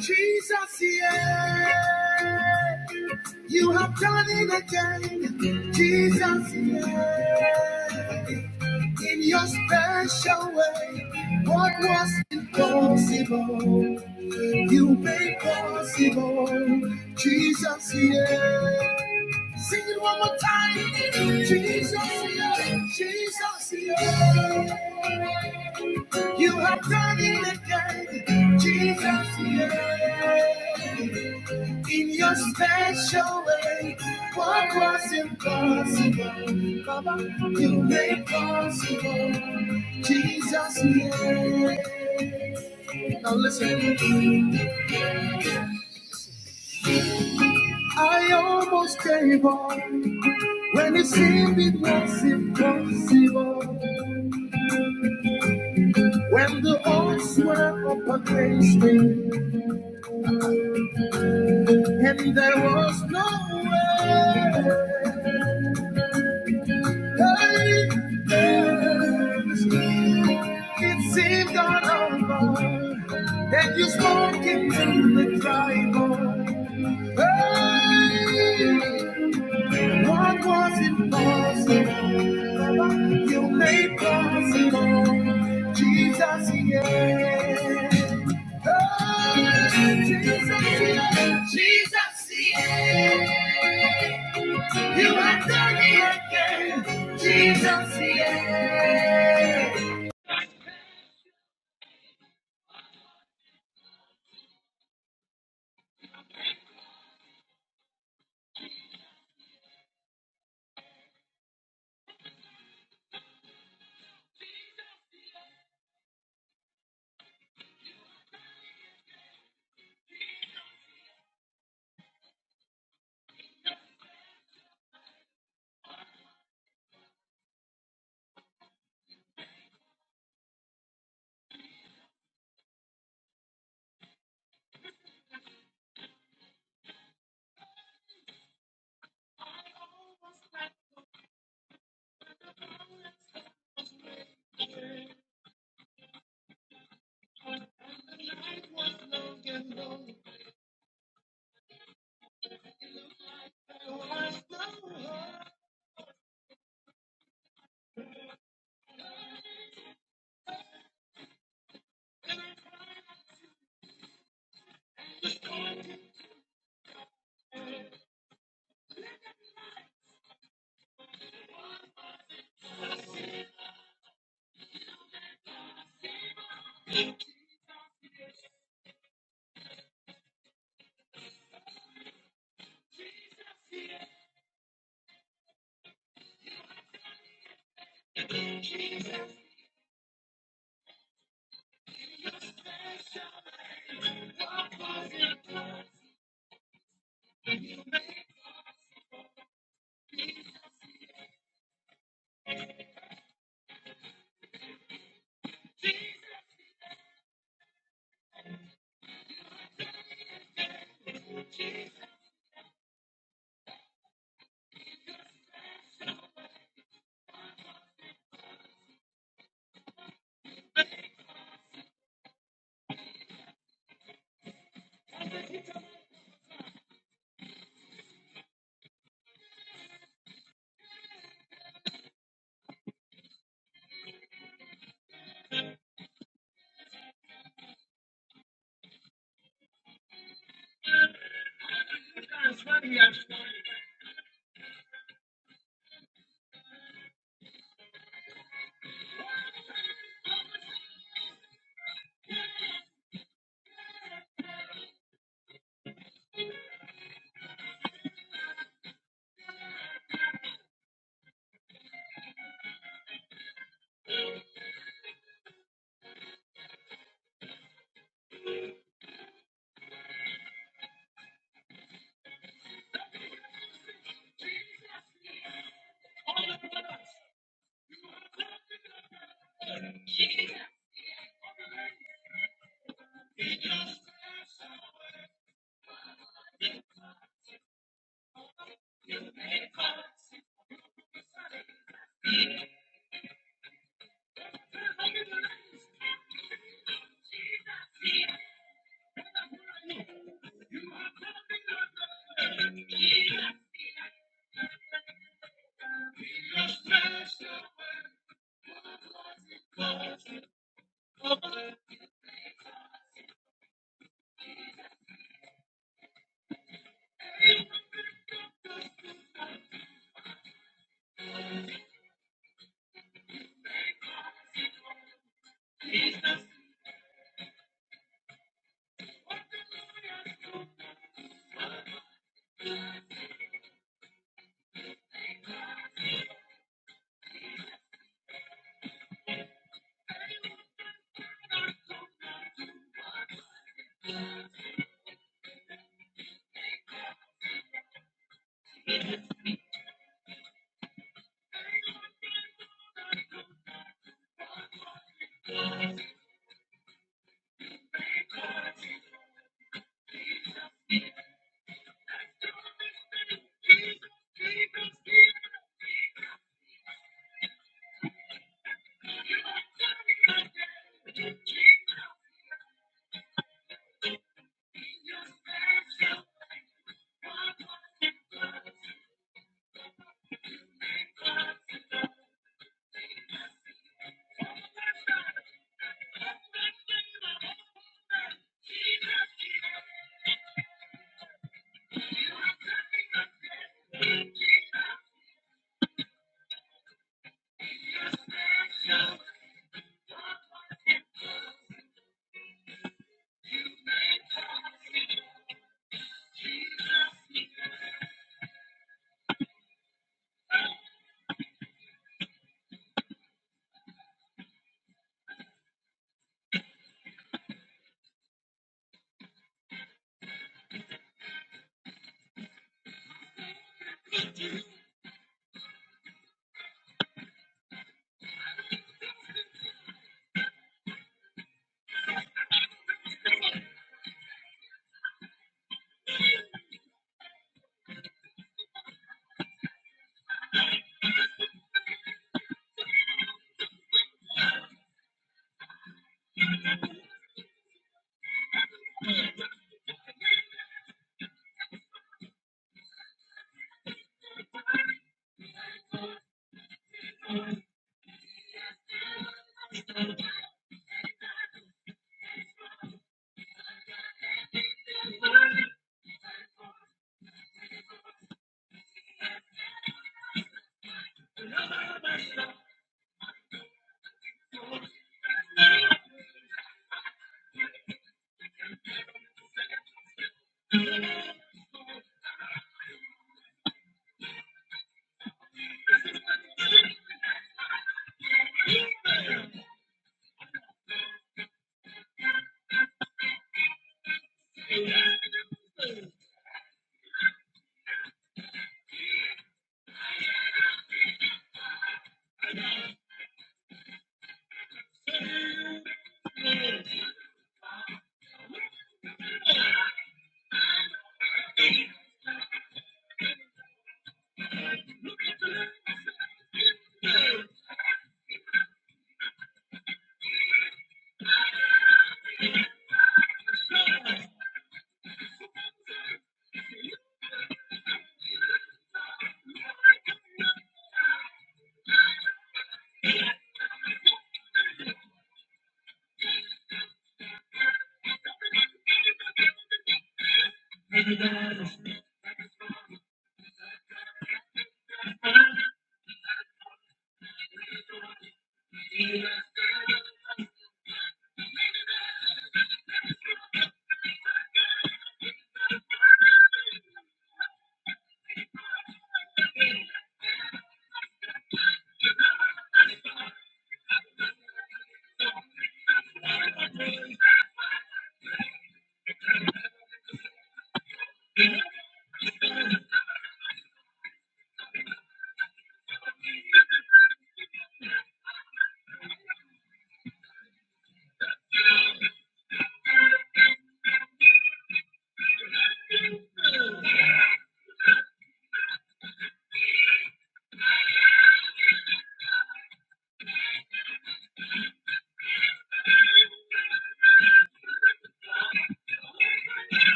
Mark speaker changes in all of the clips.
Speaker 1: Jesus, yeah, you have done it again. Jesus, yeah, in your special way, what was impossible, you made possible. Jesus, yeah. Sing it one more time. Jesus, yeah, Jesus, yeah. You have done it again. Jesus, yeah. In your special way, what was impossible, come you made possible. Jesus' name. Now listen, I almost gave up when it seemed it was impossible. When the odds were up against me and there was no way. Life ends. It seemed all over Then you spoke into the dry bone. What was impossible, you made possible. Jesus, yeah. Oh, Jesus, yeah. Jesus, yeah. You have done it again. Jesus, yeah.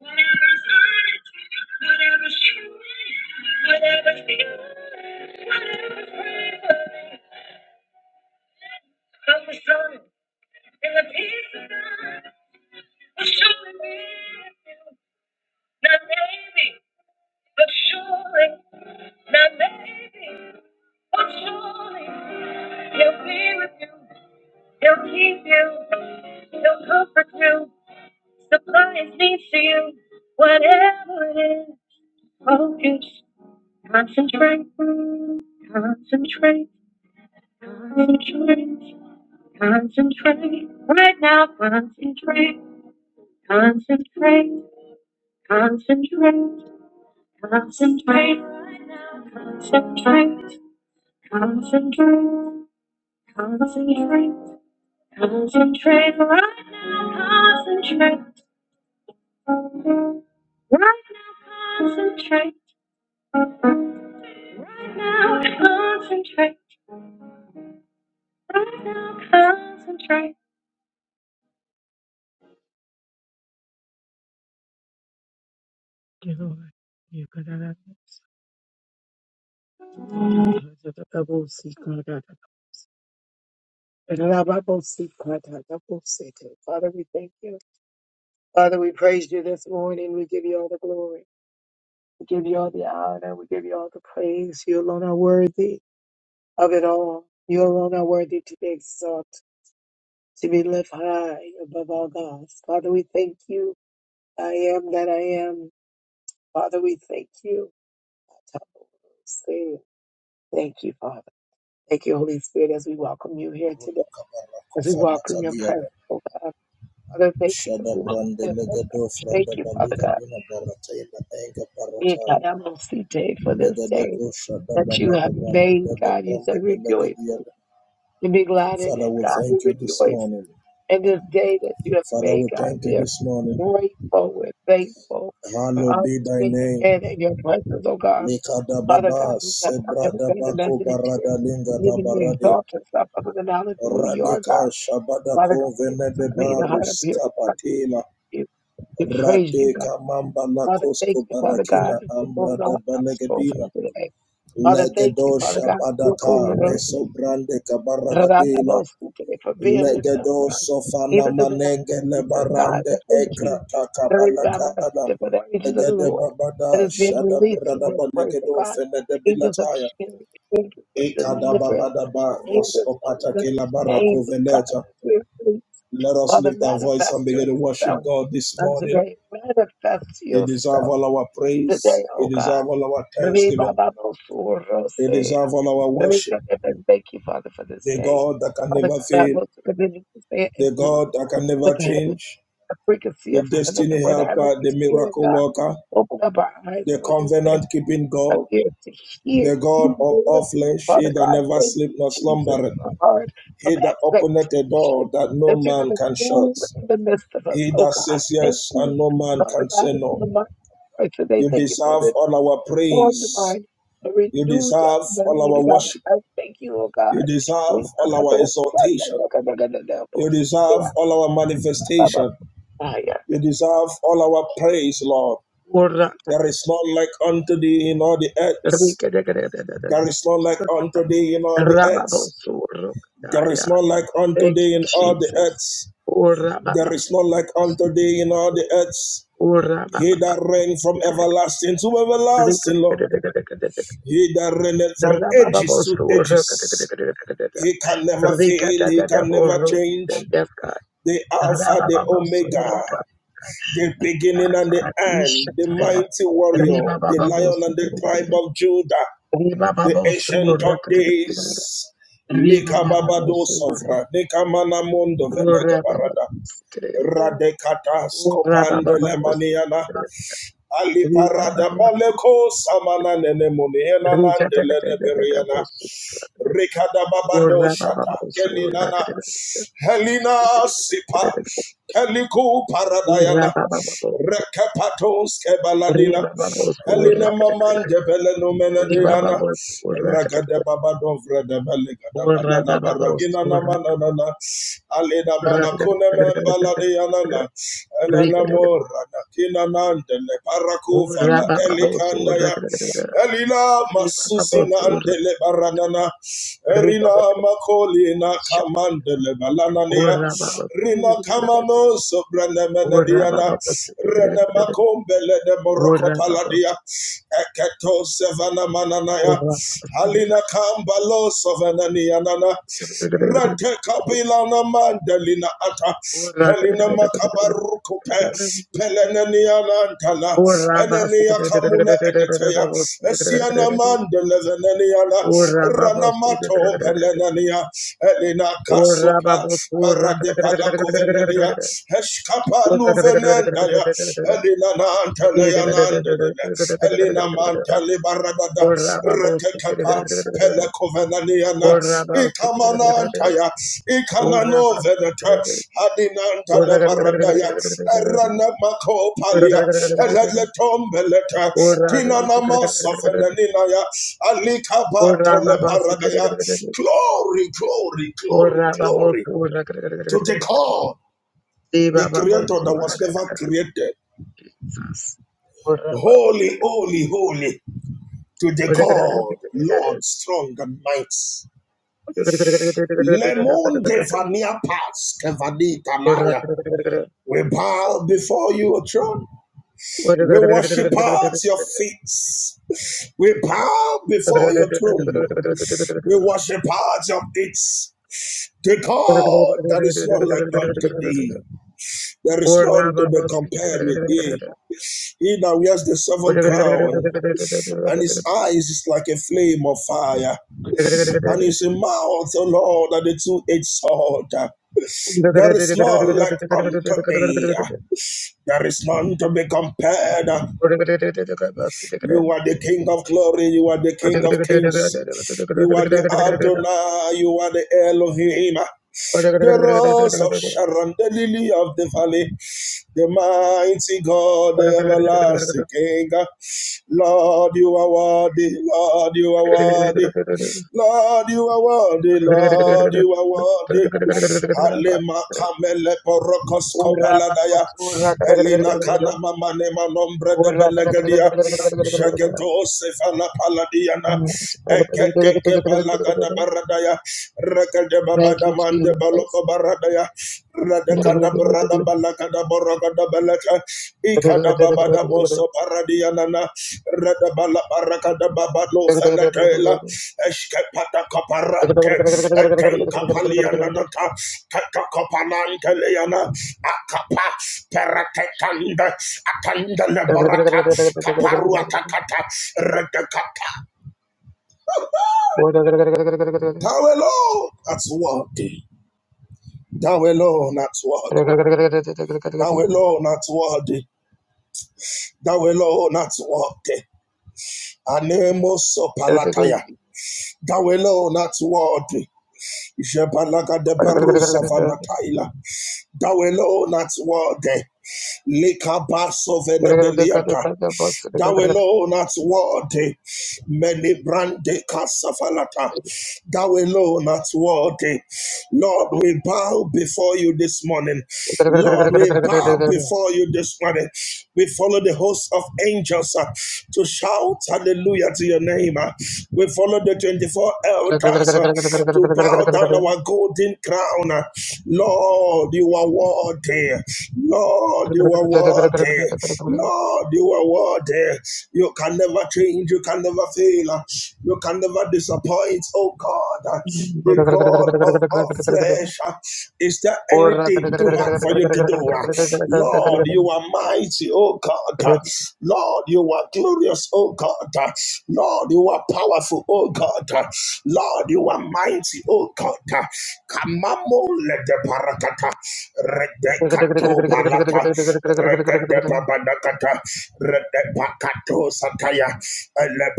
Speaker 1: Whatever's true, whatever's true, whatever's true, whatever's true, I was drunk, and the peace of God was surely with you. Not maybe, but surely. Not maybe, but surely. He'll be with you. He'll keep you. He'll comfort you. Supply needs to you. Whatever it is, focus, concentrate, concentrate, concentrate, concentrate. Right now, concentrate, concentrate. Concentrate, concentrate, concentrate, concentrate, concentrate, concentrate right now, concentrate. Right now, concentrate. Right now, concentrate. Right now, concentrate. You know, you got that. Father, we thank you. Father, we praise you this morning. We give you all the glory. We give you all the honor. We give you all the praise. You alone are worthy of it all. You alone are worthy to be exalted, to be lifted high above all gods. Father, we thank you. I am that I am. Father, we thank you. Thank you, Father. Thank you, Holy Spirit, as we welcome you here today, as we welcome your presence, oh God. Father, thank you for
Speaker 2: Shada
Speaker 1: being
Speaker 2: Brande
Speaker 1: here.
Speaker 2: Legado
Speaker 1: Thank
Speaker 2: Frada
Speaker 1: you, Father
Speaker 2: Baliga
Speaker 1: God.
Speaker 2: Bina Baratela Enga
Speaker 1: Thank
Speaker 2: Barataya
Speaker 1: you for this day.
Speaker 2: Legadego Shada
Speaker 1: that you have
Speaker 2: Balagaba
Speaker 1: made,
Speaker 2: Bele
Speaker 1: God. You
Speaker 2: Brande
Speaker 1: said rejoice
Speaker 2: Belegadiada
Speaker 1: and be glad in
Speaker 2: Father,
Speaker 1: it,
Speaker 2: we
Speaker 1: God. We
Speaker 2: thank you this
Speaker 1: rejoice
Speaker 2: morning.
Speaker 1: in this day that you have
Speaker 2: Father,
Speaker 1: made,
Speaker 2: we
Speaker 1: God.
Speaker 2: thank you
Speaker 1: We are
Speaker 2: this morning.
Speaker 1: grateful. We're thankful. We're
Speaker 2: Hallowed
Speaker 1: honored
Speaker 2: be
Speaker 1: to
Speaker 2: thy
Speaker 1: be
Speaker 2: name.
Speaker 1: again in your presence, oh God.
Speaker 2: Lekada
Speaker 1: Father God,
Speaker 2: Baba
Speaker 1: we cast out every
Speaker 2: Sebrada
Speaker 1: vain
Speaker 2: Bako
Speaker 1: imagination.
Speaker 2: Barada Linga
Speaker 1: You can
Speaker 2: Labaradia
Speaker 1: exalt yourself above the knowledge of who you are, God.
Speaker 2: Radika Shabada
Speaker 1: Father God,
Speaker 2: Ko
Speaker 1: give us a
Speaker 2: Venede
Speaker 1: clean heart of
Speaker 2: Barus
Speaker 1: here.
Speaker 2: Kapatela
Speaker 1: You to praise you,
Speaker 2: Rade
Speaker 1: God.
Speaker 2: Kamamba
Speaker 1: Father, thank
Speaker 2: Lakosko
Speaker 1: you, Father God,
Speaker 2: Barakina
Speaker 1: for going on
Speaker 2: Ambrada
Speaker 1: our souls
Speaker 2: Banegadina
Speaker 1: on today. Father, thank you, Father
Speaker 2: Legedosha
Speaker 1: God, for
Speaker 2: Badaka
Speaker 1: going on.
Speaker 2: Meso Kabaragadila
Speaker 1: Rababosike, for being with us,
Speaker 2: Legedo
Speaker 1: God.
Speaker 2: Sofana
Speaker 1: Even through the darkness,
Speaker 2: Manenge
Speaker 1: of God.
Speaker 2: Lebarande
Speaker 1: I thank
Speaker 2: Ekra
Speaker 1: you, Lord,
Speaker 2: Takabalakada
Speaker 1: Rababosike, for the angels of the
Speaker 2: Legede
Speaker 1: Lord that
Speaker 2: Babada
Speaker 1: is being
Speaker 2: Shada
Speaker 1: released in
Speaker 2: Brada
Speaker 1: this place, oh
Speaker 2: Banegedo
Speaker 1: God.
Speaker 2: Fenede
Speaker 1: Angels of
Speaker 2: Bilataya
Speaker 1: healing, angels of
Speaker 2: Ekada
Speaker 1: deliverance,
Speaker 2: Babadaba
Speaker 1: angels
Speaker 2: Rosko
Speaker 1: of
Speaker 2: Patakela
Speaker 1: understanding,
Speaker 2: Barako
Speaker 1: God,
Speaker 2: Veneta
Speaker 1: that we're released.
Speaker 2: Let us
Speaker 1: Father,
Speaker 2: lift our voice
Speaker 1: manifest
Speaker 2: and begin to worship
Speaker 1: yourself
Speaker 2: God this
Speaker 1: unto
Speaker 2: morning.
Speaker 1: today. Manifest
Speaker 2: He
Speaker 1: yourself
Speaker 2: deserves all our
Speaker 1: today,
Speaker 2: praise. He
Speaker 1: oh God.
Speaker 2: deserves all our thanksgiving. He
Speaker 1: Re-ba-ba-bo-so-ro-se.
Speaker 2: deserves all our worship.
Speaker 1: Re-ka-ka-ka. Thank you, Father, for this
Speaker 2: The
Speaker 1: day.
Speaker 2: God that can
Speaker 1: Father
Speaker 2: never
Speaker 1: God, I
Speaker 2: fail.
Speaker 1: want to continue to stay and
Speaker 2: The
Speaker 1: do
Speaker 2: God that can
Speaker 1: with
Speaker 2: never
Speaker 1: heaven
Speaker 2: change.
Speaker 1: the frequency
Speaker 2: The
Speaker 1: of heaven and
Speaker 2: destiny
Speaker 1: what heaven
Speaker 2: helper. The
Speaker 1: is feeling,
Speaker 2: miracle
Speaker 1: God.
Speaker 2: worker.
Speaker 1: Open up our eyes
Speaker 2: The
Speaker 1: of understanding,
Speaker 2: covenant keeping
Speaker 1: our
Speaker 2: God.
Speaker 1: ears to hear
Speaker 2: The God
Speaker 1: you,
Speaker 2: of
Speaker 1: Lord.
Speaker 2: all flesh. He
Speaker 1: Father
Speaker 2: that
Speaker 1: God,
Speaker 2: never
Speaker 1: thank
Speaker 2: sleep
Speaker 1: you,
Speaker 2: nor
Speaker 1: Jesus,
Speaker 2: slumbereth.
Speaker 1: for a heart of
Speaker 2: He that openeth a door
Speaker 1: expectation
Speaker 2: that no
Speaker 1: that you're going
Speaker 2: man
Speaker 1: to
Speaker 2: can shut.
Speaker 1: move in the midst of us,
Speaker 2: He
Speaker 1: oh
Speaker 2: that
Speaker 1: God.
Speaker 2: says
Speaker 1: Thank
Speaker 2: yes
Speaker 1: you,
Speaker 2: and no man
Speaker 1: Father
Speaker 2: can
Speaker 1: God,
Speaker 2: say no.
Speaker 1: for the mind right today.
Speaker 2: You
Speaker 1: Thank you for
Speaker 2: deserve
Speaker 1: the
Speaker 2: all our
Speaker 1: formed
Speaker 2: praise.
Speaker 1: mind, a
Speaker 2: You
Speaker 1: renewed
Speaker 2: deserve all our
Speaker 1: mind, God.
Speaker 2: worship.
Speaker 1: I thank you, oh God.
Speaker 2: You
Speaker 1: We
Speaker 2: deserve all
Speaker 1: are the
Speaker 2: our
Speaker 1: most-
Speaker 2: exaltation. You deserve all our manifestation.
Speaker 1: Yeah.
Speaker 2: You deserve all our praise, Lord.
Speaker 1: Ora
Speaker 2: There is none like unto thee in all the earth.
Speaker 1: rika de de de de de.
Speaker 2: There is none like unto thee in all the earth.
Speaker 1: Rababosuro
Speaker 2: There is
Speaker 1: kadaya.
Speaker 2: none like unto
Speaker 1: Thank
Speaker 2: thee
Speaker 1: you,
Speaker 2: in all the
Speaker 1: Jesus.
Speaker 2: earth.
Speaker 1: Ora
Speaker 2: There
Speaker 1: bababa.
Speaker 2: is none like unto thee in all the earth.
Speaker 1: Ora
Speaker 2: He
Speaker 1: bababa.
Speaker 2: that reigned from everlasting to
Speaker 1: Rika
Speaker 2: everlasting,
Speaker 1: de
Speaker 2: Lord.
Speaker 1: de de de de de.
Speaker 2: He that reigneth from ages to
Speaker 1: Rababosuro
Speaker 2: ages.
Speaker 1: kadaya.
Speaker 2: He can never
Speaker 1: Rika
Speaker 2: fail.
Speaker 1: de
Speaker 2: He
Speaker 1: de de
Speaker 2: can never
Speaker 1: boro.
Speaker 2: change.
Speaker 1: Yes, God.
Speaker 2: the Alpha, the
Speaker 1: Rababosuro
Speaker 2: Omega,
Speaker 1: kadaya.
Speaker 2: the beginning and the end, the
Speaker 1: Ishataya.
Speaker 2: mighty
Speaker 1: Riba
Speaker 2: warrior, the lion and the
Speaker 1: bababosuro.
Speaker 2: tribe of Judah,
Speaker 1: Riba
Speaker 2: the ancient of
Speaker 1: babosuro.
Speaker 2: days.
Speaker 1: Riba
Speaker 2: Lika babado sovra, lika mana mondo velega barada, radekata skopande lemaniana, ali parada maleko samana nene muniana nande lene beriana. Rekada babado shata kelinana helina sipa keliku paradayana rekapatos kebaladina helina mamande beleno menadiana ragada babado vreda belegada balada baragina namanana alina manakune membaladiana na elena morana kina nanandele barakovana elikandaya elila
Speaker 1: Riba baba sura,
Speaker 2: masusinandele baranana
Speaker 1: riba
Speaker 2: erina
Speaker 1: baba
Speaker 2: makolina
Speaker 1: sura,
Speaker 2: kamandele balanania
Speaker 1: ora baba
Speaker 2: rina
Speaker 1: sura,
Speaker 2: kamano
Speaker 1: ora
Speaker 2: sobranemenediana
Speaker 1: baba sura,
Speaker 2: makombele de Morocco
Speaker 1: ora baba sura, ora ora baba
Speaker 2: morokopaladia
Speaker 1: sura,
Speaker 2: eketo sevana mananaya halina kambalo sovananianana Ratekapilana mandalina ata.
Speaker 1: ora
Speaker 2: Helena makabarukupe. Pelenanianantala.
Speaker 1: baba
Speaker 2: Elenia
Speaker 1: sura,
Speaker 2: kamula edeteya. Esiana mandeleveneniana.
Speaker 1: ora
Speaker 2: Ranamato pelenania. Elena kasopa. parade Paradepala kuvenenia. Eshkapa nuvenendaya. Elena
Speaker 1: baba
Speaker 2: nantalayana.
Speaker 1: sura,
Speaker 2: Elena
Speaker 1: ora
Speaker 2: Manta
Speaker 1: Ora
Speaker 2: Libaragada Retekepa Pelekovenaniana Ikamanantaya Ikanano Veneta Hadinanta Labaradaya Erana Makopalia Eletombeleta Tinana Masafenanaya Alikabato Lebaradaya Glory, glory, glory, glory to the God, the creator that was never created. Holy, holy, holy. to the God, Lord, strong and mighty. Lemon Devania Pass, Kevani Tanaya. We bow before your throne. We worship at your feet. We bow
Speaker 1: Thank
Speaker 2: before your throne. We worship at your feet. To God, there is none like unto thee. There is none to be compared with thee. He that wears the seven crown, and his eyes is like a flame of fire. and his mouth, O Lord, and the two-edged sword. There is none like unto thee. There is none to be compared. You are the King of glory. You are the King of kings. You are the Adonai. You are the Elohim. The rose of Sharon, the lily of the valley, the mighty God, the everlasting King. Lord, you are worthy. Lord, you are worthy. Lord, you are worthy. Lord, you are worthy. Alema kamele porokos kopaladaya. Elina
Speaker 1: you.
Speaker 2: kana mama nema nombre de belegadia. Jageto sefala paladiana. Eketeke balagada baradaya. Rekede
Speaker 1: Thank
Speaker 2: babada
Speaker 1: you,
Speaker 2: mande
Speaker 1: Jesus.
Speaker 2: baloko baradaya. Radekada barada balagada. Rakadabaragadabalata, Ikadababadamoso Paradianana, Radabala Barakadababalo Fenatela, Eskepata Caparante, Etenkapalianata, Tatakopanante Leana, Akapa, Peratanda, Atanda Leborata, Caparuatakata, Redekata. Thou alone, that's worthy. Thou alone, that's worthy. Thou alone, that's worthy. Dawelo alone art worthy. Anemoso palataya. Thou alone art worthy. Jebalaga de Barusa vanataila. Thou alone art worthy. Likabaso venedeliata. Thou alone art worthy. Many brande casafalata. Thou alone art worthy. Lord, we bow before you this morning. Lord, we bow before you this morning. We follow the host of angels uh, to shout hallelujah to your name. uh. We follow the 24 elders uh, to bow down our golden crown. uh. Lord, you are worthy. Lord, you are worthy. Lord, you are worthy. You can never change. You can never fail. You can never disappoint. Oh God,
Speaker 1: Thank
Speaker 2: the
Speaker 1: you,
Speaker 2: God of all flesh. Is there anything too hard for you to do? Lord, you are mighty. Oh God. Lord, you are glorious. Oh God. Lord, you are powerful. Oh God. Lord, you are mighty. Oh God. Barakata, Kamamo lede de parakata. Redekato palata. Regedepa banakata. Redepakato sataya. Ele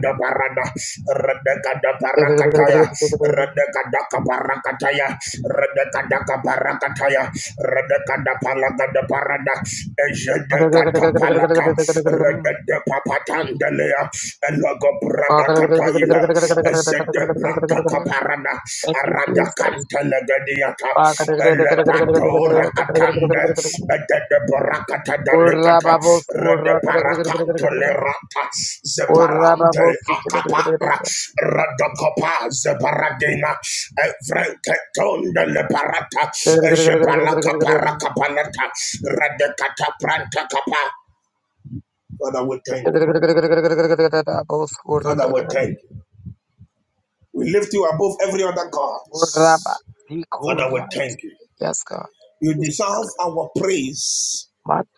Speaker 2: da barada. Redekada parakataya. Redekadaka parakataya. Redekadaka parakataya. Redekada palata da barada. Ejedekata palata. Regedepa patandelea. Elogo Radakataila, Esede Bratakaparana,
Speaker 1: Jesus.
Speaker 2: Radakanta Legadiata, Elepatora Atande, Edede Barakata
Speaker 1: Orra
Speaker 2: Delicata,
Speaker 1: babos,
Speaker 2: Rede
Speaker 1: orra
Speaker 2: Lerata,
Speaker 1: orra
Speaker 2: Zeparante Acapara, Radacopa, Zeparadina, Evrenketonde Leparata, Ezebalaka
Speaker 1: babos,
Speaker 2: Paracapalata, Radekata Pranta Capa. Father, we thank
Speaker 1: Yes,
Speaker 2: you. Father, we thank you. We lift you above every other gods. Father, we thank you.
Speaker 1: God.
Speaker 2: You deserve our praise.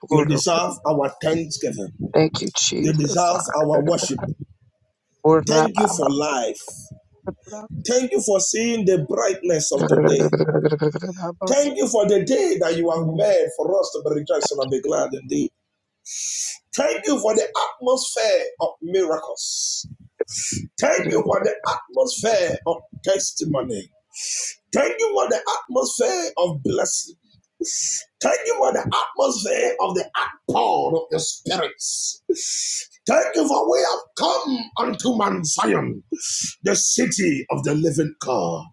Speaker 2: You deserve our thanksgiving.
Speaker 1: Thank you,
Speaker 2: You
Speaker 1: Jesus.
Speaker 2: deserve our
Speaker 1: Thank
Speaker 2: worship. Thank you for life. Thank you for seeing the brightness of today. Thank you for the day that you have made for us to be rejoiced and be glad indeed. Thank you for the atmosphere of miracles. Thank you for the atmosphere of testimony. Thank you for the atmosphere of blessing. Thank you for the atmosphere of the outpour of your spirits. Thank you for we have come unto Mount Zion, the city of the living God,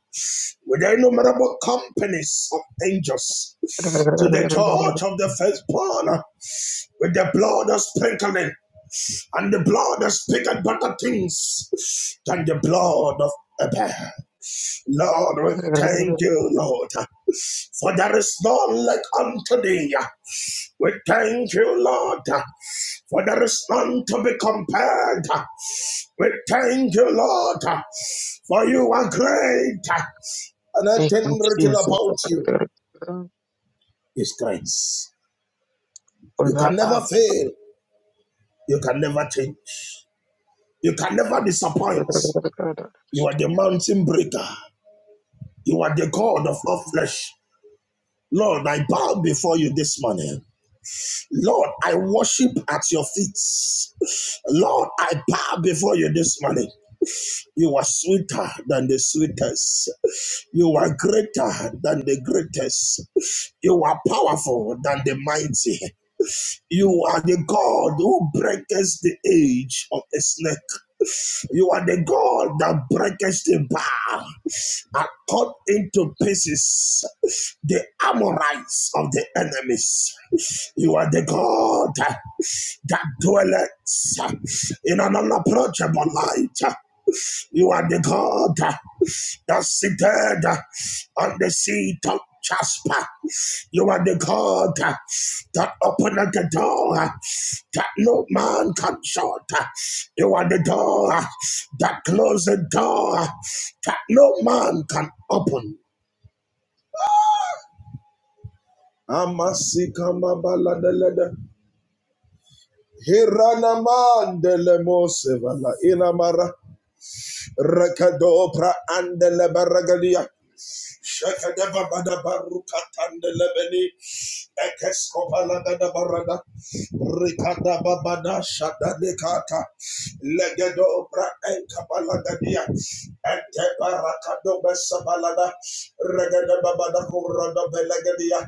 Speaker 2: with innumerable companies of angels, to the church of the firstborn, with the blood of sprinkling, and the blood that speaketh better things than the blood of Abel. Lord, we thank you, Lord, for there is none like unto thee. We thank you, Lord, for there is none to be compared. We thank you, Lord, for you are great. And I
Speaker 1: you,
Speaker 2: think written
Speaker 1: Jesus.
Speaker 2: about
Speaker 1: Good
Speaker 2: you is grace. You can never fail. You can never change. You can never disappoint. You are the mountain breaker. You are the God of all flesh. Lord, I bow before you this morning. Lord, I worship at your feet. Lord, I bow before you this morning. You are sweeter than the sweetest. You are greater than the greatest. You are powerful than the mighty. You are the God who breaks the age of a snake. You are the God that breaks the bar and cut into pieces the Amorites of the enemies. You are the God that dwelleth in an unapproachable light. You are the God that seated on the seat of Jasper. You are the God that opened the door that no man can shut. You are the door that closed the door that no man can open. Amasikamabaladelede. Hiranamandele mosevala inamara rekadopra andele baragadia Shakadaba Bada Barukatanda Lebeni, Ekescopala Gada barada Ricada Babada shada Shakadabarukatandalebeni Ekeskobalagadabarada Rikadababada Shadadekata Legedobra Enkabalagadia Entebarakadobesabalada Regedababada Kuradabelegadia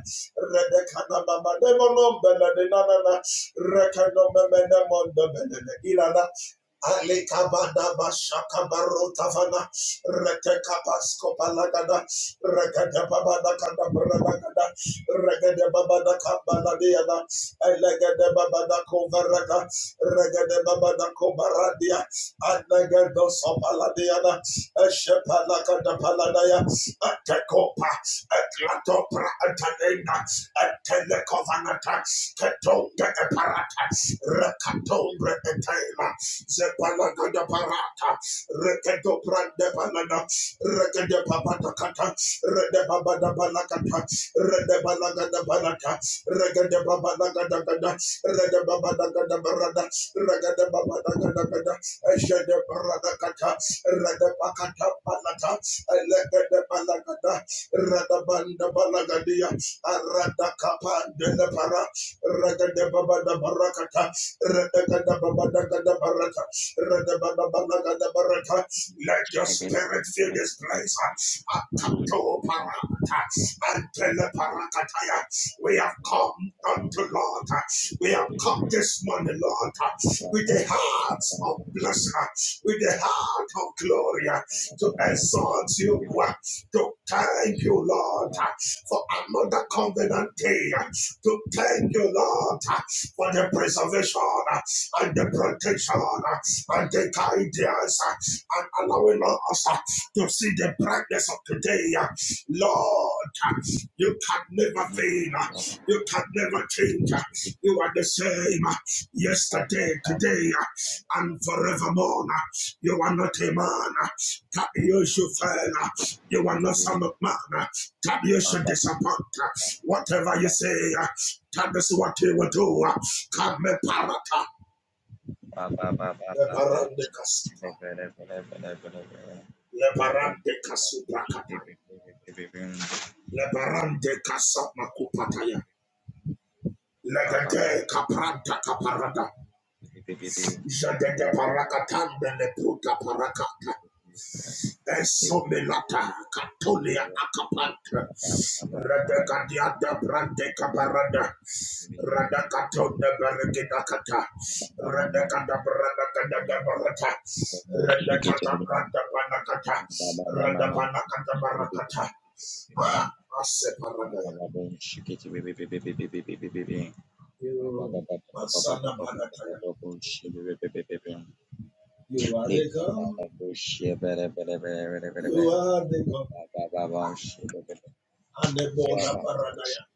Speaker 2: Redekadababademolombeleninanana Rekenomemendemondabelele Alekabada bashaka baro tavana rekeka pasko palagada regada babada kada bragada regada babada kabala diana elegada babada kovaraga regada babada kovaradia anegado sopala diana eshepala kada paladaya atekopa eklato pra atanenda etelekovana tax ketonga eparata rekatombre etela Zepalagada parata, rekedo brande balada, rekede babada kata, rede babada balakata, rede balagada balata, regede babada gada gada, rede babada gada barada, regede babada gada gada, eshede barada kata, rede bakata balata, elegede balagada, rada banda balagadia, arada kapande lepara, regede babada barakata, let your
Speaker 3: Baba
Speaker 2: spirit fill this place. Akato parata, antele parakataya. We have come unto Lord. We have come this morning, Lord, with the hearts of blessing, with the heart of glory, to exalt you, to thank you, Lord, for another covenant day, to thank you, Lord, for the preservation uh, and the protection uh, and the guidance uh, and allowing us uh, to see the brightness of today. uh. Lord, uh, you can never fail. uh, You can never change. uh, You are the same uh, yesterday, today, uh, and forevermore. uh. You are not a man uh, that you should fail. uh. You are not some man uh, that you should disappoint. uh. Whatever you say, uh, that is what you will do. Kame parata. Lebarande kasupa. Lebarande kasupa kata. Lebarande kasama kupataya. Legade kapranta kaparada. Jadede parakatande le pruta parakata. Esomelata Katolia Akapanta Radakadiada Brande Kabarada Radakato de Beregedakata
Speaker 3: Mama, mama,
Speaker 2: Radakada Bradakada Barata
Speaker 3: shake it a
Speaker 2: Radakata
Speaker 3: little bit.
Speaker 2: Branda Panakata
Speaker 3: Baba, mama, mama,
Speaker 2: Radapanakata Barakata Ase Paradaya
Speaker 3: Baba, shake it, baby, baby, baby, baby, baby, baby. Baba,
Speaker 2: You
Speaker 3: baba, baba, baba,
Speaker 2: Masana
Speaker 3: baba, baba,
Speaker 2: Panataya
Speaker 3: baba, shake it, baby, baby, baby.
Speaker 2: You are
Speaker 3: Lick
Speaker 2: the
Speaker 3: it,
Speaker 2: God
Speaker 3: baba, bush, yeah, baby, baby, baby, baby, baby,
Speaker 2: You
Speaker 3: baby.
Speaker 2: are the God
Speaker 3: Baba, baba, shake it, baby.
Speaker 2: Anebola Paradaya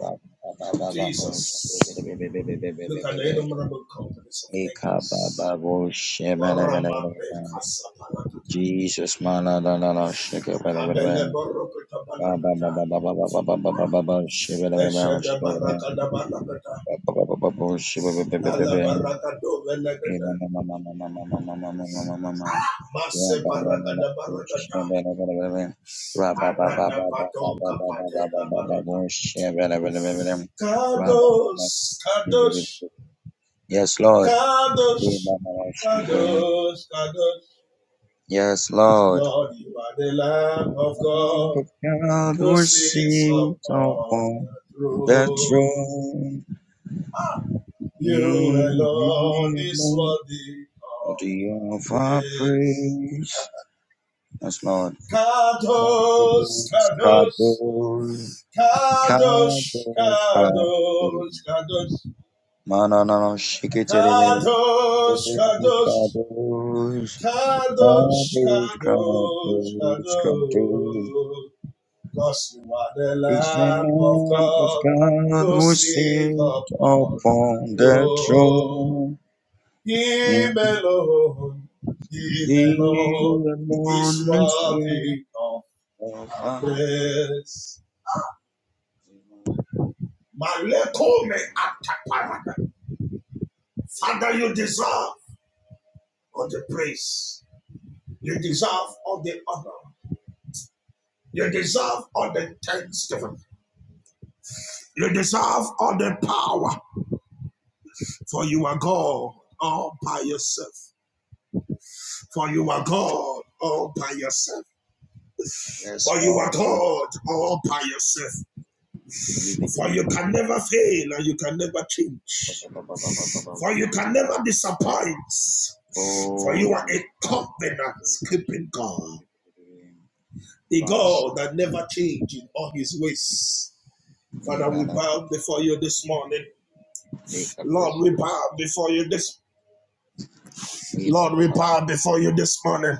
Speaker 3: Baba, baba, baba, baba, shake it,
Speaker 2: Jesus
Speaker 3: baby, baby, baby, baby,
Speaker 2: Look at
Speaker 3: baby,
Speaker 2: the
Speaker 3: baby.
Speaker 2: innumerable companies of
Speaker 3: Lick it,
Speaker 2: angels.
Speaker 3: baba, bush, yeah, baby, baby, baby,
Speaker 2: Baramande
Speaker 3: baby.
Speaker 2: kasabalakata.
Speaker 3: Jesus, mana da da da, shaka ba ba
Speaker 2: Kabele borokata
Speaker 3: ba, ba
Speaker 2: balakata.
Speaker 3: ba ba ba ba ba ba ba ba ba ba ba, shiba da ba da
Speaker 2: Eshede
Speaker 3: shiba
Speaker 2: barakada balakata.
Speaker 3: ba, ba ba ba ba shiba ba ba ba ba ba,
Speaker 2: Ala
Speaker 3: eh,
Speaker 2: barakado velekata.
Speaker 3: ma ma ma ma ma ma ma ma ma ma ma ma ma ma. Ra
Speaker 2: Masse
Speaker 3: ba da da
Speaker 2: barakada
Speaker 3: da,
Speaker 2: barakata.
Speaker 3: shiba da ba da ba da ba, ba ba ba
Speaker 2: Arada
Speaker 3: ba ba ba ba
Speaker 2: pato
Speaker 3: ba
Speaker 2: kapate
Speaker 3: ba
Speaker 2: la
Speaker 3: ba ba ba ba,
Speaker 2: barata.
Speaker 3: shiba da ba da ba da ra ba ba ba,
Speaker 2: Kadosh,
Speaker 3: shiba da
Speaker 2: kadosh,
Speaker 3: ba. Yes, Lord. Eh,
Speaker 2: kadosh,
Speaker 3: ma ma shiba.
Speaker 2: kadosh, kadosh.
Speaker 3: Yes, Lord.
Speaker 2: Lord, you are the Lamb of
Speaker 3: The hand
Speaker 2: God.
Speaker 3: of God
Speaker 2: who sits
Speaker 3: receives
Speaker 2: upon
Speaker 3: all.
Speaker 2: the
Speaker 3: The
Speaker 2: throne.
Speaker 3: throne
Speaker 2: You
Speaker 3: in
Speaker 2: alone is
Speaker 3: heaven,
Speaker 2: worthy of
Speaker 3: the
Speaker 2: our
Speaker 3: of our
Speaker 2: praise.
Speaker 3: praise. Yes, Lord.
Speaker 2: Kadosh,
Speaker 3: Kadosh,
Speaker 2: Kadosh,
Speaker 3: Kadosh,
Speaker 2: Kadosh,
Speaker 3: Kadosh, Kadosh.
Speaker 2: Kadosh, Kadosh,
Speaker 3: No, no, no, no. Shake it, baby, baby.
Speaker 2: Kadosh, Kadosh,
Speaker 3: Kadosh,
Speaker 2: Kadosh,
Speaker 3: Kadosh, Kadosh,
Speaker 2: Kadosh,
Speaker 3: Kadosh, Kadosh.
Speaker 2: Kadosh. Because you are the
Speaker 3: Is the
Speaker 2: Lamb of
Speaker 3: Lamb of
Speaker 2: God
Speaker 3: God
Speaker 2: who
Speaker 3: who
Speaker 2: sit
Speaker 3: sit
Speaker 2: upon the
Speaker 3: upon the
Speaker 2: throne.
Speaker 3: throne.
Speaker 2: Him alone, Him alone
Speaker 3: You
Speaker 2: is
Speaker 3: alone is worth
Speaker 2: worthy of
Speaker 3: of
Speaker 2: our
Speaker 3: our praise.
Speaker 2: praise. Maleko me ataparada. Father, you deserve all the praise. You deserve all the honor. You deserve all the thanksgiving. You deserve all the power, for you are God all by yourself. For you are God all by yourself.
Speaker 3: Yes,
Speaker 2: For you are
Speaker 3: Lord. my
Speaker 2: God all by yourself.
Speaker 3: King.
Speaker 2: For you can never fail and you can never change. For you can never disappoint. For you
Speaker 3: Oh,
Speaker 2: are
Speaker 3: yes,
Speaker 2: a covenant keeping
Speaker 3: Lord.
Speaker 2: God. The
Speaker 3: Rush.
Speaker 2: God that never changes in all his ways. Father, we
Speaker 3: Nibala.
Speaker 2: bow before you this morning.
Speaker 3: Nika
Speaker 2: Lord, we
Speaker 3: Pursue.
Speaker 2: bow before you this Lord,
Speaker 3: Nibala.
Speaker 2: we bow before you this morning.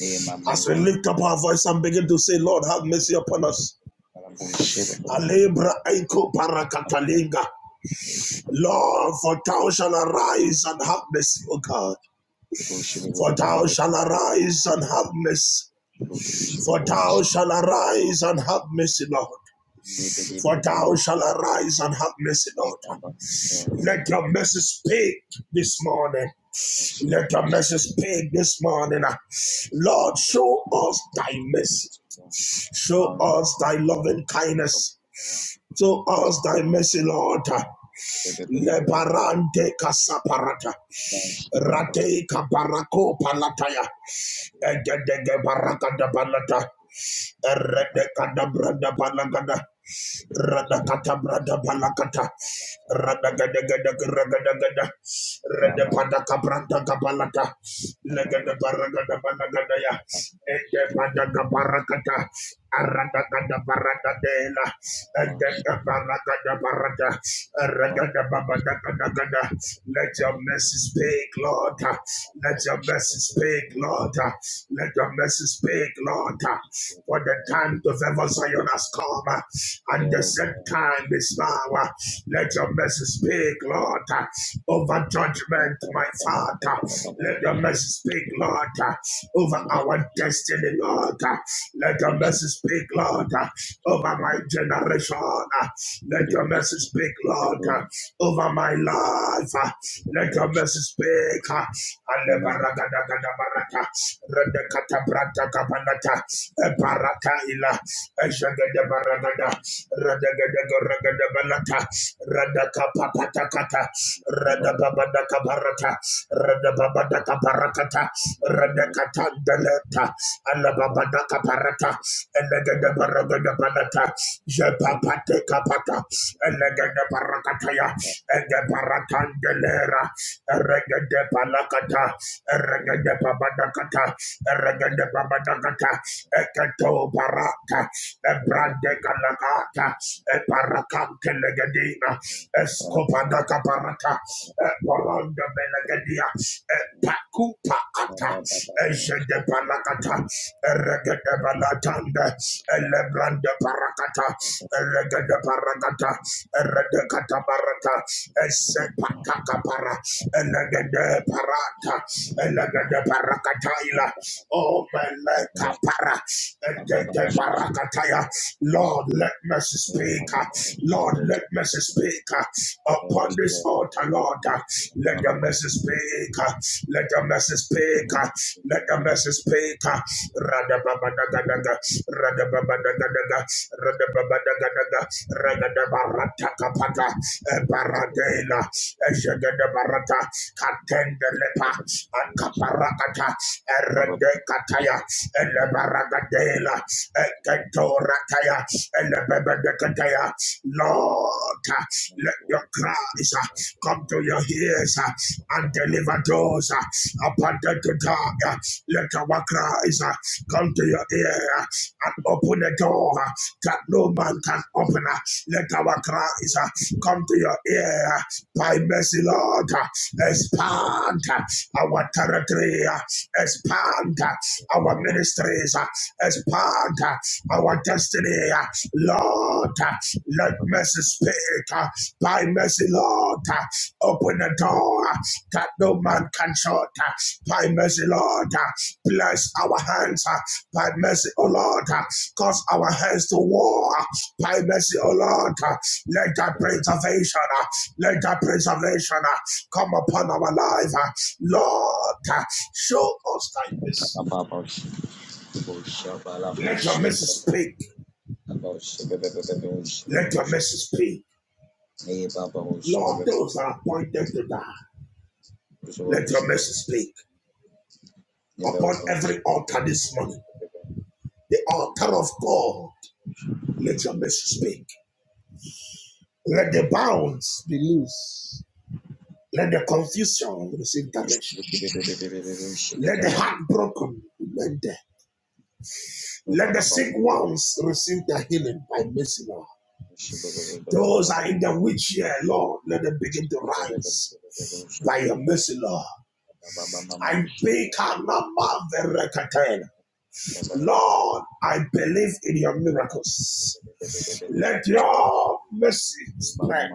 Speaker 3: Nima
Speaker 2: As we
Speaker 3: Mutu.
Speaker 2: lift up our voice and begin to say, Lord, have mercy upon us.
Speaker 3: Karabushi.
Speaker 2: Alebra Eiko Parakatalinga. Lord, for thou shall arise and have mercy, O God.
Speaker 3: Ibushi.
Speaker 2: For thou shall arise and have mercy.
Speaker 3: Ibushi.
Speaker 2: For thou
Speaker 3: Ibushi.
Speaker 2: shall arise and have mercy, Lord.
Speaker 3: Nibidi.
Speaker 2: For thou shall arise and have mercy, Lord. Let
Speaker 3: Nibaba.
Speaker 2: your mercy speak this morning.
Speaker 3: Thank
Speaker 2: Let your mercy speak this morning. Lord, show us thy mercy. Show us thy loving kindness. Show us thy mercy, Lord. Lebarante casaparata, rate cabarako palataya, egedege baraka da balata, Radakata brada balagada. Radakata brada balakata. Radagada gada ragada gada Radapata cabranta cabalata. Legada baragada balagada ya, Eredekadabradabalagada. Radakatabradabalakata. Radagadagadagaragadagada. Redepadakabrandagabalata. Legadabaragadabalagada. Edepadagabarakata. Aradagadabaradadela. gada gada, Let your mercy speak, Lord. Let your mercy speak, Lord. Let your mercy speak, Lord for the time to favor Zion has come,
Speaker 3: you.
Speaker 2: and the
Speaker 3: Yes,
Speaker 2: set
Speaker 3: Lord.
Speaker 2: time is now. Let your mercy speak, Lord, over judgment, my Father. Let your mercy speak, Lord, over our destiny, Lord. Let your mercy speak, Lord, over my generation. Let your mercy speak, Lord, over my life. Let your mercy speak. Alebaragadagadabaraga, redekatabrata Rapanata, Parataila, Shagadabaragada, Radagadagaragadabalata, Radakapapatakata, Radababadakabarata, Radababadakabarakata, Radakatandaleta, Alababadakaparata, Elegadabaragadabalata, Jepapatekapata, Elegadabarakataya, Egabaratandelera, palakata, lakata, babadakata, badakata, de babadagata, eketo barata, ebrande galagata, eparakante legadina, escopadaka barata, eporonda belegadia, epakupa ata, ejede balakata, eregede balatanda, elebrande barakata, eregede barakata, eredekata barata, esepataka para, elegede parata, elegede barakataila, Oh, Melekapara, Ekekeparakataya. Lord, let mercy speak. Lord, let
Speaker 3: Thank
Speaker 2: mercy
Speaker 3: you.
Speaker 2: speak upon
Speaker 3: Yes,
Speaker 2: this
Speaker 3: Lord.
Speaker 2: altar, Lord.
Speaker 3: Jesus, and
Speaker 2: Let the
Speaker 3: honor be to
Speaker 2: mercy speak. Let the mercy speak. Let the
Speaker 3: you.
Speaker 2: mercy speak. Rada Rada Rada Rada baba baba baba daga daga, rada baba Radababadagadaga, radababadagadaga, radababadagadaga, radababaratakapaka, ebaradela, eshagadabarata, Tende lepa, akaparakata,
Speaker 3: Lord.
Speaker 2: eredekataya, elebaragadela, eketorakaya, elebebedekataya. Lord, let your cries uh, come to your ears uh, and deliver those uh, upon the dark. Let our cries uh, come to your ear uh, and open the door uh, that no man can open. uh. Let our cries uh, come to your yeah, By mercy, Lord, expand our territory, expand our ministries, expand our destiny. Lord, let mercy speak. By mercy, Lord, open the door that no man can shut. By mercy, Lord, bless our hands. By mercy, O Lord, cause our hands to war. By mercy, O Lord, uh, let thy preservation, uh, let thy preservation uh, come upon our life. uh. Lord, uh, show us thy mercy. Let your mercy speak. Let your mercy speak. Lord, those are appointed to die, let your mercy speak upon every altar this morning. The altar of God, let your mercy speak. Let the bounds be loose. Let the confusion receive direction. Let the heartbroken mend. them. Let the sick ones receive their healing by mercy, Lord. Those are in the wheelchair, Lord, let them begin to rise
Speaker 3: Baba,
Speaker 2: by your mercy, Lord. I beg and number the record. Lord, I believe in your miracles. Let your mercy spread.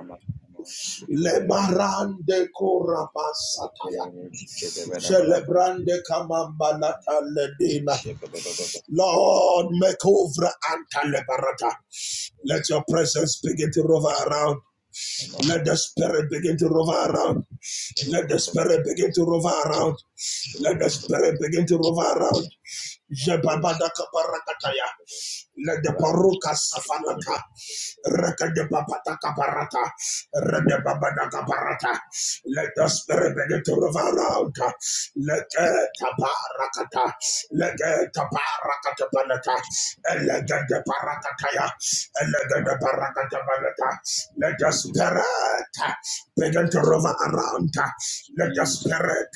Speaker 2: Lemarande koraba sataya. Celebrande kamambalata ledina. Lord, make over anta lebarata. Let your presence begin to rover around. Let the spirit begin to rover around. Let the spirit begin to rover around. Let the spirit begin to rover around. Jebabadakabarakataya. Let the paruka safanata, reka de babata kaparata, rede babada kaparata. Let the spirit begin to revive out. Let the tabarakata, let the tabarakata banata, let the parakataya, let the parakata banata. Let the spirit begin to rover around. Let the
Speaker 3: Jesus,
Speaker 2: spirit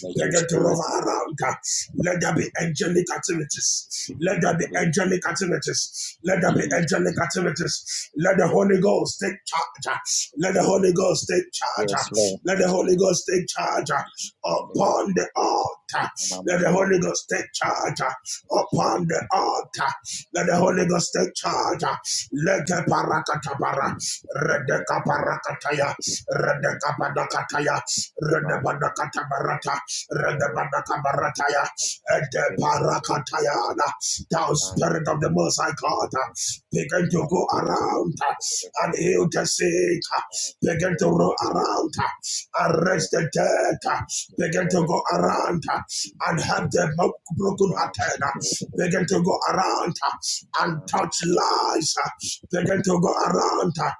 Speaker 3: let your
Speaker 2: begin to
Speaker 3: spirit be
Speaker 2: rover around. Let there be angelic activities. Let there be angelic activities. Let there be
Speaker 3: Jesus,
Speaker 2: angelic activities. Let the Holy Ghost take charge. Let the Holy Ghost take charge.
Speaker 3: Yes, Lord.
Speaker 2: Let
Speaker 3: Now
Speaker 2: the Holy Ghost take charge upon the altar. Let the Holy Ghost take charge upon the altar. Let the Holy Ghost take charge. Let the parakatabara, redeka parakataya, redeka padakataya, redebadakatabarata, redebadakabarataya, Ede parakatayana. Thou spirit of the Most High God, uh, begin to go around uh, and heal the sick. uh, Begin to roll around, uh, arrest the dead. uh, Begin to go around uh, and help the mo- broken hearted. uh, Begin to go around uh, and touch lives. uh, Begin to go around uh,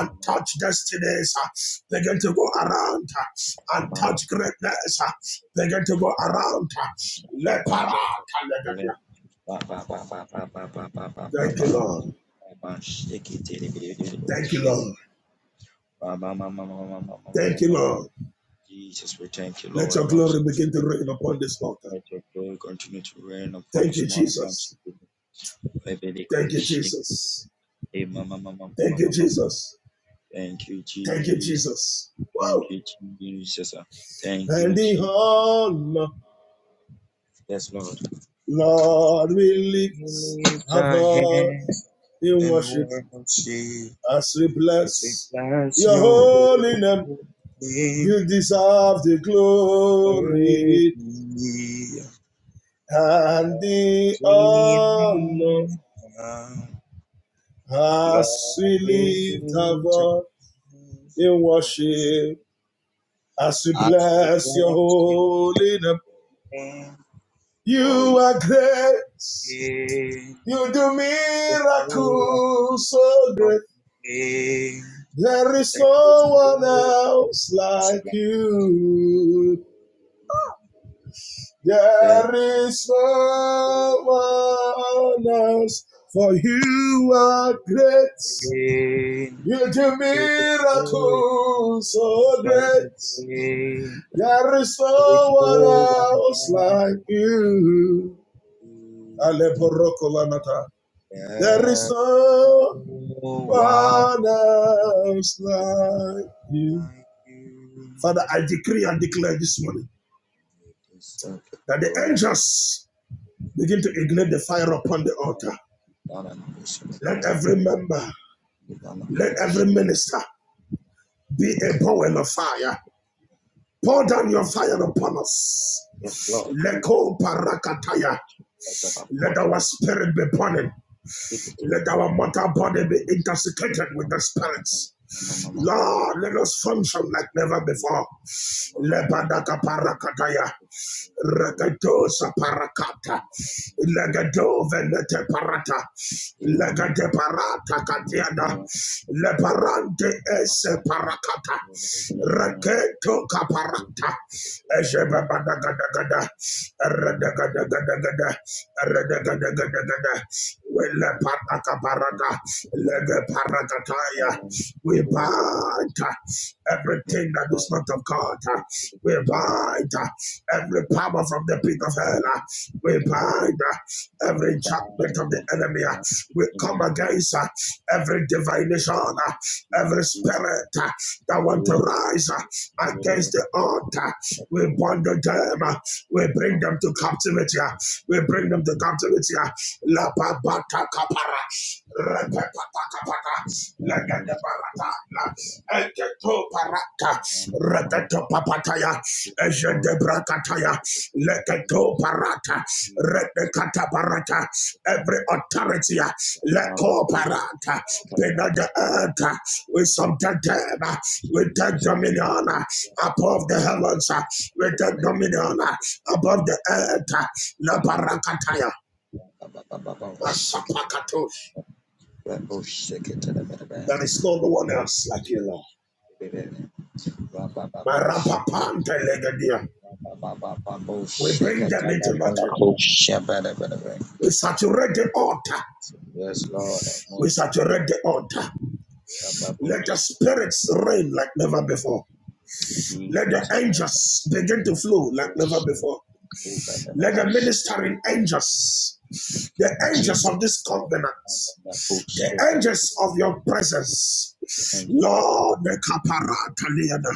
Speaker 2: and touch destinies. uh, Begin to go around uh, and
Speaker 3: mama, mama,
Speaker 2: touch greatness. uh,
Speaker 3: mama,
Speaker 2: Begin to go around. uh, Lepara Thank you, Lord. Thank you,
Speaker 3: Jesus,
Speaker 2: Lord. Thank you, Lord.
Speaker 3: we thank you,
Speaker 2: Let
Speaker 3: Lord.
Speaker 2: your
Speaker 3: Mercy,
Speaker 2: glory begin to rain upon this altar.
Speaker 3: let your glory continue to reign upon
Speaker 2: Thank
Speaker 3: this
Speaker 2: you,
Speaker 3: morning. Mercy,
Speaker 2: Jesus.
Speaker 3: go,
Speaker 2: Thank you,
Speaker 3: shake.
Speaker 2: Jesus.
Speaker 3: Hey, mama, mama,
Speaker 2: Thank
Speaker 3: mama,
Speaker 2: you,
Speaker 3: mama, mama.
Speaker 2: Jesus.
Speaker 3: Thank you,
Speaker 2: Thank you,
Speaker 3: Jesus.
Speaker 2: Jesus. Woo!
Speaker 3: Thank you, Jesus. Thank
Speaker 2: And
Speaker 3: you,
Speaker 2: the
Speaker 3: Jesus,
Speaker 2: honor,
Speaker 3: yes, Lord.
Speaker 2: Lord, we
Speaker 3: We
Speaker 2: lift
Speaker 3: lift
Speaker 2: our
Speaker 3: our
Speaker 2: voice
Speaker 3: hands
Speaker 2: in
Speaker 3: and
Speaker 2: worship
Speaker 3: worship.
Speaker 2: as we
Speaker 3: I say,
Speaker 2: bless
Speaker 3: bless
Speaker 2: your
Speaker 3: your
Speaker 2: holy name.
Speaker 3: holy name
Speaker 2: You deserve the
Speaker 3: every
Speaker 2: glory
Speaker 3: year.
Speaker 2: and the honor.
Speaker 3: Love
Speaker 2: As we lift our
Speaker 3: returns
Speaker 2: voice in
Speaker 3: you.
Speaker 2: worship, as we
Speaker 3: I say,
Speaker 2: bless your
Speaker 3: bless your
Speaker 2: holy name,
Speaker 3: name for
Speaker 2: you
Speaker 3: you.
Speaker 2: are great.
Speaker 3: gave
Speaker 2: You do
Speaker 3: the whole
Speaker 2: miracles so
Speaker 3: world to
Speaker 2: great.
Speaker 3: me.
Speaker 2: There is
Speaker 3: There is
Speaker 2: no one
Speaker 3: no
Speaker 2: else like
Speaker 3: slack
Speaker 2: you.
Speaker 3: that
Speaker 2: There is
Speaker 3: no
Speaker 2: no one else, for you are great.
Speaker 3: pain
Speaker 2: You do
Speaker 3: to the whole
Speaker 2: miracles so
Speaker 3: so
Speaker 2: great.
Speaker 3: great.
Speaker 2: There is no
Speaker 3: There's no
Speaker 2: one
Speaker 3: one
Speaker 2: else
Speaker 3: else
Speaker 2: like
Speaker 3: like
Speaker 2: you.
Speaker 3: you.
Speaker 2: Aleporokolanata. There is
Speaker 3: There's no
Speaker 2: no
Speaker 3: one
Speaker 2: one else like you.
Speaker 3: like you.
Speaker 2: Father, I decree and declare this morning
Speaker 3: Yes, Lord.
Speaker 2: that the angels begin to ignite the fire upon the altar. Let every member, let every minister be a bowl of fire. Pour down your fire upon us.
Speaker 3: Yes, Lord. You better pour
Speaker 2: Let
Speaker 3: down
Speaker 2: our
Speaker 3: it.
Speaker 2: spirit be burning.
Speaker 3: Shake it a
Speaker 2: Let
Speaker 3: little bit.
Speaker 2: our mortal body be intoxicated with
Speaker 3: Mama,
Speaker 2: the
Speaker 3: mama,
Speaker 2: spirits.
Speaker 3: mama, mama, mama.
Speaker 2: Lord, let us function like never
Speaker 3: Eat it.
Speaker 2: before.
Speaker 3: Mama, mama.
Speaker 2: Lepadakaparakataya.
Speaker 3: Give it
Speaker 2: Rakadosa parakata, legado venete parata, legade parata katiana, leparante
Speaker 3: Thank
Speaker 2: esse parakata, raketo kaparata, ejebabagadagada, eradagadagada, eradagadagada, wele parakaparata, lege parakataya, we bind uh, everything that is not of God, uh, we bind. Every power from the pit of hell, uh, we bind uh, every enchantment of the enemy. uh, We come against uh, every divination, uh, every spirit uh, that want to rise uh, against the altar. We bundle them. uh, We bring them to captivity. uh, We bring them to captivity. uh, La babata kapara. Repepata kapata. Legende barata. La eketo parata.
Speaker 3: you.
Speaker 2: Reketo papataya. Ejedebrakataya, leketo parata, Rekata parata, Every authority, uh, leko parata, beneath the earth, uh, we subject them, uh, we take dominion uh, above the heavens, uh, we take dominion uh, above the earth, uh, la barakataya, masapakato. There is no one else like you, Lord. Marapapante legadia. We bring them into nothing. We saturate the altar.
Speaker 3: Yes, Lord, I'm
Speaker 2: We
Speaker 3: most giving
Speaker 2: saturate the altar.
Speaker 3: the rababos,
Speaker 2: Let the spirits reign like never before. Let the
Speaker 3: Jesus,
Speaker 2: angels begin to flow like never before.
Speaker 3: and the
Speaker 2: Let the
Speaker 3: Bush,
Speaker 2: ministering angels, the angels of
Speaker 3: Jesus
Speaker 2: this
Speaker 3: Christ,
Speaker 2: covenant,
Speaker 3: and the Coach, the
Speaker 2: the angels of your presence,
Speaker 3: angel of the
Speaker 2: Lord, the kaparataliana,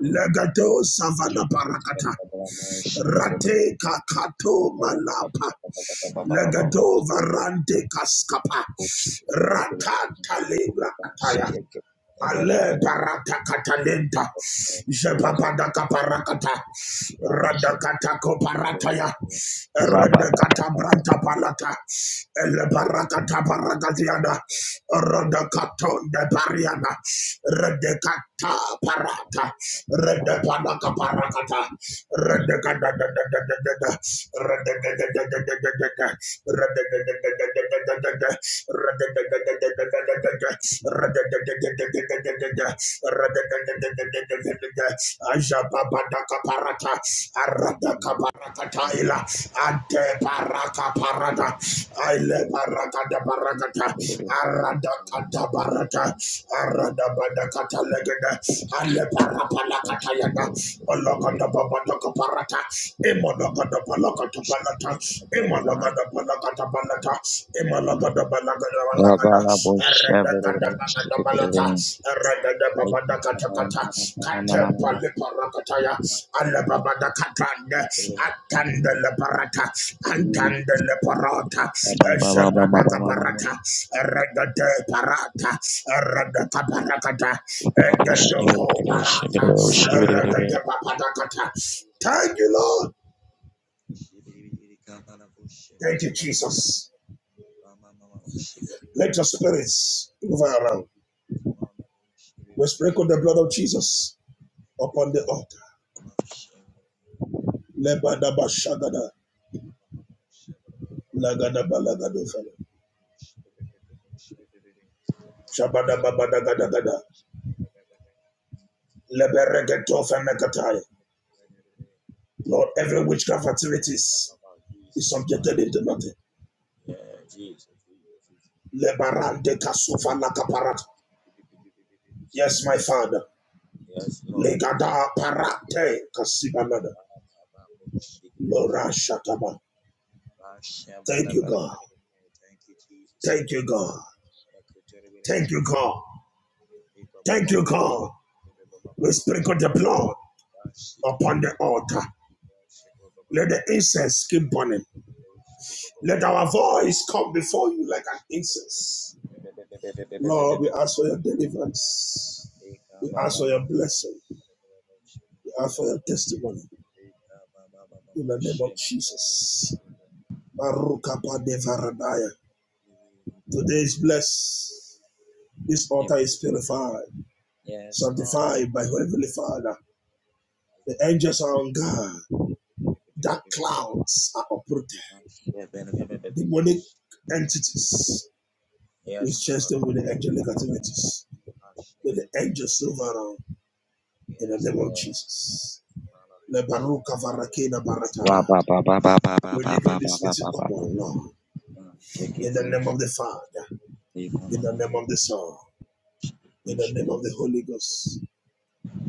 Speaker 2: legato savana
Speaker 3: Should the time
Speaker 2: parakata,
Speaker 3: of the man, should the brother
Speaker 2: rate kakato malapa,
Speaker 3: of
Speaker 2: legato varante kaskapa,
Speaker 3: books, if you could
Speaker 2: rakata libra
Speaker 3: have
Speaker 2: ataya.
Speaker 3: check it, a benefit of
Speaker 2: Ale barata katalenta,
Speaker 3: those of
Speaker 2: jebapada
Speaker 3: the
Speaker 2: kaparakata,
Speaker 3: ground, should
Speaker 2: radakata koparataya, radakata branta palata, ele barakata barakatiana, radakato de pariana, radakata parata, radakata kaparakata, radakata da da da da da da, radakata da da da da da da. Ajabapadakaparata, aradakaparakataila, adeparakaparata,
Speaker 3: the
Speaker 2: aileparakadabarakata, aradakatabarata, aradabadakatalegede, aleparapalakatayada, Parata, Emologoda Palakata Palata, Emologoda Palakata Palata, Emologoda Palakata Palakata, Eredakada Bagada Palata, Eredada Babada Katakata, Katempa Liparakataya, Alababada Katanda, Atanda la parata, Antanda Leparata, Eshabada Barata, Eredade Parata, Eredaka Parakata, Eredoko Parata, Eredaba Padakata, Thank you, Lord. Thank you, Jesus. Let your spirits move around. We sprinkle the blood of Jesus upon the altar. Lebadaba shagada, shabadababadagadagada, leberegetofenekataya. Lord, every witchcraft activities is
Speaker 3: Jesus, man.
Speaker 2: subjected into nothing.
Speaker 3: Yeah, Jesus, Jesus, Jesus.
Speaker 2: Lebarande kasufa lakaparata. Yes, my Father.
Speaker 3: Yes, Lord.
Speaker 2: Legada parate kasibanada. Lora shataba. Thank you, God.
Speaker 3: Thank you, Jesus.
Speaker 2: Thank you, God. Thank you, God. Thank you, God. We sprinkle the blood
Speaker 3: Yes,
Speaker 2: upon the altar. Let the incense keep burning. Let our voice come before you like an incense. Lord, we ask for your deliverance. We ask for your blessing. We ask for your testimony. In the name of Jesus. Baruch haba devaradaya. Today is blessed. This altar is purified,
Speaker 3: Lord.
Speaker 2: sanctified by Heavenly Father. The angels are on guard. Dark clouds are uprooted. demonic entities. We
Speaker 3: Yes,
Speaker 2: chase
Speaker 3: Lord.
Speaker 2: them with the angelic activities, with the angels move around in the
Speaker 3: Yes,
Speaker 2: name of
Speaker 3: Lord.
Speaker 2: Jesus. Le baruka varakina barata.
Speaker 3: ba ba ba ba ba ba
Speaker 2: We
Speaker 3: ba ba ba
Speaker 2: decree
Speaker 3: ba
Speaker 2: this
Speaker 3: ba
Speaker 2: meeting
Speaker 3: ba ba.
Speaker 2: upon Lord.
Speaker 3: Shake it
Speaker 2: In the
Speaker 3: in
Speaker 2: name
Speaker 3: the
Speaker 2: of the Father,
Speaker 3: name
Speaker 2: in
Speaker 3: of
Speaker 2: the
Speaker 3: the
Speaker 2: name of the Son, in the name of the Holy Ghost.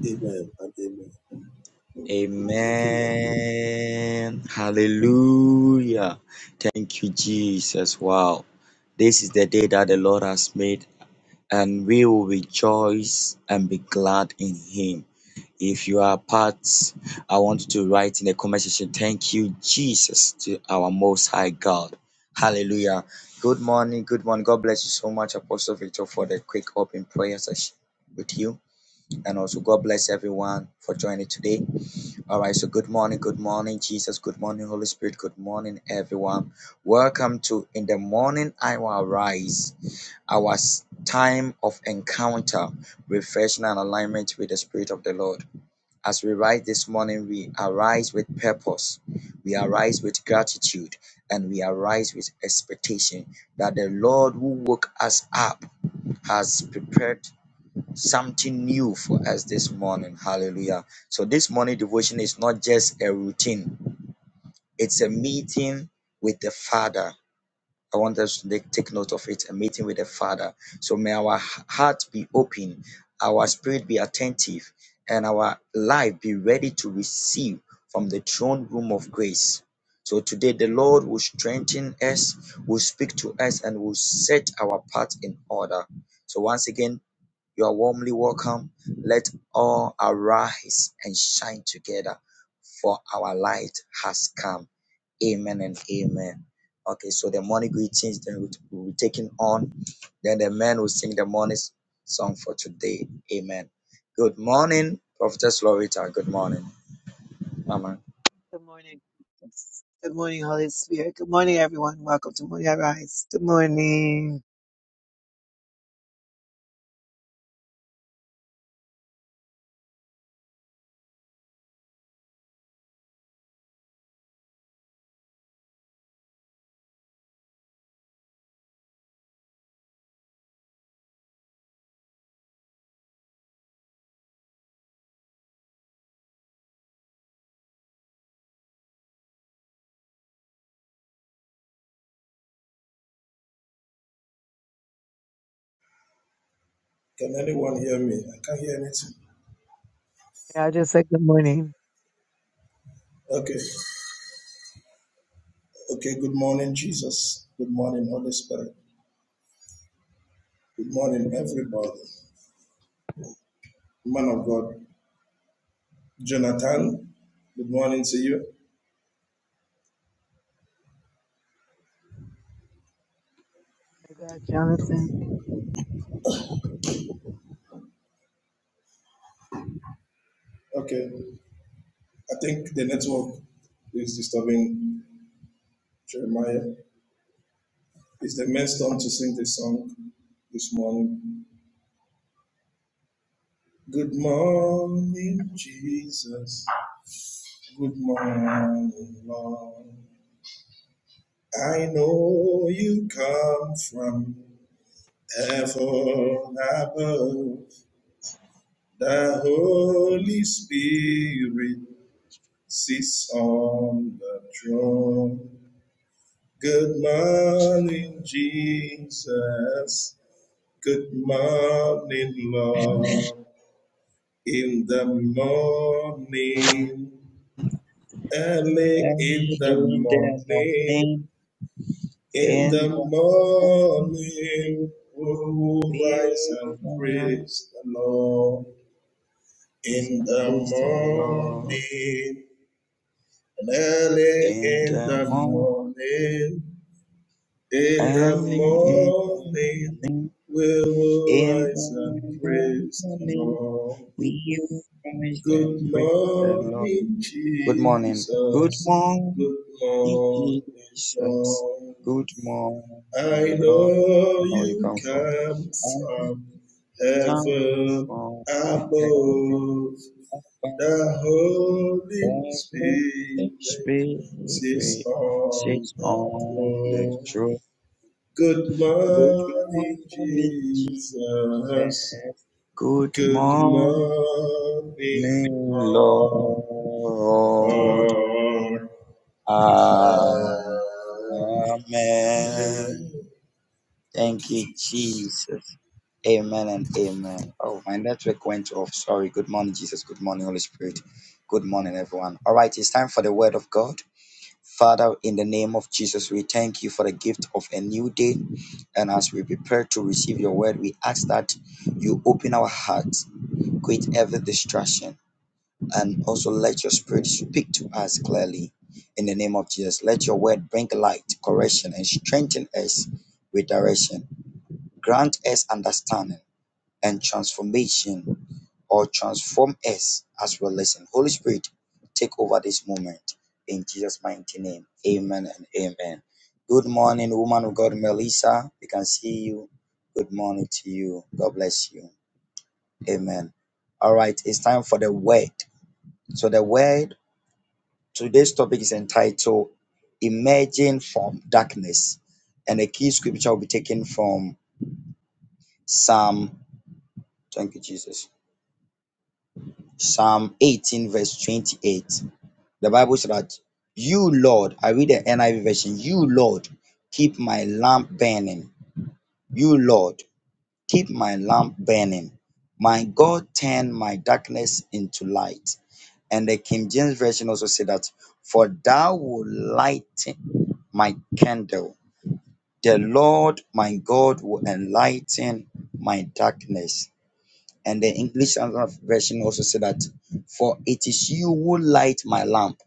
Speaker 2: Amen and amen. Thank you, Lord.
Speaker 3: Amen. Hallelujah. Thank you, Jesus. Wow. This is the day that the Lord has made, and we will rejoice and be glad in Him. If you are part, I want you to write in the comment section, thank you, Jesus, to our most high God. Hallelujah. Good morning. Good morning. God bless you so much, Apostle Victor, for the quick open prayer session with you. And also, God bless everyone for joining today. All right. So, good morning. Good morning, Jesus. Good morning, Holy Spirit. Good morning, everyone. Welcome to In the Morning I Will Rise, our time of encounter, refreshing, and alignment with the Spirit of the Lord. As we rise this morning, we arise with purpose, we arise with gratitude, and we arise with expectation that the Lord who woke us up has prepared something new for us this morning. Hallelujah. So, this morning devotion is not just a routine, it's a meeting with the Father I want us to take take note of it, a meeting with the Father. So may our h- heart be open, our spirit be attentive, and our life be ready to receive from the throne room of grace. So today the Lord will strengthen us, will speak to us, and will set our path in order. So once again, you are warmly welcome. Let all arise and shine together, for our light has come. Amen and amen. Okay, so the morning greetings then we will be taking on. Then the men will sing the morning song for today. Amen. Good morning, Prophetess Lorita. Good morning, Mama.
Speaker 1: morning. Jesus. Good morning, Holy Spirit. Good morning, everyone. Welcome to Morning I Rise. Good morning.
Speaker 2: Can anyone hear me? I can't hear anything.
Speaker 1: Yeah, I just said good morning.
Speaker 2: Okay. Okay. Good morning, Jesus. Good morning, Holy Spirit. Good morning, everybody. Man of God, Jonathan, good morning to you.
Speaker 1: God, Jonathan.
Speaker 2: Oh, you come from heaven above. The Holy Spirit sits on the throne. Good morning, Jesus. Good morning,
Speaker 3: Early
Speaker 2: Lord. In the morning, early in the
Speaker 3: In the
Speaker 2: morning.
Speaker 3: morning,
Speaker 2: In the
Speaker 3: in the morning,
Speaker 2: morning we will
Speaker 3: we
Speaker 2: rise and
Speaker 3: will rise.
Speaker 2: praise the Lord. In the
Speaker 3: Praise the Lord.
Speaker 2: morning and early
Speaker 3: In
Speaker 2: in
Speaker 3: the
Speaker 2: the
Speaker 3: morning,
Speaker 2: morning, in the
Speaker 3: early in the
Speaker 2: morning
Speaker 3: morning,
Speaker 2: we will
Speaker 3: in
Speaker 2: rise and
Speaker 3: the
Speaker 2: praise the
Speaker 3: morning,
Speaker 2: Lord.
Speaker 3: we will rise
Speaker 2: Good
Speaker 3: and praise the Lord.
Speaker 2: morning,
Speaker 3: Good morning. Good
Speaker 2: Jesus.
Speaker 3: morning,
Speaker 2: Good morning,
Speaker 3: Jesus.
Speaker 2: Lord.
Speaker 3: Good
Speaker 2: I
Speaker 3: morning, Lord. I
Speaker 2: know
Speaker 3: know you
Speaker 2: you
Speaker 3: come from.
Speaker 2: come
Speaker 3: I know
Speaker 2: from
Speaker 3: you come
Speaker 2: heaven
Speaker 3: from heaven
Speaker 2: above.
Speaker 3: above.
Speaker 2: The
Speaker 3: Where
Speaker 2: Holy
Speaker 3: your
Speaker 2: Spirit sits
Speaker 3: Spirit
Speaker 2: on
Speaker 3: sits
Speaker 2: the
Speaker 3: on the
Speaker 2: throne.
Speaker 3: throne.
Speaker 2: Good
Speaker 3: Good
Speaker 2: morning,
Speaker 3: morning,
Speaker 2: Jesus.
Speaker 3: says, Good
Speaker 2: Good
Speaker 3: morning,
Speaker 2: morning, Lord.
Speaker 3: Lord.
Speaker 2: Oh,
Speaker 3: Amen.
Speaker 2: Thank
Speaker 3: Thank
Speaker 2: you,
Speaker 3: you,
Speaker 2: Jesus.
Speaker 3: Jesus. Amen and amen. Oh, my network went off. Sorry. Good morning, Jesus. Good morning, Holy Spirit. Good morning, everyone. All right, it's time for the word of God. Father, in the name of Jesus, we thank you for the gift of a new day. And as we prepare to receive your word, we ask that you open our hearts, quit every distraction. and also let your spirit speak to us clearly in the name of Jesus. Let your word bring light, correction, and strengthen us with direction. Grant us understanding and transformation, or transform us as we listen. Holy Spirit, take over this moment in Jesus' mighty name. Amen and amen. Good morning, woman of God, Melissa. We can see you. Good morning to you. God bless you. Amen. All right, it's time for the word. So the word Today's topic is entitled Emerging from Darkness. And the key scripture will be taken from Psalm, thank you, Jesus. Psalm 18, verse 28. The Bible says that you, Lord, I read the NIV version, you, Lord, keep my lamp burning. You, Lord, keep my lamp burning. My God, turn my darkness into light. And the King James version also said that, for thou will lighten my candle The Lord my God will enlighten my darkness. And the English Standard Version also said that, For it is you who light my lamp.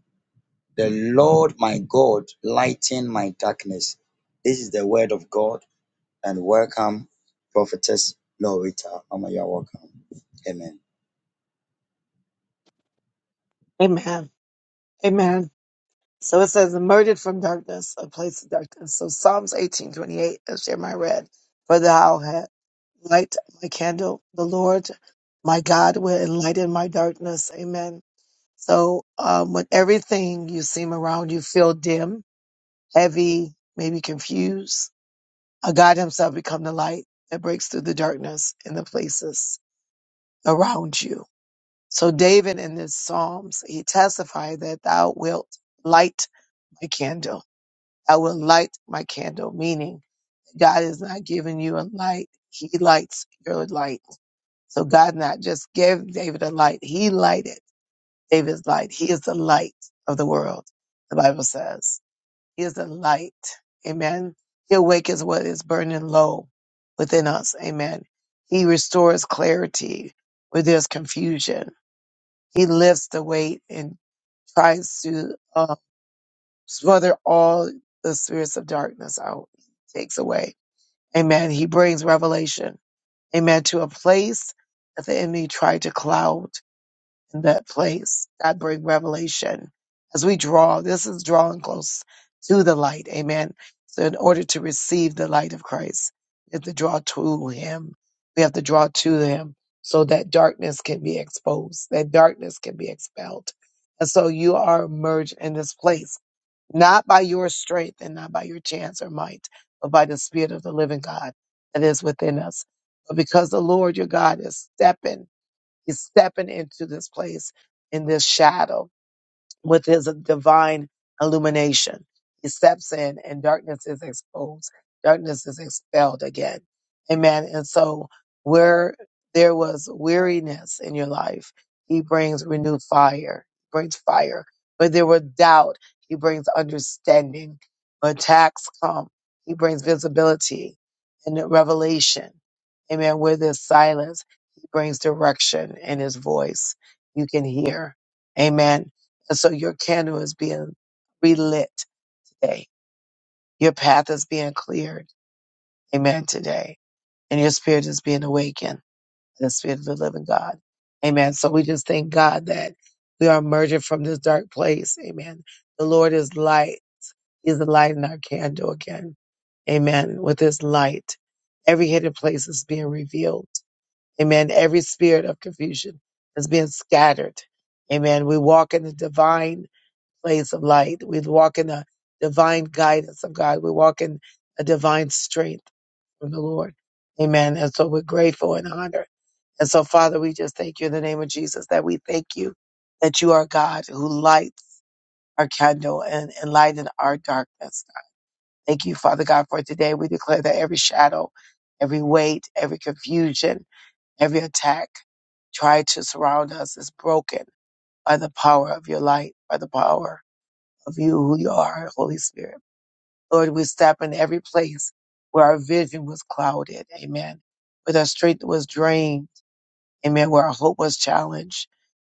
Speaker 3: The Lord my God lighten my darkness. This is the word of God. And welcome, Prophetess Lorita. Mama, you are welcome. Amen.
Speaker 1: Amen. Amen. So it says, emerged from darkness, a place of darkness. So Psalms 18:28, as Jeremiah read, for thou hast light my candle. The Lord, my God, will enlighten my darkness. Amen. So um, when everything you seem around you feel dim, heavy, maybe confused, a God himself become the light that breaks through the darkness in the places around you. So David in this Psalms, he testified that thou wilt light my candle. I will light my candle, meaning God is not giving you a light. He lights your light. So God not just gave David a light. He lighted David's light. He is the light of the world. The Bible says he is the light. Amen. He awakens what is burning low within us. Amen. He restores clarity where there's confusion. He lifts the weight and tries to uh, smother all the spirits of darkness out, He takes away. Amen. He brings revelation. Amen. To a place that the enemy tried to cloud in that place. God bring revelation as we draw. This is drawing close to the light. Amen. So in order to receive the light of Christ, we have to draw to him. We have to draw to him so that darkness can be exposed, that darkness can be expelled. And so you are emerged in this place, not by your strength and not by your chance or might, but by the spirit of the living God that is within us. But because the Lord your God is stepping is stepping into this place in this shadow with his divine illumination. He steps in and darkness is exposed. Darkness is expelled again. Amen. And so where there was weariness in your life, he brings renewed fire, brings fire. But there were doubt, he brings understanding. When attacks come, he brings visibility and revelation. Amen. Where there's silence, he brings direction in his voice. You can hear. Amen and so your candle is being relit today. Your path is being cleared. Amen. Today. And your spirit is being awakened. The spirit of the living God. Amen. So we just thank God that we are emerging from this dark place. Amen. The Lord is light. He's the light in our candle again. Amen. With his light, every hidden place is being revealed. Amen. Every spirit of confusion is being scattered. Amen. We walk in the divine place of light. We walk in a divine guidance of God. We walk in a divine strength from the Lord. Amen. And so we're grateful and honored. And so, Father, we just thank you in the name of Jesus that we thank you that you are God who lights our candle and, and lighten our darkness. Thank you, Father God, for today. We declare that every shadow, every weight, every confusion, every attack tried to surround us is broken by the power of your light, by the power of you, who you are, Holy Spirit. Lord, we step in every place where our vision was clouded. Amen. Where our strength was drained. Amen. Where our hope was challenged.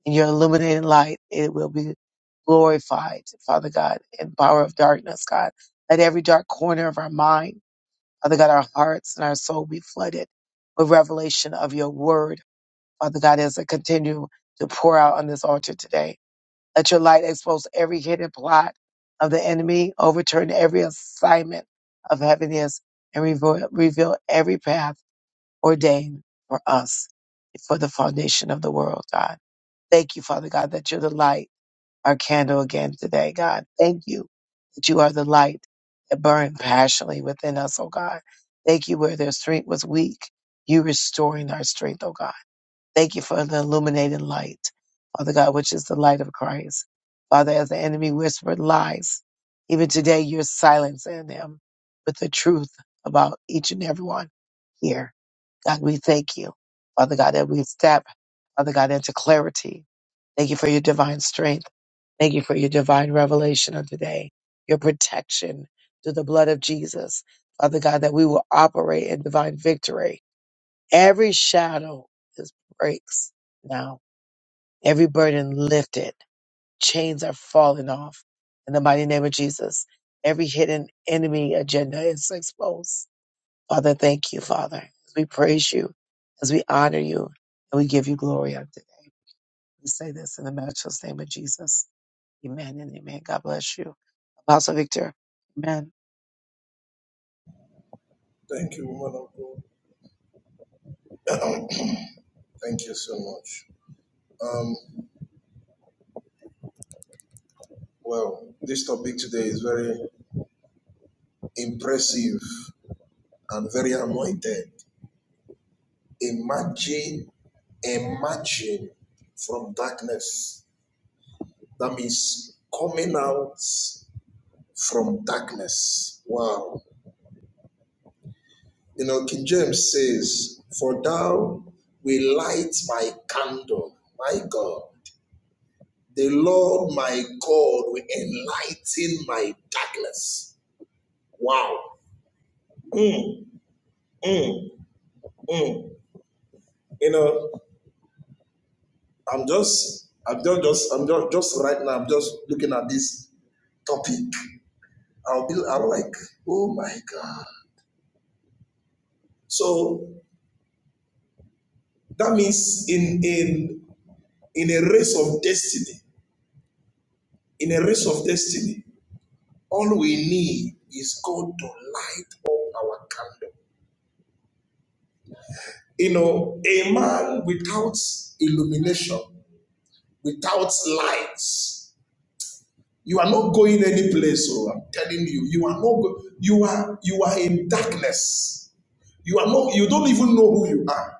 Speaker 1: In your illuminating light, it will be glorified, Father God, in power of darkness, God. Let every dark corner of our mind, Father God, our hearts and our soul be flooded with revelation of your word, Father God, as I continue to pour out on this altar today. Let your light expose every hidden plot of the enemy, overturn every assignment of heaviness, and reveal, reveal every path ordained for us for the foundation of the world, God. Thank you, Father God, that you're the light, our candle again today, God. Thank you that you are the light that burn passionately within us, oh God. Thank you where their strength was weak, you restoring our strength, oh God. Thank you for the illuminated light, Father God, which is the light of Christ. Father, as the enemy whispered lies, even today you're silencing them with the truth about each and every one here. God, we thank you, Father God, that we step, Father God, into clarity. Thank you for your divine strength. Thank you for your divine revelation of today, your protection through the blood of Jesus. Father God, that we will operate in divine victory Every shadow is breaks now. Every burden lifted. Chains are falling off. In the mighty name of Jesus, every hidden enemy agenda is exposed. Father, thank you, Father. we praise you, as we honor you, and we give you glory on today. We say this in the matchless name of Jesus. Amen and amen. God bless you. Apostle Victor. Amen.
Speaker 2: Thank you, woman of God. Thank you so much. Um, well, this topic today is very impressive and very anointed. Imagine, imagine from darkness. That means coming out from darkness. Wow. You know, King James says, For thou will light my candle, my God. The Lord my God will enlighten my darkness. Wow. Mm, mm, mm. you know, I'm just, I'm just, just, I'm just, just right now. I'm just looking at this topic. I'll be, I'm like, oh my god. So that means in in in a race of destiny, in a race of destiny, all we need is God to light up our candle. You know, a man without illumination, without lights, you are not going any place. So I'm telling you, you are not. Go- you are you are in darkness You are not, you don't even know who you are.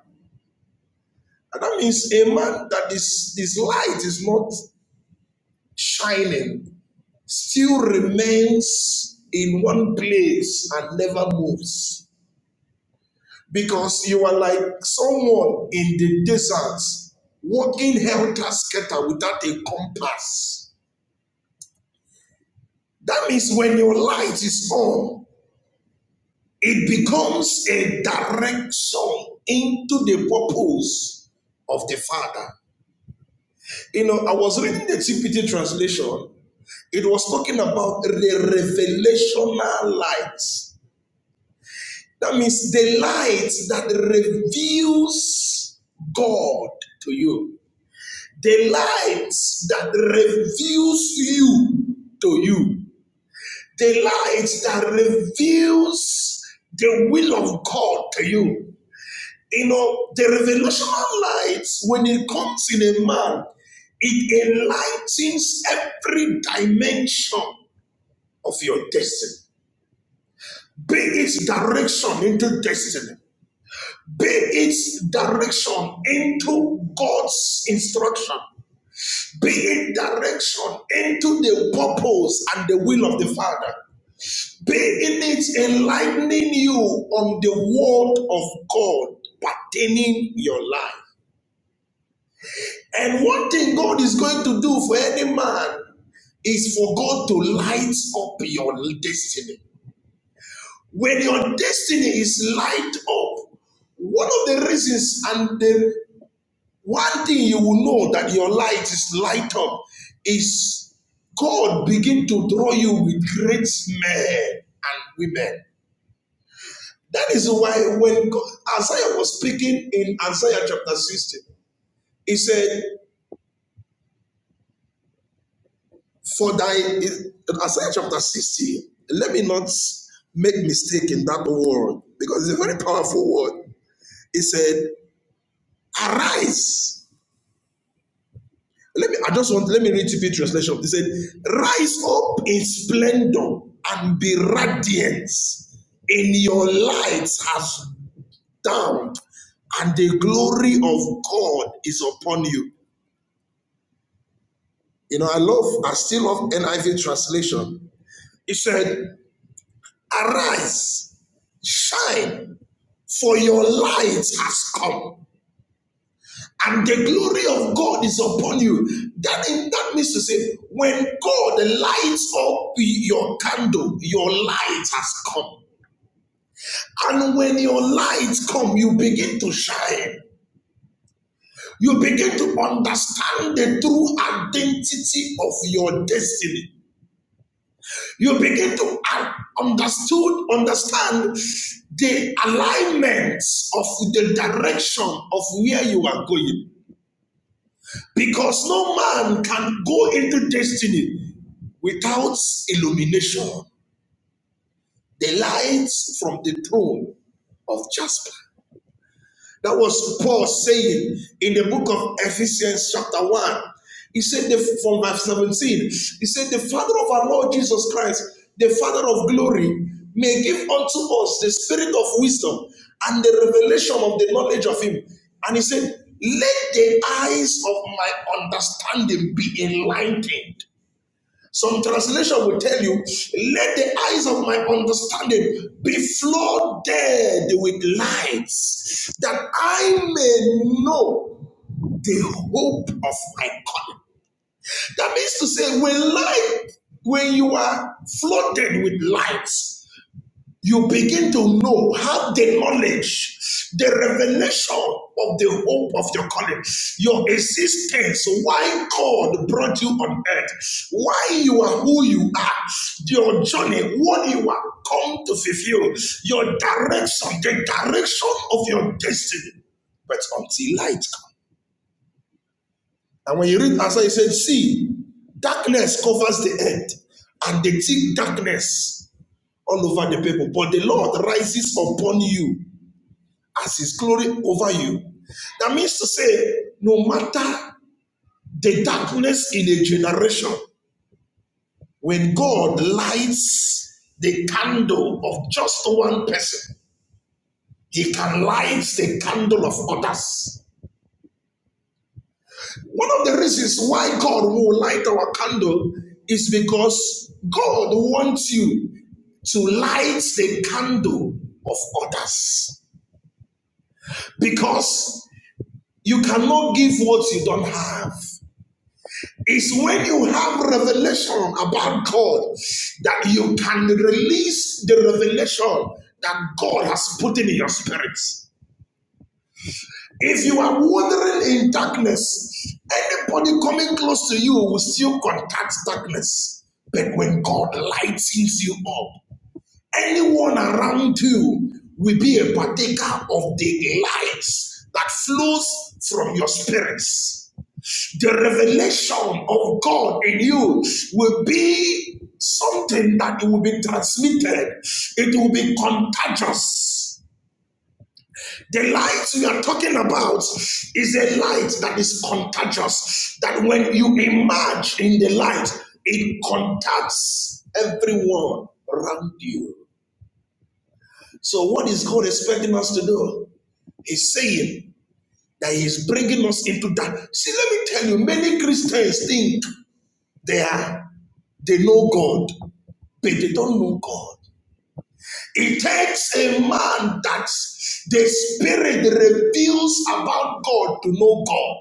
Speaker 2: And that means a man that is his light is not shining still remains in one place and never moves. Because you are like someone in the desert walking helter skelter without a compass. That means when your light is on, it becomes a direction into the purpose of the Father. You know, I was reading the TPT translation It was talking about the revelational light. That means the light that reveals God to you. The light that reveals you to you. The light that reveals the will of God to you. You know, the revelational light, when it comes in a man, it enlightens every dimension of your destiny be its direction into destiny, be its direction into God's instruction, be it direction into the purpose and the will of the Father, be in it enlightening you on the word of God pertaining your life. And one thing God is going to do for any man is for God to light up your destiny. When your destiny is lined up, one of the reasons and the one thing you will know that your light is light up is God begin to draw you with great men and women. That is why when God, Isaiah was speaking in Isaiah chapter 60, he said, For thy, Isaiah chapter 60, let me not make mistake in that word because it's a very powerful word. He said, Arise Let me, I just want, let me read TP translation. It said, Rise up in splendor and be radiant, in your light has dawned, and the glory of God is upon you. You know, I love, I still love NIV translation. It said, Arise, shine, for your light has come and the glory of God is upon you. That, that means to say, when God lights up your candle, your light has come. And when your light come, you begin to shine. You begin to understand the true identity of your destiny. You begin to understood, understand the alignments of the direction of where you are going. Because no man can go into destiny without illumination, the light from the throne of Jasper. That was Paul saying in the book of Ephesians, chapter 1. He said, the, from verse 17, he said, The Father of our Lord Jesus Christ, the Father of glory, may give unto us the spirit of wisdom and the revelation of the knowledge of Him. And he said, Let the eyes of my understanding be enlightened some translation will tell you, let the eyes of my understanding be flooded with lights, that I may know the hope of my calling. That means to say, when light, when you are flooded with lights you begin to know, have the knowledge, the revelation of the hope of your calling, your existence, why God brought you on earth, why you are who you are, your journey, what you are come to fulfill, your direction, the direction of your destiny. But until light comes. And when you read Isaiah, he said, See, darkness covers the earth, and the thick darkness all over the people. But the Lord rises upon you as his glory over you. That means to say, no matter the darkness in a generation, when God lights the candle of just one person, he can light the candle of others. One of the reasons why God will light our candle is because God wants you to light the candle of others because you cannot give what you don't have. It's when you have revelation about God that you can release the revelation that God has put in your spirit. If you are wandering in darkness, anybody coming close to you will still contact darkness. But when God lightens you up, anyone around you will be a partaker of the light that flows from your spirit. revelation of God in you will be something that it will be transmitted, it will be contagious. The light we are talking about is a light that is contagious, that when you emerge in the light, it contacts everyone around you. So, what is God expecting us to do? He's saying that He's bringing us into that. See, let me tell you, many Christians think they are, they know God. but they don't know God. It takes a man that the spirit reveals about God to know God.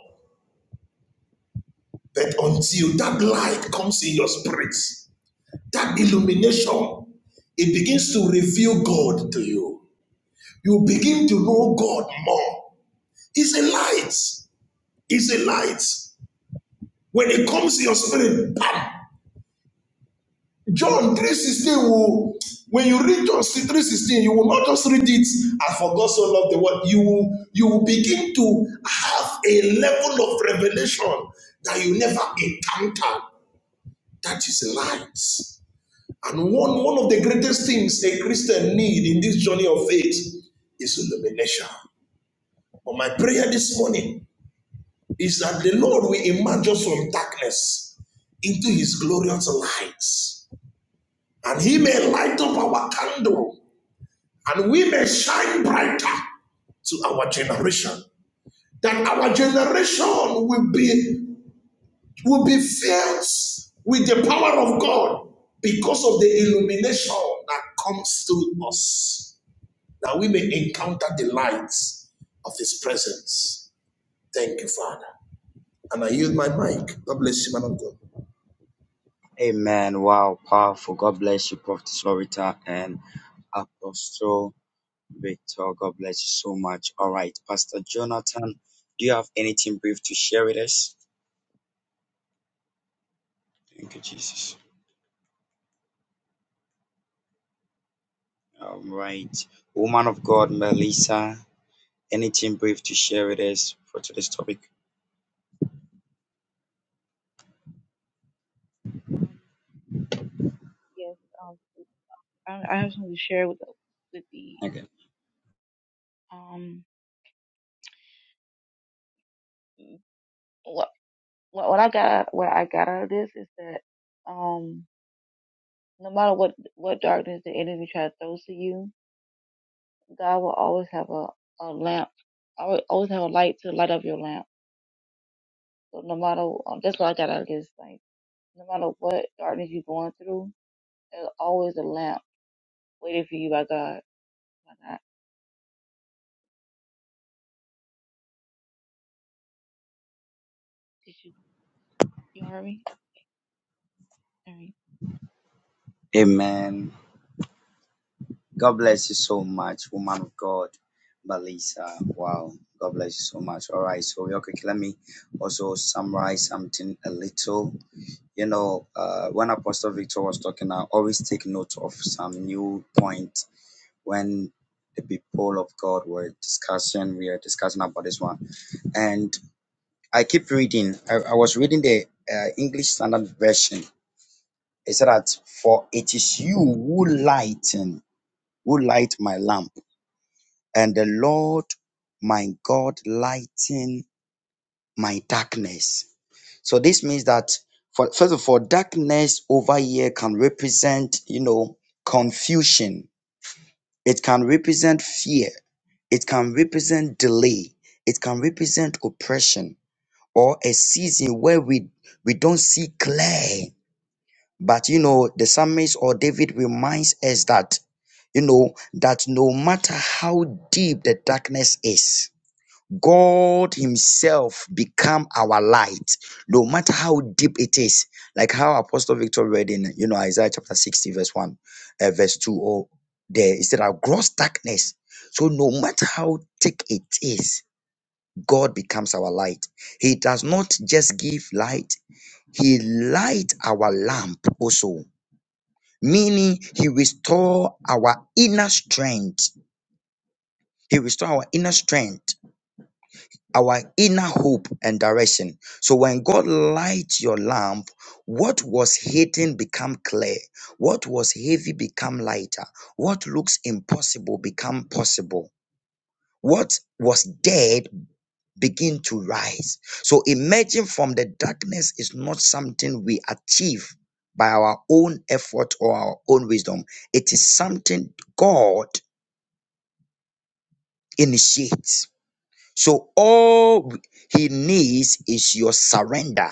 Speaker 2: But until that light comes in your spirit, that illumination, it begins to reveal God to you. You begin to know God more. It's a light. It's a light. When it comes in your spirit, bam, John 3.16 will, when you read John 3.16, you will not just read it and for God so loved the world. You will, you will begin to have a level of revelation that you never encountered. That is light. And one, one of the greatest things a Christian need in this journey of faith is illumination. But my prayer this morning is that the Lord will emerge us from darkness into his glorious lights. And he may light up our candle and we may shine brighter to our generation. That our generation will be will be filled with the power of God because of the illumination that comes through us. That we may encounter the lights of His presence. Thank you, Father. And I yield my mic. God bless you, man of God.
Speaker 3: Amen. Wow, powerful. God bless you, Prophetess Lorita and Apostle. Victor, God bless you so much. All right, Pastor Jonathan, do you have anything brief to share with us? Thank you, Jesus. All right, woman of God, Melissa, anything brief to share with us for today's topic?
Speaker 4: Um, yes, um, I, I have something to share with the, with the
Speaker 3: Okay.
Speaker 4: um mm, what what what I got what I got out of this is that um no matter what what darkness the enemy tries to throw to you, God will always have a a lamp. I will always have a light to light up your lamp. So no matter um, that's what I got out of this thing. No matter what darkness you're going through, there's always a lamp waiting for you by God. Why not? Did you you hear me?
Speaker 3: Amen. God bless you so much, woman of God, Melissa. Wow. God bless you so much. All right, so real quick, let me also summarize something a little. You know, uh, when Apostle Victor was talking, I always take note of some new point when the people of God were discussing, we are discussing about this one. And I keep reading. I, I was reading the uh, English Standard Version. It said that, For it is you who lighten, who light my lamp, and the Lord my God lighten my darkness. So this means that, for, first of all, darkness over here can represent, you know, confusion It can represent fear. It can represent delay. It can represent oppression or a season where we, we don't see clear. But you know, the psalmist or David reminds us that, you know, that no matter how deep the darkness is, God Himself become our light, no matter how deep it is. Like how Apostle Victor read in, you know, Isaiah chapter 60, verse 1, uh, verse 2, or there, it said, Our gross darkness. So no matter how thick it is, God becomes our light. He does not just give light, He light our lamp also. Meaning, he restore our inner strength. He restore our inner strength our inner hope and direction. So when God lights your lamp, what was hidden become clear, what was heavy become lighter, what looks impossible become possible, what was dead begin to rise. So emerging from the darkness is not something we achieve by our own effort or our own wisdom. It is something God initiates. So all he needs is your surrender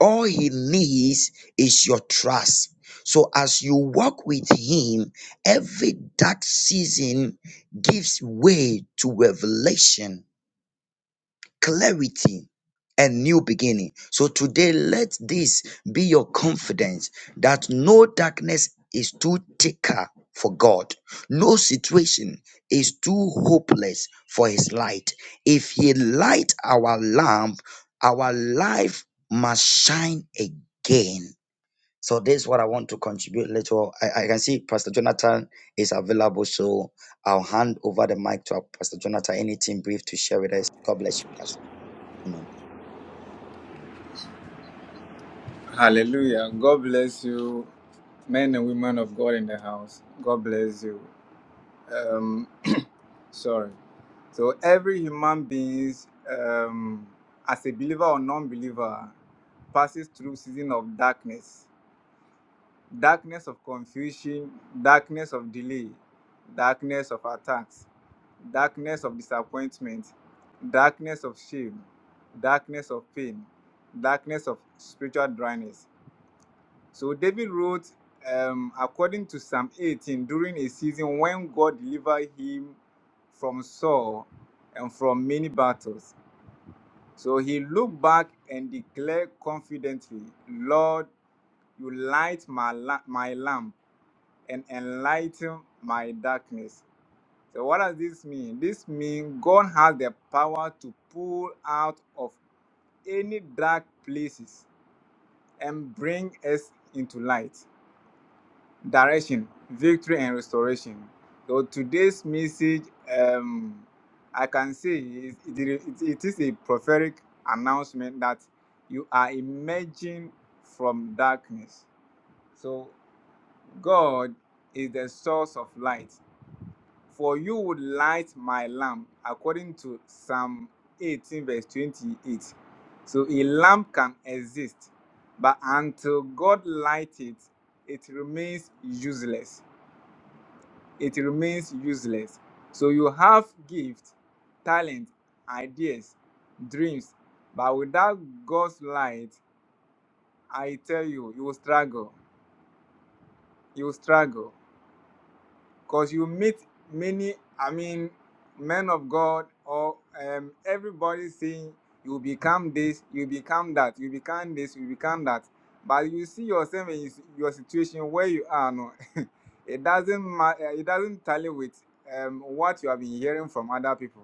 Speaker 3: all he needs is your trust. So as you walk with him, every dark season gives way to revelation clarity and new beginning. So today, let this be your confidence that no darkness is too thicker for God, no situation is too hopeless for His light. If He light our lamp, our life must shine again. So this is what I want to contribute a little. I, I can see Pastor Jonathan is available, so I'll hand over the mic to our Pastor Jonathan. Anything brief to share with us? God bless you, Pastor. Amen.
Speaker 5: Hallelujah. God bless you, men and women of God in the house. God bless you. Um, sorry. So every human being, um, as a believer or non-believer, passes through season of darkness, darkness of confusion, darkness of delay, darkness of attacks, darkness of disappointment, darkness of shame, darkness of pain, darkness of spiritual dryness. So David wrote, um, according to Psalm 18, during a season when God delivered him from Saul and from many battles. So he looked back and declared confidently, Lord, you light my, la- my lamp and enlighten my darkness. So what does this mean? This means God has the power to pull out of any dark places and bring us into light. direction, victory, and restoration. So today's message, um, I can say it, it, it is a prophetic announcement that you are emerging from darkness. So God is the source of light. For you would light my lamp, according to Psalm 18, verse 28. So a lamp can exist, but until God lights it, it remains useless it remains useless. So you have gift, talent, ideas, dreams, but without God's light, I tell you, you will struggle. You will struggle. because you meet many i mean men of god or um, everybody saying you become this you become that you become this you become that but you see yourself in s- your situation where you are no it doesn't ma- eh, it doesn't tally with um, what you have been hearing from other people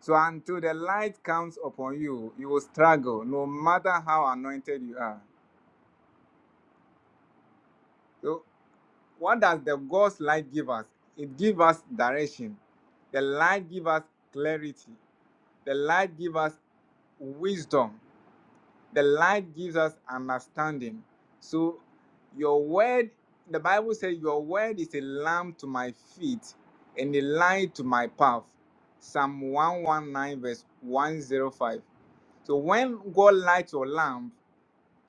Speaker 5: so until the light comes upon you you will struggle no matter how anointed you are So. What does the God's light give us? It gives us direction. The light gives us clarity. The light gives us wisdom. The light gives us understanding. So, your word, the Bible says, Your word is a lamp to my feet and a light to my path. Psalm 119, verse 105. So, when God lights your lamp,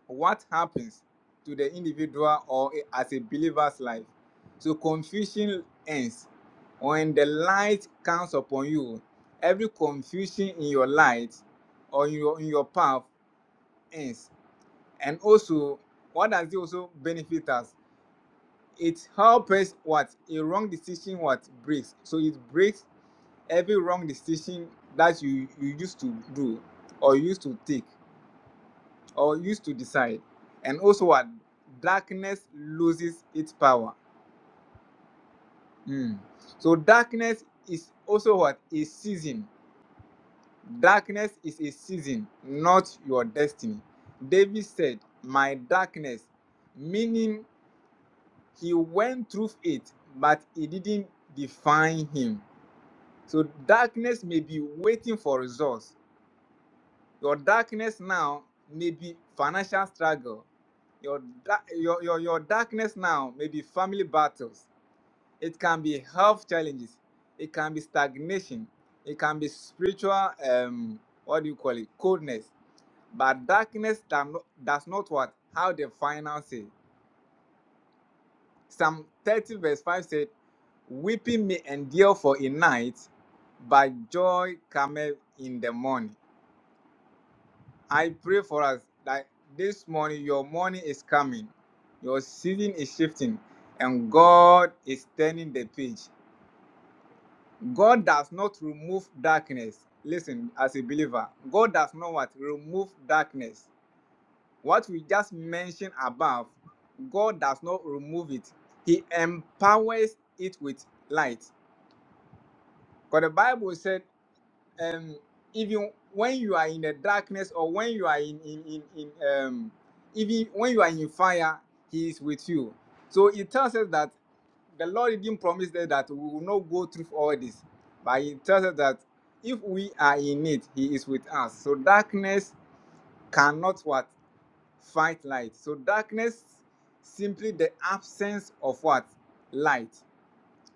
Speaker 5: what happens to the individual or as a believer's life. So confusion ends when the light comes upon you. Every confusion in your light or in your in your path ends. And also, what does it also benefit us? It helps us what a wrong decision what breaks. So it breaks every wrong decision that you you used to do or used to take. or used to decide. And also what darkness loses its power. Mm. So darkness is also what a season. Darkness is a season, not your destiny. David said, My darkness, meaning he went through it, but it didn't define him. So darkness may be waiting for results Your darkness now may be financial struggle. Your, your, your, your darkness now may be family battles. It can be health challenges. It can be stagnation. It can be spiritual, um, what do you call it, coldness. But darkness does not, does not what? How the final say. Psalm 30 verse 5 said, Weeping may endure for a night, but joy cometh in the morning. I pray for us that this morning your morning is coming, your season is shifting, and God is turning the page. God does not remove darkness. Listen, as a believer, God does not what? Remove darkness. What we just mentioned above, God does not remove it. He empowers it with light. Because the Bible said um, even when you are in the darkness or when you are in in in, in um, even when you are in fire, He is with you. So it tells us that the Lord didn't promise us that we will not go through all this, but He tells us that if we are in it, He is with us. So darkness cannot what fight light. So darkness simply the absence of what light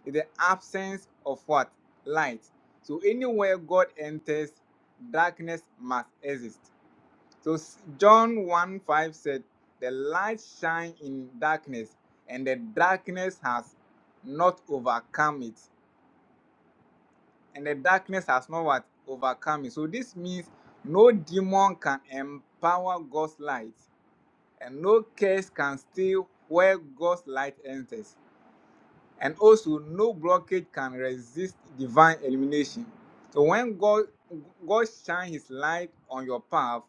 Speaker 5: the absence of what? Light. So anywhere God enters, darkness must exist. So John 1 5 said, The light shine in darkness, and the darkness has not overcome it. And the darkness has not what? Overcome it. So this means no demon can empower God's light, and no curse can steal where God's light enters. And also, no blockage can resist divine illumination. So when God God shines his light on your path,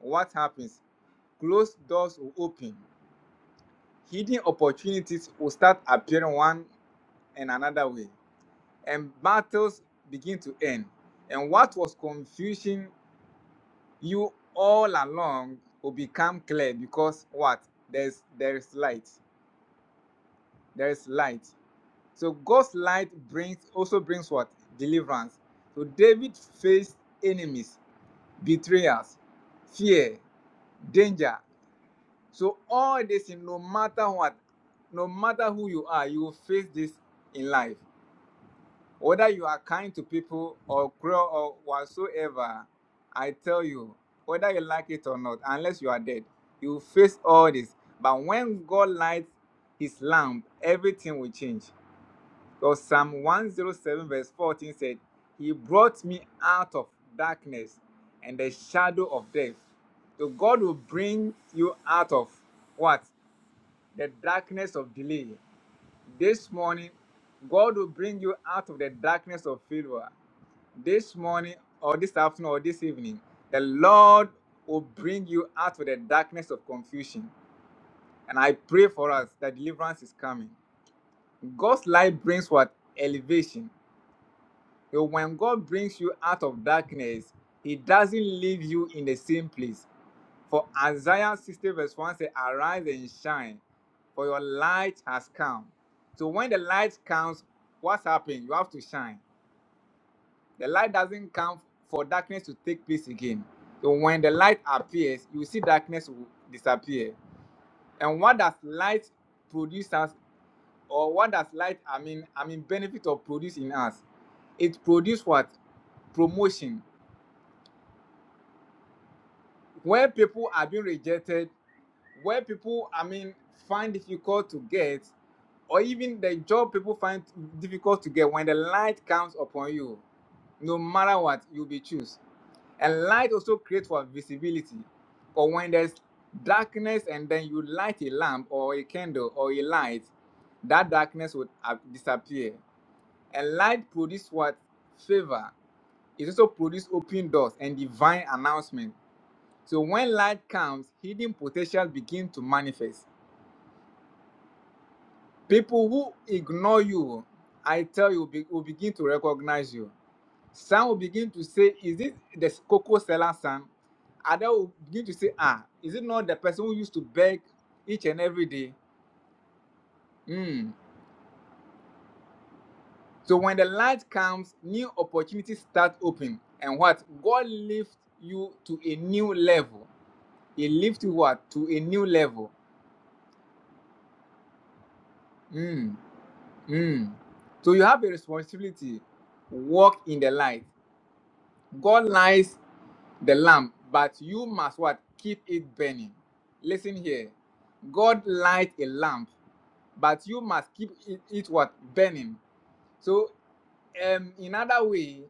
Speaker 5: what happens? Closed doors will open. Hidden opportunities will start appearing one and another way. And battles begin to end. And what was confusing you all along will become clear because what? There's there is light. There is light. So God's light brings also brings what? Deliverance. So David faced enemies, betrayers, fear, danger. So all this no matter what, no matter who you are, you will face this in life. Whether you are kind to people or cruel or whatsoever, I tell you, whether you like it or not, unless you are dead, you will face all this. But when God lights his lamp, everything will change. Because Psalm 107, verse 14 said, He brought me out of darkness and the shadow of death. So God will bring you out of what? The darkness of delay. This morning, God will bring you out of the darkness of failure. This morning, or this afternoon, or this evening, the Lord will bring you out of the darkness of confusion. And I pray for us that deliverance is coming. God's light brings what? Elevation. So when God brings you out of darkness, He doesn't leave you in the same place. For Isaiah 60 verse 1 says, Arise and shine, for your light has come. So when the light comes, what's happening? You have to shine. The light doesn't come for darkness to take place again. So when the light appears, you see darkness will disappear. And what does light produce us, or what does light, I mean, I mean, benefit or produce in us? It produces what? Promotion Where people are being rejected, where people, I mean, find difficult to get, or even the job people find difficult to get, when the light comes upon you, no matter what, you'll be choose. And light also creates for visibility. Or when there's darkness and then you light a lamp or a candle or a light, that darkness would uh, disappear. And light produces what? Favor. It also produces open doors and divine announcement. So when light comes, hidden potential begin to manifest. People who ignore you, I tell you, be- will begin to recognize you. Some will begin to say, "Is this the cocoa seller son?" Others will begin to say, "Ah, is it not the person who used to beg each and every day?" Hmm. So when the light comes, new opportunities start open, and what God lifts you to a new level. He lifts you what to a new level. Hmm. Mm. So you have a responsibility. Walk in the light. God lights the lamp, but you must what? Keep it burning. Listen here. God light a lamp, but you must keep it, it what? Burning. So um, in other way,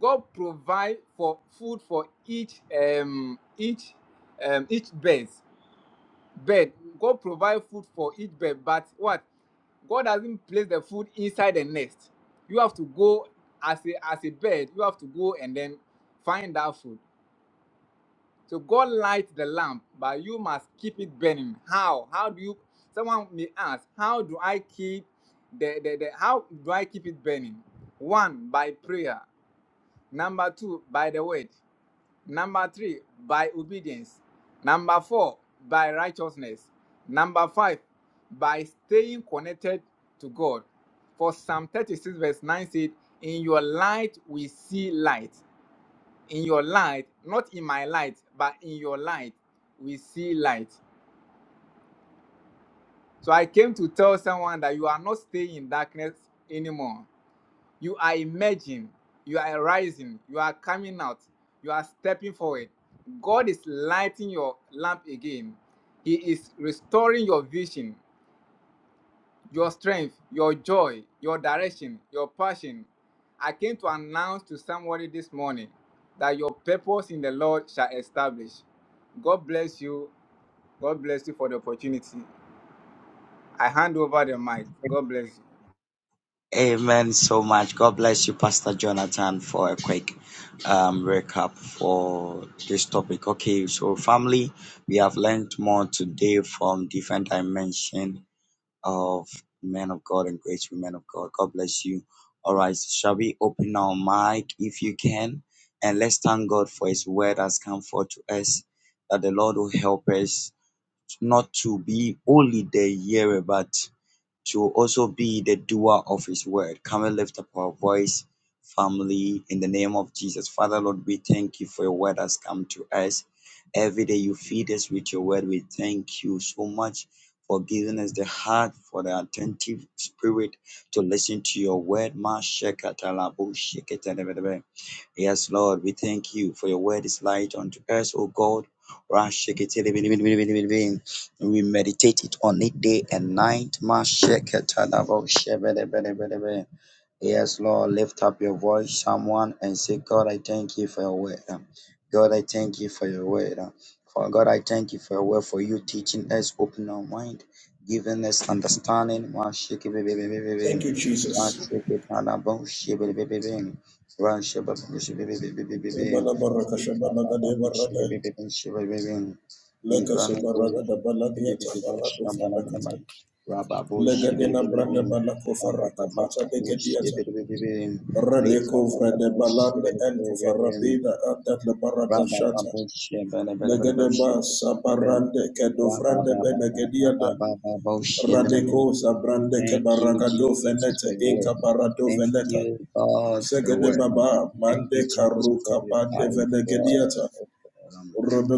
Speaker 5: God provide for food for each um each um each bird, bird god provide food for each bird but what god doesn't place the food inside the nest you have to go as a as a bird you have to go and then find that food so god light the lamp but you must keep it burning how how do you someone may ask how do i keep the, the, the how do i keep it burning one by prayer number two by the word Number three, by obedience. Number four, by righteousness. Number five, by staying connected to God. For Psalm 36, verse 9 said, In your light we see light. In your light, not in my light, but in your light we see light. So I came to tell someone that you are not staying in darkness anymore. You are emerging, you are rising, you are coming out, you are stepping forward. God is lighting your lamp again. He is restoring your vision, your strength, your joy, your direction, your passion. I came to announce to somebody this morning that your purpose in the Lord shall establish. God bless you. God bless you for the opportunity. I hand over the mic. God bless you.
Speaker 3: Amen so much. God bless you, Pastor Jonathan, for a quick um, recap for this topic. Okay, so family, we have learned more today from different dimension of men of God and great women of God. God bless you. All right, shall we open our mic if you can? And let's thank God for His word has come forth to us, that the Lord will help us not to be only the hearer, but She will also be the doer of His word. Can we lift up our voice, family, in the name of Jesus? Father, Lord, we thank you for your word has come to us. Every day you feed us with your word. We thank you so much for giving us the heart, for the attentive spirit to listen to your word. Ma shekata labo shekata Yes, Lord, we thank you for your word is light unto us, O God. We meditate it on it day and night. Yes, Lord, lift up your voice, someone, and say, God, I thank you for your word. God, I thank you for your word. For God, I thank you for your word, for you teaching us, opening our mind, giving us understanding. One shake it, baby, baby,
Speaker 2: Thank
Speaker 3: baby.
Speaker 2: you,
Speaker 3: One
Speaker 2: Jesus.
Speaker 3: shake it, and a boom, shake it, baby, baby. One shake it, boom, shake it, baby, baby, baby, baby. Lift up, up, up, boom, shake it, baby, baby, shake it, baby, baby. Be born of boom, shake it, baby, baby, boom, shake it, baby, baby. Rabba, boom, shake it, baby, baby. Thank you,
Speaker 2: Andeke baragado
Speaker 3: Jesus, for
Speaker 2: venete
Speaker 3: your word.
Speaker 2: inka barado
Speaker 3: Thank
Speaker 2: veneta.
Speaker 3: you, God, for your
Speaker 2: Zegede
Speaker 3: word. huh?
Speaker 2: baba
Speaker 3: Thank you,
Speaker 2: mande
Speaker 3: Jesus, for
Speaker 2: karuka
Speaker 3: your
Speaker 2: bande
Speaker 3: power.
Speaker 2: velegediata,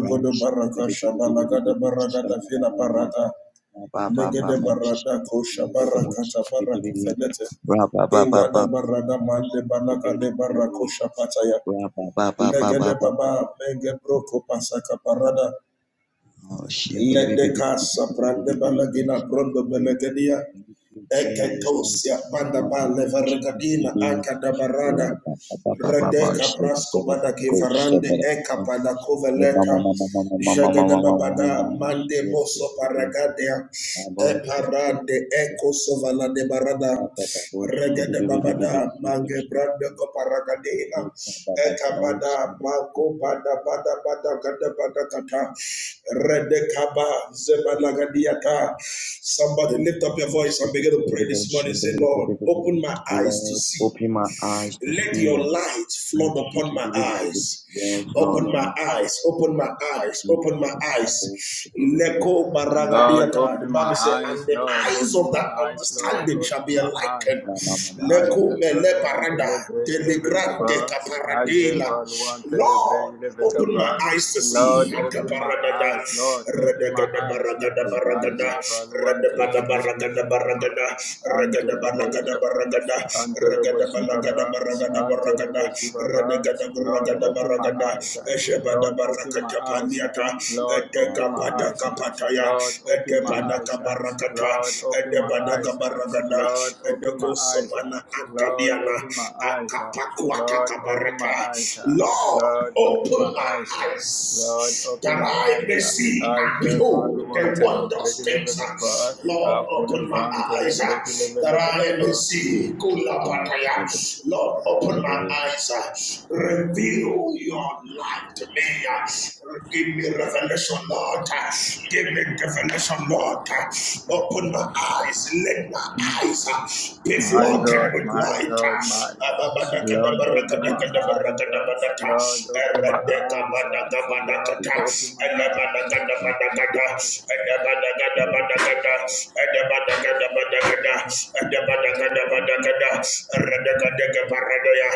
Speaker 3: God.
Speaker 2: baraka shabalagada baragada fila
Speaker 3: Um, right.
Speaker 2: barata
Speaker 3: Ba ba ba ba. Ra
Speaker 2: negede barada kosha barakata baraka felete
Speaker 3: ba ba ba ba
Speaker 2: ingada
Speaker 3: ba ba
Speaker 2: barada
Speaker 3: ba.
Speaker 2: mande balaga de barakosha pataya
Speaker 3: Ra ba ba ba ba ba ba
Speaker 2: legede
Speaker 3: ba ba.
Speaker 2: baba menge broko pasaka parada
Speaker 3: Oh shit!
Speaker 2: lede kasa prande balagina
Speaker 3: Jesus.
Speaker 2: brondo belegedia
Speaker 3: Thank you, Jesus.
Speaker 2: Eketosia bandaba levergadina
Speaker 3: Ra
Speaker 2: akadabarada
Speaker 3: ba ba ba ba ba ba.
Speaker 2: redeka
Speaker 3: Shit!
Speaker 2: prasko badake
Speaker 3: Coach,
Speaker 2: varande
Speaker 3: somebody.
Speaker 2: eka
Speaker 3: Hey, mama,
Speaker 2: padakoveleta
Speaker 3: mama, mama, mama, mama, mama,
Speaker 2: jagadababada
Speaker 3: mama.
Speaker 2: mande
Speaker 3: Shit!
Speaker 2: boso paragadea
Speaker 3: I'm
Speaker 2: e
Speaker 3: about
Speaker 2: parade, eko sovala de barada regadababada mange
Speaker 3: to.
Speaker 2: brande koparagadina
Speaker 3: Lord,
Speaker 2: Ekabada Mako Bada Bada Bada Gada Bada Kata Redekaba Zebalagadiata. Somebody lift up your voice and begin to pray this morning. Say, Lord, open my eyes to see.
Speaker 3: open my eyes to
Speaker 2: Let
Speaker 3: see
Speaker 2: your
Speaker 3: and
Speaker 2: light
Speaker 3: not
Speaker 2: flood upon
Speaker 3: shake it.
Speaker 2: my eyes.
Speaker 3: yes, Lord,
Speaker 2: Open my
Speaker 3: on
Speaker 2: eyes, open my eyes,
Speaker 3: Jesus.
Speaker 2: open my eyes. Leko
Speaker 5: Lord,
Speaker 2: baragadiata. The
Speaker 5: open my
Speaker 2: Bible says, and
Speaker 5: eyes,
Speaker 2: the
Speaker 5: Lord,
Speaker 2: eyes
Speaker 5: open
Speaker 2: of
Speaker 5: my
Speaker 2: that
Speaker 5: eyes, Lord,
Speaker 2: understanding shall
Speaker 5: open
Speaker 2: be
Speaker 5: my
Speaker 2: enlightened.
Speaker 5: eyes. I
Speaker 2: Leko mele
Speaker 5: Jacqueline
Speaker 2: parada,
Speaker 5: Telebre Eleve
Speaker 2: delegrante
Speaker 5: Kappa. I
Speaker 2: caparadela.
Speaker 5: Jacqueline Telebre
Speaker 2: Lord,
Speaker 5: Eleve
Speaker 2: Open my
Speaker 5: Kappa.
Speaker 2: eyes to see.
Speaker 5: Lord, open my
Speaker 2: Atabaragada,
Speaker 5: eyes, Lord, open my
Speaker 2: radagada
Speaker 5: eyes.
Speaker 2: baragada
Speaker 5: I
Speaker 2: baragada,
Speaker 5: Jacqueline
Speaker 2: radabada
Speaker 5: Telebre
Speaker 2: baragada
Speaker 5: Eleve
Speaker 2: baragada,
Speaker 5: Kappa. Antolo
Speaker 2: ragada baragada
Speaker 5: Bolivia.
Speaker 2: baragada,
Speaker 5: Antolo
Speaker 2: Ragada balagada
Speaker 5: Bolivia.
Speaker 2: baragada
Speaker 5: Antolo
Speaker 2: baragada.
Speaker 5: Bolivia.
Speaker 2: Radagada
Speaker 5: Lord,
Speaker 2: baragada
Speaker 5: open my
Speaker 2: baragada.
Speaker 5: eyes.
Speaker 2: Eshebada
Speaker 5: Lord, open my
Speaker 2: barakata
Speaker 5: eyes.
Speaker 2: pandiata.
Speaker 5: Lord, open my
Speaker 2: Etekabada
Speaker 5: eyes, ah.
Speaker 2: kapataya.
Speaker 5: Lord, open my
Speaker 2: Etepada
Speaker 5: eyes, ah.
Speaker 2: kabarakata.
Speaker 5: Lord, open my
Speaker 2: Edebada
Speaker 5: eyes, ah.
Speaker 2: kabaragada.
Speaker 5: Lord, open my
Speaker 2: Edeko
Speaker 5: eyes, ah.
Speaker 2: sopana
Speaker 5: Lord,
Speaker 2: antadiana.
Speaker 5: open my eyes, ah. Lord, open my
Speaker 2: Akapakuatakabarata.
Speaker 5: eyes, ah.
Speaker 2: Lord,
Speaker 5: Lord, open
Speaker 2: open
Speaker 5: my
Speaker 2: my
Speaker 5: eyes, ah.
Speaker 2: eyes
Speaker 5: Lord, open
Speaker 2: that
Speaker 5: my
Speaker 2: I
Speaker 5: eyes,
Speaker 2: may
Speaker 5: ah.
Speaker 2: see
Speaker 5: I
Speaker 2: and
Speaker 5: shall
Speaker 2: behold
Speaker 5: follow one
Speaker 2: the
Speaker 5: till I break
Speaker 2: wondrous
Speaker 5: the level
Speaker 2: things.
Speaker 5: of God. I
Speaker 2: Lord,
Speaker 5: will
Speaker 2: open
Speaker 5: never
Speaker 2: my
Speaker 5: until
Speaker 2: eyes uh,
Speaker 5: the level
Speaker 2: that I
Speaker 5: of
Speaker 2: may
Speaker 5: God.
Speaker 2: see. Kulapataya. Lord, open my eyes. uh, Reveal your life to me. uh, Give me revelation, Lord. uh, Give me revelation, Lord. uh, Open my eyes. Let my eyes uh, be
Speaker 5: My
Speaker 2: flooded
Speaker 5: God,
Speaker 2: with
Speaker 5: my
Speaker 2: light.
Speaker 5: God,
Speaker 2: uh,
Speaker 5: my God. Lord, open my eyes, God.
Speaker 2: Ababadakadabarakadakadabarakadanata,
Speaker 5: Lord, open my eyes, God.
Speaker 2: Eredekabadakabadakata,
Speaker 5: Lord, open my eyes. God.
Speaker 2: Elebadagadabadagada, Elebadagadabadagada, Elebadagadabadagada, Elebadagadabadagada, Eredekadekabaradaya,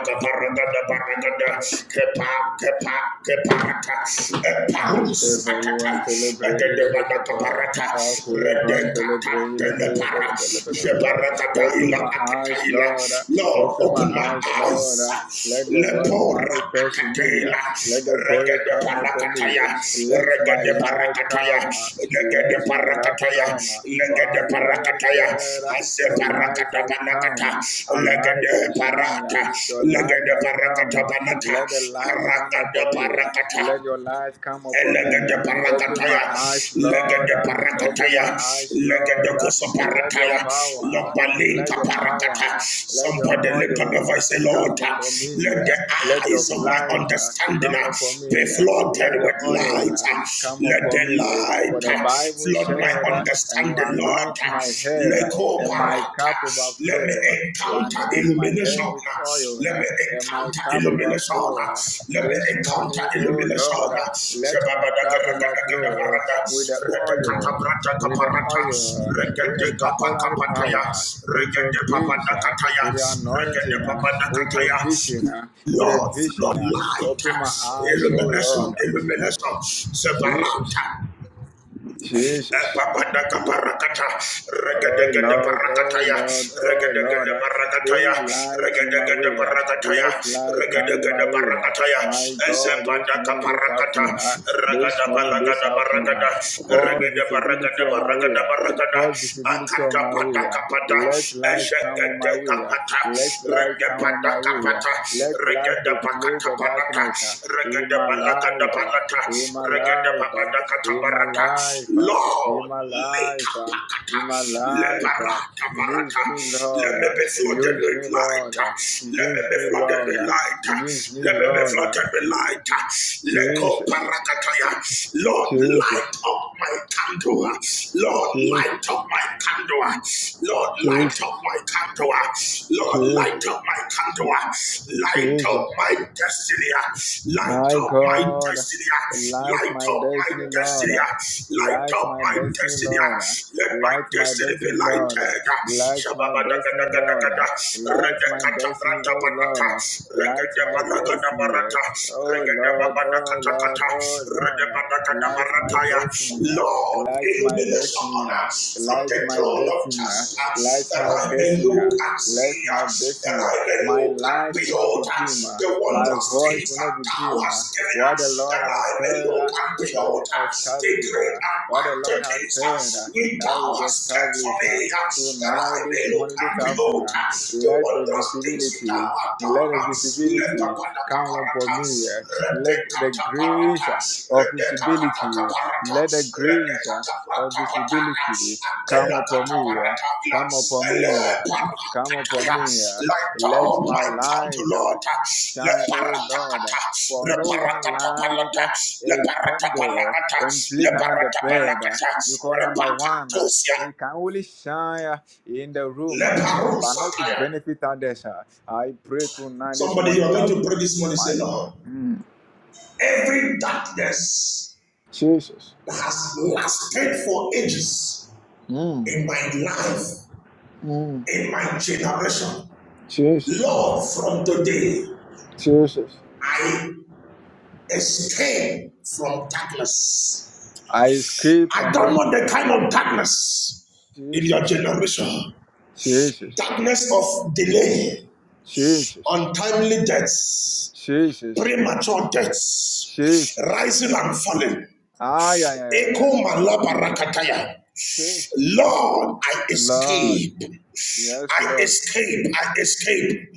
Speaker 2: Agabaragadabaragada, Kepa, kepa, keparata, Eparus
Speaker 5: Aisevaluante lebre ileve
Speaker 2: atata,
Speaker 5: capa,
Speaker 2: parata
Speaker 5: afulevante lebre ileve bele bele bele capa. Open my eyes, Lord.
Speaker 2: Lord
Speaker 5: Open my
Speaker 2: open my
Speaker 5: eyes, Lord.
Speaker 2: eyes
Speaker 5: Let your word be
Speaker 2: lepora
Speaker 5: manifest in
Speaker 2: akata
Speaker 5: me.
Speaker 2: ila
Speaker 5: Let your glory
Speaker 2: regede
Speaker 5: come upon me.
Speaker 2: parakataya
Speaker 5: Let my
Speaker 2: regede
Speaker 5: light
Speaker 2: parakataya
Speaker 5: come.
Speaker 2: regede
Speaker 5: Let my love
Speaker 2: parakataya
Speaker 5: come. For
Speaker 2: regede
Speaker 5: Isaiah
Speaker 2: parakataya
Speaker 5: said,
Speaker 2: ase
Speaker 5: Your light
Speaker 2: parakata
Speaker 5: has
Speaker 2: banakata
Speaker 5: come. Arise
Speaker 2: regede
Speaker 5: and
Speaker 2: parata
Speaker 5: shine. Your light
Speaker 2: regede
Speaker 5: has
Speaker 2: parakata
Speaker 5: come.
Speaker 2: banata
Speaker 5: Let the light come
Speaker 2: arakada
Speaker 5: upon me.
Speaker 2: parakata
Speaker 5: Let your light come upon me.
Speaker 2: Elegede
Speaker 5: Open my
Speaker 2: parakataya,
Speaker 5: eyes, Lord.
Speaker 2: legede
Speaker 5: Open my
Speaker 2: parakataya,
Speaker 5: eyes,
Speaker 2: legede
Speaker 5: Lord.
Speaker 2: koso
Speaker 5: Let your
Speaker 2: parakaya,
Speaker 5: power, let
Speaker 2: lopalinka
Speaker 5: your
Speaker 2: parakata.
Speaker 5: power, let your
Speaker 2: Somebody lift up the
Speaker 5: oil
Speaker 2: voice, say, Lord,
Speaker 5: come
Speaker 2: uh,
Speaker 5: upon me.
Speaker 2: let the
Speaker 5: Let your
Speaker 2: eyes of my
Speaker 5: light
Speaker 2: understanding
Speaker 5: come
Speaker 2: uh,
Speaker 5: upon
Speaker 2: be
Speaker 5: me.
Speaker 2: flooded
Speaker 5: Let your
Speaker 2: with light.
Speaker 5: oil
Speaker 2: uh,
Speaker 5: come
Speaker 2: Let the
Speaker 5: upon me. For the
Speaker 2: light uh,
Speaker 5: Bible
Speaker 2: flood
Speaker 5: said,
Speaker 2: my
Speaker 5: and you
Speaker 2: understanding, Lord.
Speaker 5: anoint my
Speaker 2: uh,
Speaker 5: my head, uh,
Speaker 2: Leko
Speaker 5: and my
Speaker 2: barata.
Speaker 5: cup
Speaker 2: Let
Speaker 5: overflow.
Speaker 2: me
Speaker 5: uh, You
Speaker 2: encounter
Speaker 5: anoint my head
Speaker 2: illumination.
Speaker 5: with oil,
Speaker 2: Let
Speaker 5: uh,
Speaker 2: me
Speaker 5: and my
Speaker 2: encounter
Speaker 5: cup
Speaker 2: illumination.
Speaker 5: overflow. uh,
Speaker 2: Let me
Speaker 5: This
Speaker 2: encounter
Speaker 5: morning, oh
Speaker 2: illumination.
Speaker 5: Lord, uh, let my cup overflow
Speaker 2: Shababadagaragadagadabarada.
Speaker 5: with the oil, with the
Speaker 2: Redekatabrata-kaparata.
Speaker 5: oil, with extraordinary
Speaker 2: Regedekapakapataya.
Speaker 5: power, with your grace, uh,
Speaker 2: Regedepapadakataya.
Speaker 5: with your anointing, uh, with your
Speaker 2: Regedepapadakataya.
Speaker 5: vision, uh, with a
Speaker 2: Lord,
Speaker 5: vision.
Speaker 2: flood
Speaker 5: uh,
Speaker 2: light,
Speaker 5: Open my eyes, oh
Speaker 2: illumination,
Speaker 5: Lord. uh, my-
Speaker 2: illumination, separate.
Speaker 5: Jesus, Jesus.
Speaker 2: Epapadakabarakata,
Speaker 5: Oh Lord, oh
Speaker 2: regedegedebarakataya,
Speaker 5: Lord, oh Lord, uh,
Speaker 2: regedegedebarakataya,
Speaker 5: bring light in my way. uh,
Speaker 2: regedegedebarakataya,
Speaker 5: Let light come in my way. uh.
Speaker 2: regedegedebarakataya,
Speaker 5: My God, this morning, this
Speaker 2: ezepadakabarakata,
Speaker 5: afternoon, uh, this morning, this afternoon, uh,
Speaker 2: regedebalagadabarakada,
Speaker 5: cause visibility on my way. uh,
Speaker 2: regedebaragadabaragadabaragada,
Speaker 5: Cause visibility on my way. uh.
Speaker 2: akatapadakapada,
Speaker 5: Let light come on my way. uh.
Speaker 2: ezegedekapata,
Speaker 5: Let Light come on my way. uh.
Speaker 2: regedepadakapata,
Speaker 5: Let light replace the
Speaker 2: regedepadakapata,
Speaker 5: darkness uh, in my life, uh, in my life, uh, in my life, uh, in
Speaker 2: Lord,
Speaker 5: my life, uh, in my life. uh. Use me,
Speaker 2: let
Speaker 5: Lord.
Speaker 2: me
Speaker 5: uh,
Speaker 2: be flooded
Speaker 5: Use
Speaker 2: with
Speaker 5: me,
Speaker 2: light,
Speaker 5: Lord. uh,
Speaker 2: let me
Speaker 5: Use
Speaker 2: be
Speaker 5: me,
Speaker 2: flooded
Speaker 5: Lord.
Speaker 2: with
Speaker 5: uh,
Speaker 2: light,
Speaker 5: Use me,
Speaker 2: let me be
Speaker 5: Lord. uh.
Speaker 2: flooded with light,
Speaker 5: Jesus,
Speaker 2: Lord, light
Speaker 5: Jesus,
Speaker 2: up my candle, Lord, light
Speaker 5: Jesus,
Speaker 2: up my candle, Lord, light Light up
Speaker 5: Jesus,
Speaker 2: my candle. Lord, light
Speaker 5: Jesus,
Speaker 2: up my candle. Light up
Speaker 5: Jesus.
Speaker 2: my destiny. Light
Speaker 5: My
Speaker 2: up my
Speaker 5: God,
Speaker 2: destiny.
Speaker 5: light
Speaker 2: Light
Speaker 5: my
Speaker 2: up my
Speaker 5: destiny, Lord.
Speaker 2: destiny. Light
Speaker 5: Light
Speaker 2: up
Speaker 5: my
Speaker 2: my
Speaker 5: destiny,
Speaker 2: destiny.
Speaker 5: Lord.
Speaker 2: Let my
Speaker 5: Light my
Speaker 2: destiny be
Speaker 5: destiny, Lord.
Speaker 2: lighted.
Speaker 5: Light my destiny, Lord.
Speaker 2: Shababadakadakadakada.
Speaker 5: Light my destiny, oh Lord.
Speaker 2: Redekatabratabanata.
Speaker 5: Light my destiny,
Speaker 2: Regedebalagadabarata.
Speaker 5: oh Lord, oh Lord,
Speaker 2: Regedebabanakatakata.
Speaker 5: oh Lord.
Speaker 2: Redebanagadabaratakata.
Speaker 5: Light my
Speaker 2: Marataya.
Speaker 5: destiny,
Speaker 2: Lord,
Speaker 5: light my
Speaker 2: illumination
Speaker 5: destiny,
Speaker 2: from the
Speaker 5: light my
Speaker 2: throne of
Speaker 5: destiny,
Speaker 2: justice,
Speaker 5: light
Speaker 2: that
Speaker 5: my
Speaker 2: I may
Speaker 5: destiny.
Speaker 2: look and
Speaker 5: Bless
Speaker 2: see,
Speaker 5: my
Speaker 2: that
Speaker 5: destiny.
Speaker 2: I may
Speaker 5: My
Speaker 2: look and
Speaker 5: light will not
Speaker 2: behold
Speaker 5: be dim.
Speaker 2: the
Speaker 5: My
Speaker 2: wondrous
Speaker 5: voice
Speaker 2: things
Speaker 5: will not
Speaker 2: that
Speaker 5: be
Speaker 2: thou
Speaker 5: dim.
Speaker 2: hast given
Speaker 5: What
Speaker 2: us,
Speaker 5: the Lord
Speaker 2: that I
Speaker 5: has
Speaker 2: may
Speaker 5: said
Speaker 2: look
Speaker 5: uh,
Speaker 2: and
Speaker 5: shall be
Speaker 2: behold the
Speaker 5: established.
Speaker 2: great and
Speaker 5: What the
Speaker 2: mighty
Speaker 5: Lord has
Speaker 2: things
Speaker 5: said, uh,
Speaker 2: which
Speaker 5: that
Speaker 2: thou
Speaker 5: will be
Speaker 2: hast kept for
Speaker 5: established. uh,
Speaker 2: me, that I
Speaker 5: Tonight,
Speaker 2: may
Speaker 5: this
Speaker 2: look
Speaker 5: morning,
Speaker 2: and
Speaker 5: this afternoon,
Speaker 2: behold
Speaker 5: uh,
Speaker 2: the
Speaker 5: let the
Speaker 2: wondrous things which thou
Speaker 5: visibility,
Speaker 2: hast
Speaker 5: let the
Speaker 2: done. Let
Speaker 5: visibility come upon me.
Speaker 2: the
Speaker 5: uh, Let the
Speaker 2: Redekata
Speaker 5: grace uh,
Speaker 2: paratas,
Speaker 5: of
Speaker 2: redekata
Speaker 5: visibility,
Speaker 2: paratas,
Speaker 5: let the grace uh,
Speaker 2: redekata
Speaker 5: of
Speaker 2: paratas,
Speaker 5: visibility come
Speaker 2: atela
Speaker 5: upon
Speaker 2: kata
Speaker 5: me. uh, Come
Speaker 2: paratas,
Speaker 5: upon
Speaker 2: ele
Speaker 5: me, uh, come upon me.
Speaker 2: paratas,
Speaker 5: uh,
Speaker 2: Light
Speaker 5: Let
Speaker 2: up
Speaker 5: my
Speaker 2: my candle,
Speaker 5: light uh,
Speaker 2: Le
Speaker 5: shine, O Lord. uh,
Speaker 2: paratacata,
Speaker 5: For
Speaker 2: le
Speaker 5: no one light
Speaker 2: paratapalata,
Speaker 5: uh,
Speaker 2: le
Speaker 5: a candle
Speaker 2: paratapalata,
Speaker 5: and
Speaker 2: le
Speaker 5: place another bread.
Speaker 2: paratapalata,
Speaker 5: uh, Because number one, uh,
Speaker 2: repacatosia,
Speaker 5: it can only shine uh, in the room,
Speaker 2: le
Speaker 5: uh, but not to
Speaker 2: parusataya.
Speaker 5: benefit others. uh. I pray tonight, this
Speaker 2: Somebody, you
Speaker 5: morning,
Speaker 2: are
Speaker 5: this
Speaker 2: going to
Speaker 5: afternoon.
Speaker 2: pray this morning. Say,
Speaker 5: My God.
Speaker 2: Lord,
Speaker 5: Mm.
Speaker 2: every darkness
Speaker 5: Jesus.
Speaker 2: that has left for
Speaker 5: Mm.
Speaker 2: in my life,
Speaker 5: Mm.
Speaker 2: in my generation.
Speaker 5: Jesus.
Speaker 2: But from today,
Speaker 5: Jesus.
Speaker 2: I escape from darkness.
Speaker 5: I escape
Speaker 2: I
Speaker 5: from
Speaker 2: don't want
Speaker 5: darkness.
Speaker 2: the kind of darkness in your
Speaker 5: Jesus.
Speaker 2: generation.
Speaker 5: Jesus.
Speaker 2: Darkness of delay,
Speaker 5: Jesus.
Speaker 2: untimely deaths,
Speaker 5: Jesus.
Speaker 2: premature deaths,
Speaker 5: Jesus.
Speaker 2: rising and falling.
Speaker 5: Ah, yeah, yeah, yeah. yeah.
Speaker 2: Echo malabarakataya.
Speaker 5: Jesus.
Speaker 2: Lord, I
Speaker 5: Lord.
Speaker 2: escape.
Speaker 5: Yes,
Speaker 2: I
Speaker 5: Lord.
Speaker 2: escape. I escape.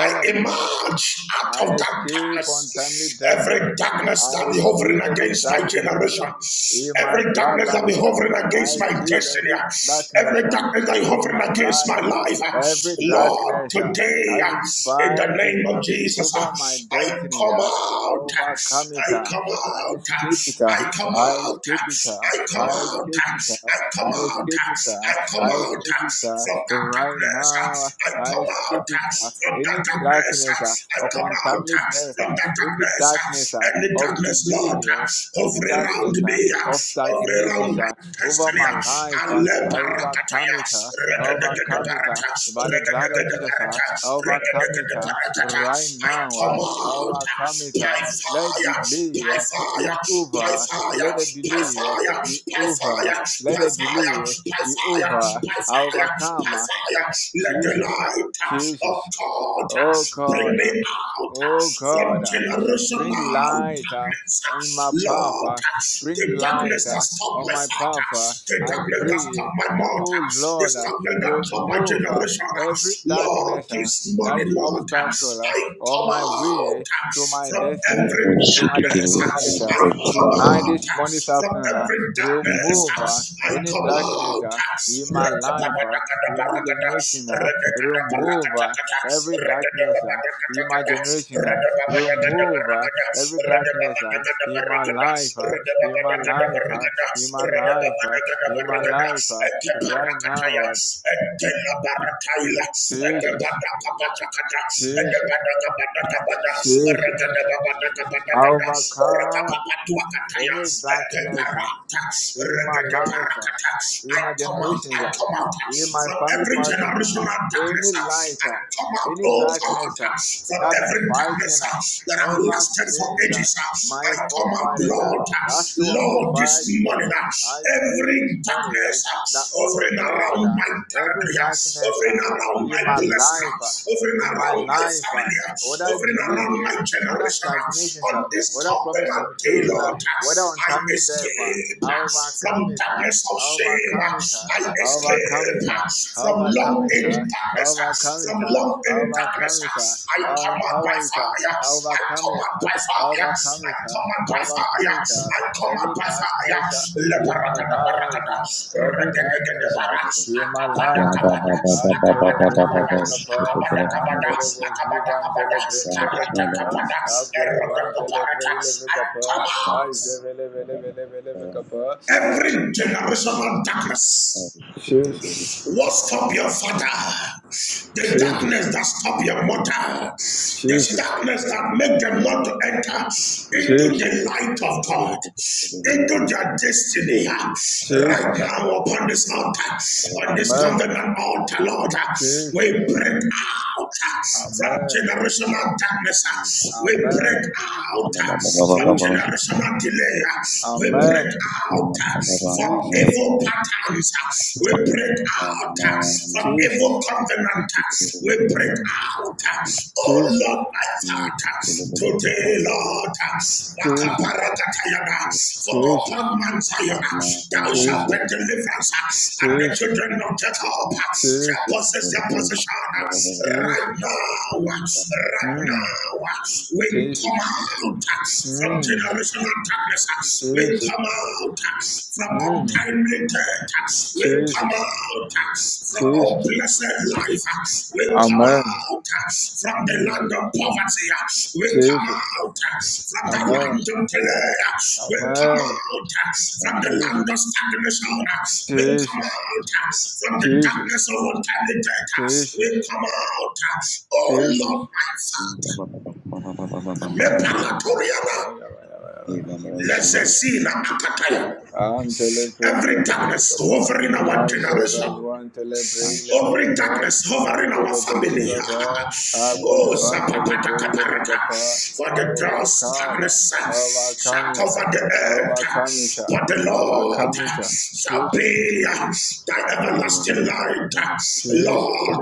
Speaker 2: I emerge out
Speaker 5: I
Speaker 2: of that
Speaker 5: escape untimely
Speaker 2: darkness.
Speaker 5: death.
Speaker 2: Every darkness
Speaker 5: I
Speaker 2: that be hovering
Speaker 5: escape every
Speaker 2: against my
Speaker 5: darkness
Speaker 2: generation.
Speaker 5: uh, in my
Speaker 2: Every darkness that be
Speaker 5: bloodlines. uh.
Speaker 2: hovering
Speaker 5: I
Speaker 2: against my
Speaker 5: escape
Speaker 2: destiny.
Speaker 5: every darkness
Speaker 2: Every
Speaker 5: uh,
Speaker 2: darkness that be
Speaker 5: in
Speaker 2: hovering
Speaker 5: my
Speaker 2: against my
Speaker 5: life. uh.
Speaker 2: life.
Speaker 5: Every
Speaker 2: Lord,
Speaker 5: darkness uh,
Speaker 2: today,
Speaker 5: that is
Speaker 2: in the name
Speaker 5: fighting
Speaker 2: of
Speaker 5: uh,
Speaker 2: Jesus,
Speaker 5: over my
Speaker 2: I
Speaker 5: destiny.
Speaker 2: come
Speaker 5: uh, I
Speaker 2: out.
Speaker 5: overcome it.
Speaker 2: I
Speaker 5: uh.
Speaker 2: come
Speaker 5: I
Speaker 2: out.
Speaker 5: escape it. uh,
Speaker 2: I come
Speaker 5: I
Speaker 2: out.
Speaker 5: escape it. uh,
Speaker 2: I come out. I come
Speaker 5: I
Speaker 2: out.
Speaker 5: escape it. uh, I escape it. uh,
Speaker 2: I come
Speaker 5: I
Speaker 2: out
Speaker 5: escape it. uh,
Speaker 2: from that darkness. uh, I come
Speaker 5: Right now, I
Speaker 2: out uh,
Speaker 5: escape it. uh,
Speaker 2: from that
Speaker 5: Any
Speaker 2: darkness.
Speaker 5: darkness uh,
Speaker 2: uh, I
Speaker 5: of
Speaker 2: come out
Speaker 5: untimely
Speaker 2: uh,
Speaker 5: death, uh,
Speaker 2: from that
Speaker 5: any darkness
Speaker 2: darkness.
Speaker 5: uh,
Speaker 2: Any
Speaker 5: of
Speaker 2: darkness,
Speaker 5: delay,
Speaker 2: Lord,
Speaker 5: uh, any
Speaker 2: over around
Speaker 5: darkness uh,
Speaker 2: me,
Speaker 5: of
Speaker 2: over
Speaker 5: stagnation,
Speaker 2: around my
Speaker 5: uh, over
Speaker 2: destiny.
Speaker 5: my life. uh, I overcome
Speaker 2: Alebarakataya,
Speaker 5: it. uh, I overcome it uh,
Speaker 2: regedegedebarata,
Speaker 5: by the blood of Jesus. uh,
Speaker 2: regedegedebarata,
Speaker 5: I overcome it uh,
Speaker 2: regedegedebaratata.
Speaker 5: right
Speaker 2: I
Speaker 5: now. uh,
Speaker 2: come
Speaker 5: I
Speaker 2: out
Speaker 5: overcome
Speaker 2: uh,
Speaker 5: it. uh,
Speaker 2: by
Speaker 5: Let
Speaker 2: fire,
Speaker 5: delay
Speaker 2: by
Speaker 5: uh, be
Speaker 2: fire, by
Speaker 5: over.
Speaker 2: fire,
Speaker 5: Let
Speaker 2: by fire,
Speaker 5: the
Speaker 2: by
Speaker 5: delay uh,
Speaker 2: fire,
Speaker 5: be over.
Speaker 2: by
Speaker 5: Let the delay be
Speaker 2: fire, by fire,
Speaker 5: over.
Speaker 2: by
Speaker 5: I
Speaker 2: fire,
Speaker 5: overcome. huh?
Speaker 2: let the
Speaker 5: Jesus,
Speaker 2: light of
Speaker 5: Jesus.
Speaker 2: God
Speaker 5: Oh
Speaker 2: bring
Speaker 5: God, uh,
Speaker 2: me out
Speaker 5: oh God,
Speaker 2: from
Speaker 5: uh, bring
Speaker 2: generational
Speaker 5: light uh, on
Speaker 2: darkness.
Speaker 5: my path,
Speaker 2: Lord,
Speaker 5: uh, bring
Speaker 2: the
Speaker 5: light
Speaker 2: darkness that
Speaker 5: uh,
Speaker 2: stopped
Speaker 5: on
Speaker 2: my
Speaker 5: my path. uh,
Speaker 2: father, the
Speaker 5: I
Speaker 2: darkness that stopped
Speaker 5: pray
Speaker 2: my
Speaker 5: that,
Speaker 2: mother,
Speaker 5: oh
Speaker 2: the
Speaker 5: Lord, uh,
Speaker 2: darkness that stopped my
Speaker 5: remove uh,
Speaker 2: generation.
Speaker 5: every
Speaker 2: Lord,
Speaker 5: darkness uh,
Speaker 2: this
Speaker 5: that
Speaker 2: morning,
Speaker 5: is
Speaker 2: Lord,
Speaker 5: obstacle uh,
Speaker 2: I
Speaker 5: on
Speaker 2: come
Speaker 5: my
Speaker 2: out
Speaker 5: way to my
Speaker 2: from every
Speaker 5: destiny, to my
Speaker 3: Shake
Speaker 2: darkness.
Speaker 5: destinations. uh,
Speaker 2: I come
Speaker 5: Tonight,
Speaker 2: out
Speaker 5: this morning, this
Speaker 2: from
Speaker 5: afternoon, uh,
Speaker 2: every
Speaker 5: remove
Speaker 2: darkness.
Speaker 5: uh,
Speaker 2: I
Speaker 5: any
Speaker 2: come
Speaker 3: it,
Speaker 5: darkness
Speaker 2: out.
Speaker 5: uh, in my life, uh, in my
Speaker 2: Rakababadakadabarakada,
Speaker 5: generation. Uh, remove uh, every darkness uh, in my generation. Uh, remove uh, every darkness uh, in my life, uh, in my life, uh, in my life, uh, in my life, uh, right now. Uh, Jesus, Jesus, Jesus, I overcome Any darkness uh, in my life, uh, in
Speaker 2: I
Speaker 5: my
Speaker 2: come out,
Speaker 5: generations,
Speaker 2: I
Speaker 5: uh,
Speaker 2: come out
Speaker 5: in my
Speaker 2: from
Speaker 5: family
Speaker 2: every
Speaker 5: partner uh,
Speaker 2: generational darkness.
Speaker 5: any light,
Speaker 2: I
Speaker 5: uh,
Speaker 2: come out,
Speaker 5: any
Speaker 2: oh God,
Speaker 5: darkness uh,
Speaker 2: from
Speaker 5: that I've been
Speaker 2: every darkness
Speaker 5: fighting
Speaker 2: that
Speaker 5: uh,
Speaker 2: have
Speaker 5: ever
Speaker 2: lasted for
Speaker 5: since uh,
Speaker 2: ages. I
Speaker 5: my
Speaker 2: come out,
Speaker 5: forefathers uh,
Speaker 2: Lord,
Speaker 5: that still want to
Speaker 2: Lord, this
Speaker 5: fight me.
Speaker 2: morning,
Speaker 5: eh,
Speaker 2: uh,
Speaker 5: I pray
Speaker 2: every
Speaker 5: this morning
Speaker 2: darkness
Speaker 5: eh,
Speaker 2: uh,
Speaker 5: that, oh
Speaker 2: hovering around
Speaker 5: Lord, uh,
Speaker 2: my
Speaker 5: every
Speaker 2: territory, uh,
Speaker 5: darkness
Speaker 2: hovering
Speaker 5: uh,
Speaker 2: around
Speaker 5: in
Speaker 2: my
Speaker 5: my
Speaker 2: blessing,
Speaker 5: life,
Speaker 2: uh,
Speaker 5: uh,
Speaker 2: hovering
Speaker 5: in my
Speaker 2: around my
Speaker 5: life, uh,
Speaker 2: family, uh,
Speaker 5: all that
Speaker 2: hovering around
Speaker 5: delay.
Speaker 2: my
Speaker 5: eh, whether
Speaker 2: generation,
Speaker 5: stagnation,
Speaker 2: uh, on
Speaker 5: sir,
Speaker 2: this
Speaker 5: whether promise
Speaker 2: covenant
Speaker 5: and
Speaker 2: day,
Speaker 5: fuel, uh,
Speaker 2: Lord, uh,
Speaker 5: whether
Speaker 2: I
Speaker 5: untimely death, uh,
Speaker 2: escape
Speaker 5: I
Speaker 2: uh, from
Speaker 5: overcome it, uh,
Speaker 2: darkness of
Speaker 5: I
Speaker 2: shame,
Speaker 5: overcome
Speaker 2: uh,
Speaker 5: it, uh,
Speaker 2: I
Speaker 5: I overcome
Speaker 2: escape
Speaker 5: it,
Speaker 2: uh,
Speaker 5: uh, I
Speaker 2: from
Speaker 5: overcome
Speaker 2: long
Speaker 5: it, uh,
Speaker 2: in
Speaker 5: I
Speaker 2: darkness, uh,
Speaker 5: overcome
Speaker 2: from
Speaker 5: it, uh,
Speaker 2: long
Speaker 5: I
Speaker 2: in darkness.
Speaker 5: overcome it,
Speaker 2: uh,
Speaker 5: uh,
Speaker 2: I
Speaker 5: I
Speaker 2: command by
Speaker 5: empower it,
Speaker 2: fire.
Speaker 5: uh,
Speaker 2: I
Speaker 5: I overcome it,
Speaker 2: command
Speaker 5: uh,
Speaker 2: by fire.
Speaker 5: I overcome
Speaker 2: I
Speaker 5: it, uh,
Speaker 2: command
Speaker 5: I
Speaker 2: by fire.
Speaker 5: overcome it, uh,
Speaker 2: I command
Speaker 5: every
Speaker 2: by fire.
Speaker 5: darkness uh, in my
Speaker 2: Lebarakada
Speaker 5: life,
Speaker 2: barakada.
Speaker 5: uh, every
Speaker 2: Regedegede
Speaker 5: darkness uh,
Speaker 2: bara.
Speaker 5: in my
Speaker 2: Akabada
Speaker 5: life, uh,
Speaker 2: kabada. Akabada
Speaker 5: Antelebre
Speaker 2: kabada.
Speaker 5: ileve kapa,
Speaker 2: Akabada kabada.
Speaker 5: antole
Speaker 2: Akabada
Speaker 5: bojiva
Speaker 2: kabada.
Speaker 5: antelebre ileve
Speaker 2: Karata
Speaker 5: kapa,
Speaker 2: kabada.
Speaker 5: akule
Speaker 2: Eroda
Speaker 5: van telebre
Speaker 2: kabarata.
Speaker 5: ileve
Speaker 2: I
Speaker 5: kapa,
Speaker 2: come out
Speaker 5: aizevele vele vele vele vele kapa.
Speaker 2: every
Speaker 5: Yeah.
Speaker 2: generational darkness.
Speaker 5: Jesus,
Speaker 2: What stop your father? The
Speaker 5: Jesus,
Speaker 2: darkness that stop your mother. The
Speaker 5: Jesus,
Speaker 2: darkness that make them not to enter into the
Speaker 5: Jesus,
Speaker 2: light of God, into their destiny. Right
Speaker 5: Jesus.
Speaker 3: Jesus,
Speaker 2: now, upon this altar, on this
Speaker 5: Amen.
Speaker 2: covenant altar, Lord,
Speaker 5: Jesus.
Speaker 2: we break out from
Speaker 5: Amen.
Speaker 2: generational darkness. We break
Speaker 5: Amen.
Speaker 2: out from
Speaker 5: Jesus.
Speaker 2: generational delay. We break
Speaker 5: Amen.
Speaker 2: out from
Speaker 5: Jesus.
Speaker 2: evil patterns. We
Speaker 5: Mm.
Speaker 2: break out from evil
Speaker 5: Jesus.
Speaker 2: covenant. We break
Speaker 5: Mm.
Speaker 2: out. Oh
Speaker 5: Jesus.
Speaker 2: Lord, my Father, today, Lord,
Speaker 5: Jesus.
Speaker 2: Makaparakatayana, for
Speaker 5: Jesus.
Speaker 2: upon Mount Zion thou shalt be
Speaker 5: Jesus.
Speaker 2: deliverance, and the
Speaker 5: Jesus,
Speaker 2: children of Jacob shall
Speaker 5: Jesus,
Speaker 3: I
Speaker 2: possess their possession. Right
Speaker 5: Jesus,
Speaker 2: now, right
Speaker 5: mm,
Speaker 2: now, we come
Speaker 5: Jesus,
Speaker 2: out from
Speaker 5: mm,
Speaker 2: Generation of darkness, we
Speaker 5: Jesus,
Speaker 2: come out from
Speaker 5: mm,
Speaker 2: untimely death. We come
Speaker 5: Jesus,
Speaker 2: out from
Speaker 5: Jesus,
Speaker 2: unblessed life. We come
Speaker 5: Amen,
Speaker 2: out from the
Speaker 5: mm,
Speaker 2: land of poverty. We come
Speaker 5: Jesus,
Speaker 2: out from the land of
Speaker 5: Amen,
Speaker 2: delay. We come
Speaker 5: Amen,
Speaker 2: out from the land of
Speaker 5: Jesus,
Speaker 2: stagnation. We come
Speaker 5: Jesus,
Speaker 2: out from the
Speaker 5: Jesus,
Speaker 2: darkness of untimely death. We
Speaker 5: Jesus,
Speaker 2: come out, oh
Speaker 5: Jesus.
Speaker 2: Lord, my Father. Me
Speaker 5: Oh,
Speaker 2: palatoria
Speaker 5: yeah, yeah, yeah, right, yeah. right.
Speaker 2: Lezesina akataya.
Speaker 5: Antele breile
Speaker 2: Every
Speaker 5: belebe
Speaker 2: darkness
Speaker 5: kapa.
Speaker 2: hovering our
Speaker 5: Aje
Speaker 2: generation,
Speaker 5: valuantele breile be
Speaker 2: every
Speaker 5: kapa.
Speaker 2: darkness hovering our
Speaker 5: Antele
Speaker 2: family.
Speaker 5: bojiva ba.
Speaker 2: oh,
Speaker 5: Akule vandele
Speaker 2: zapapata
Speaker 5: breile be
Speaker 2: kaparata.
Speaker 5: kapa.
Speaker 2: For the gross
Speaker 5: Overcome.
Speaker 2: darkness shall
Speaker 5: Overcome it.
Speaker 2: cover the earth,
Speaker 5: Overcome it.
Speaker 2: but the Lord
Speaker 5: Overcome it.
Speaker 2: shall
Speaker 5: Jesus.
Speaker 2: be thy everlasting light.
Speaker 5: Jesus.
Speaker 2: Lord,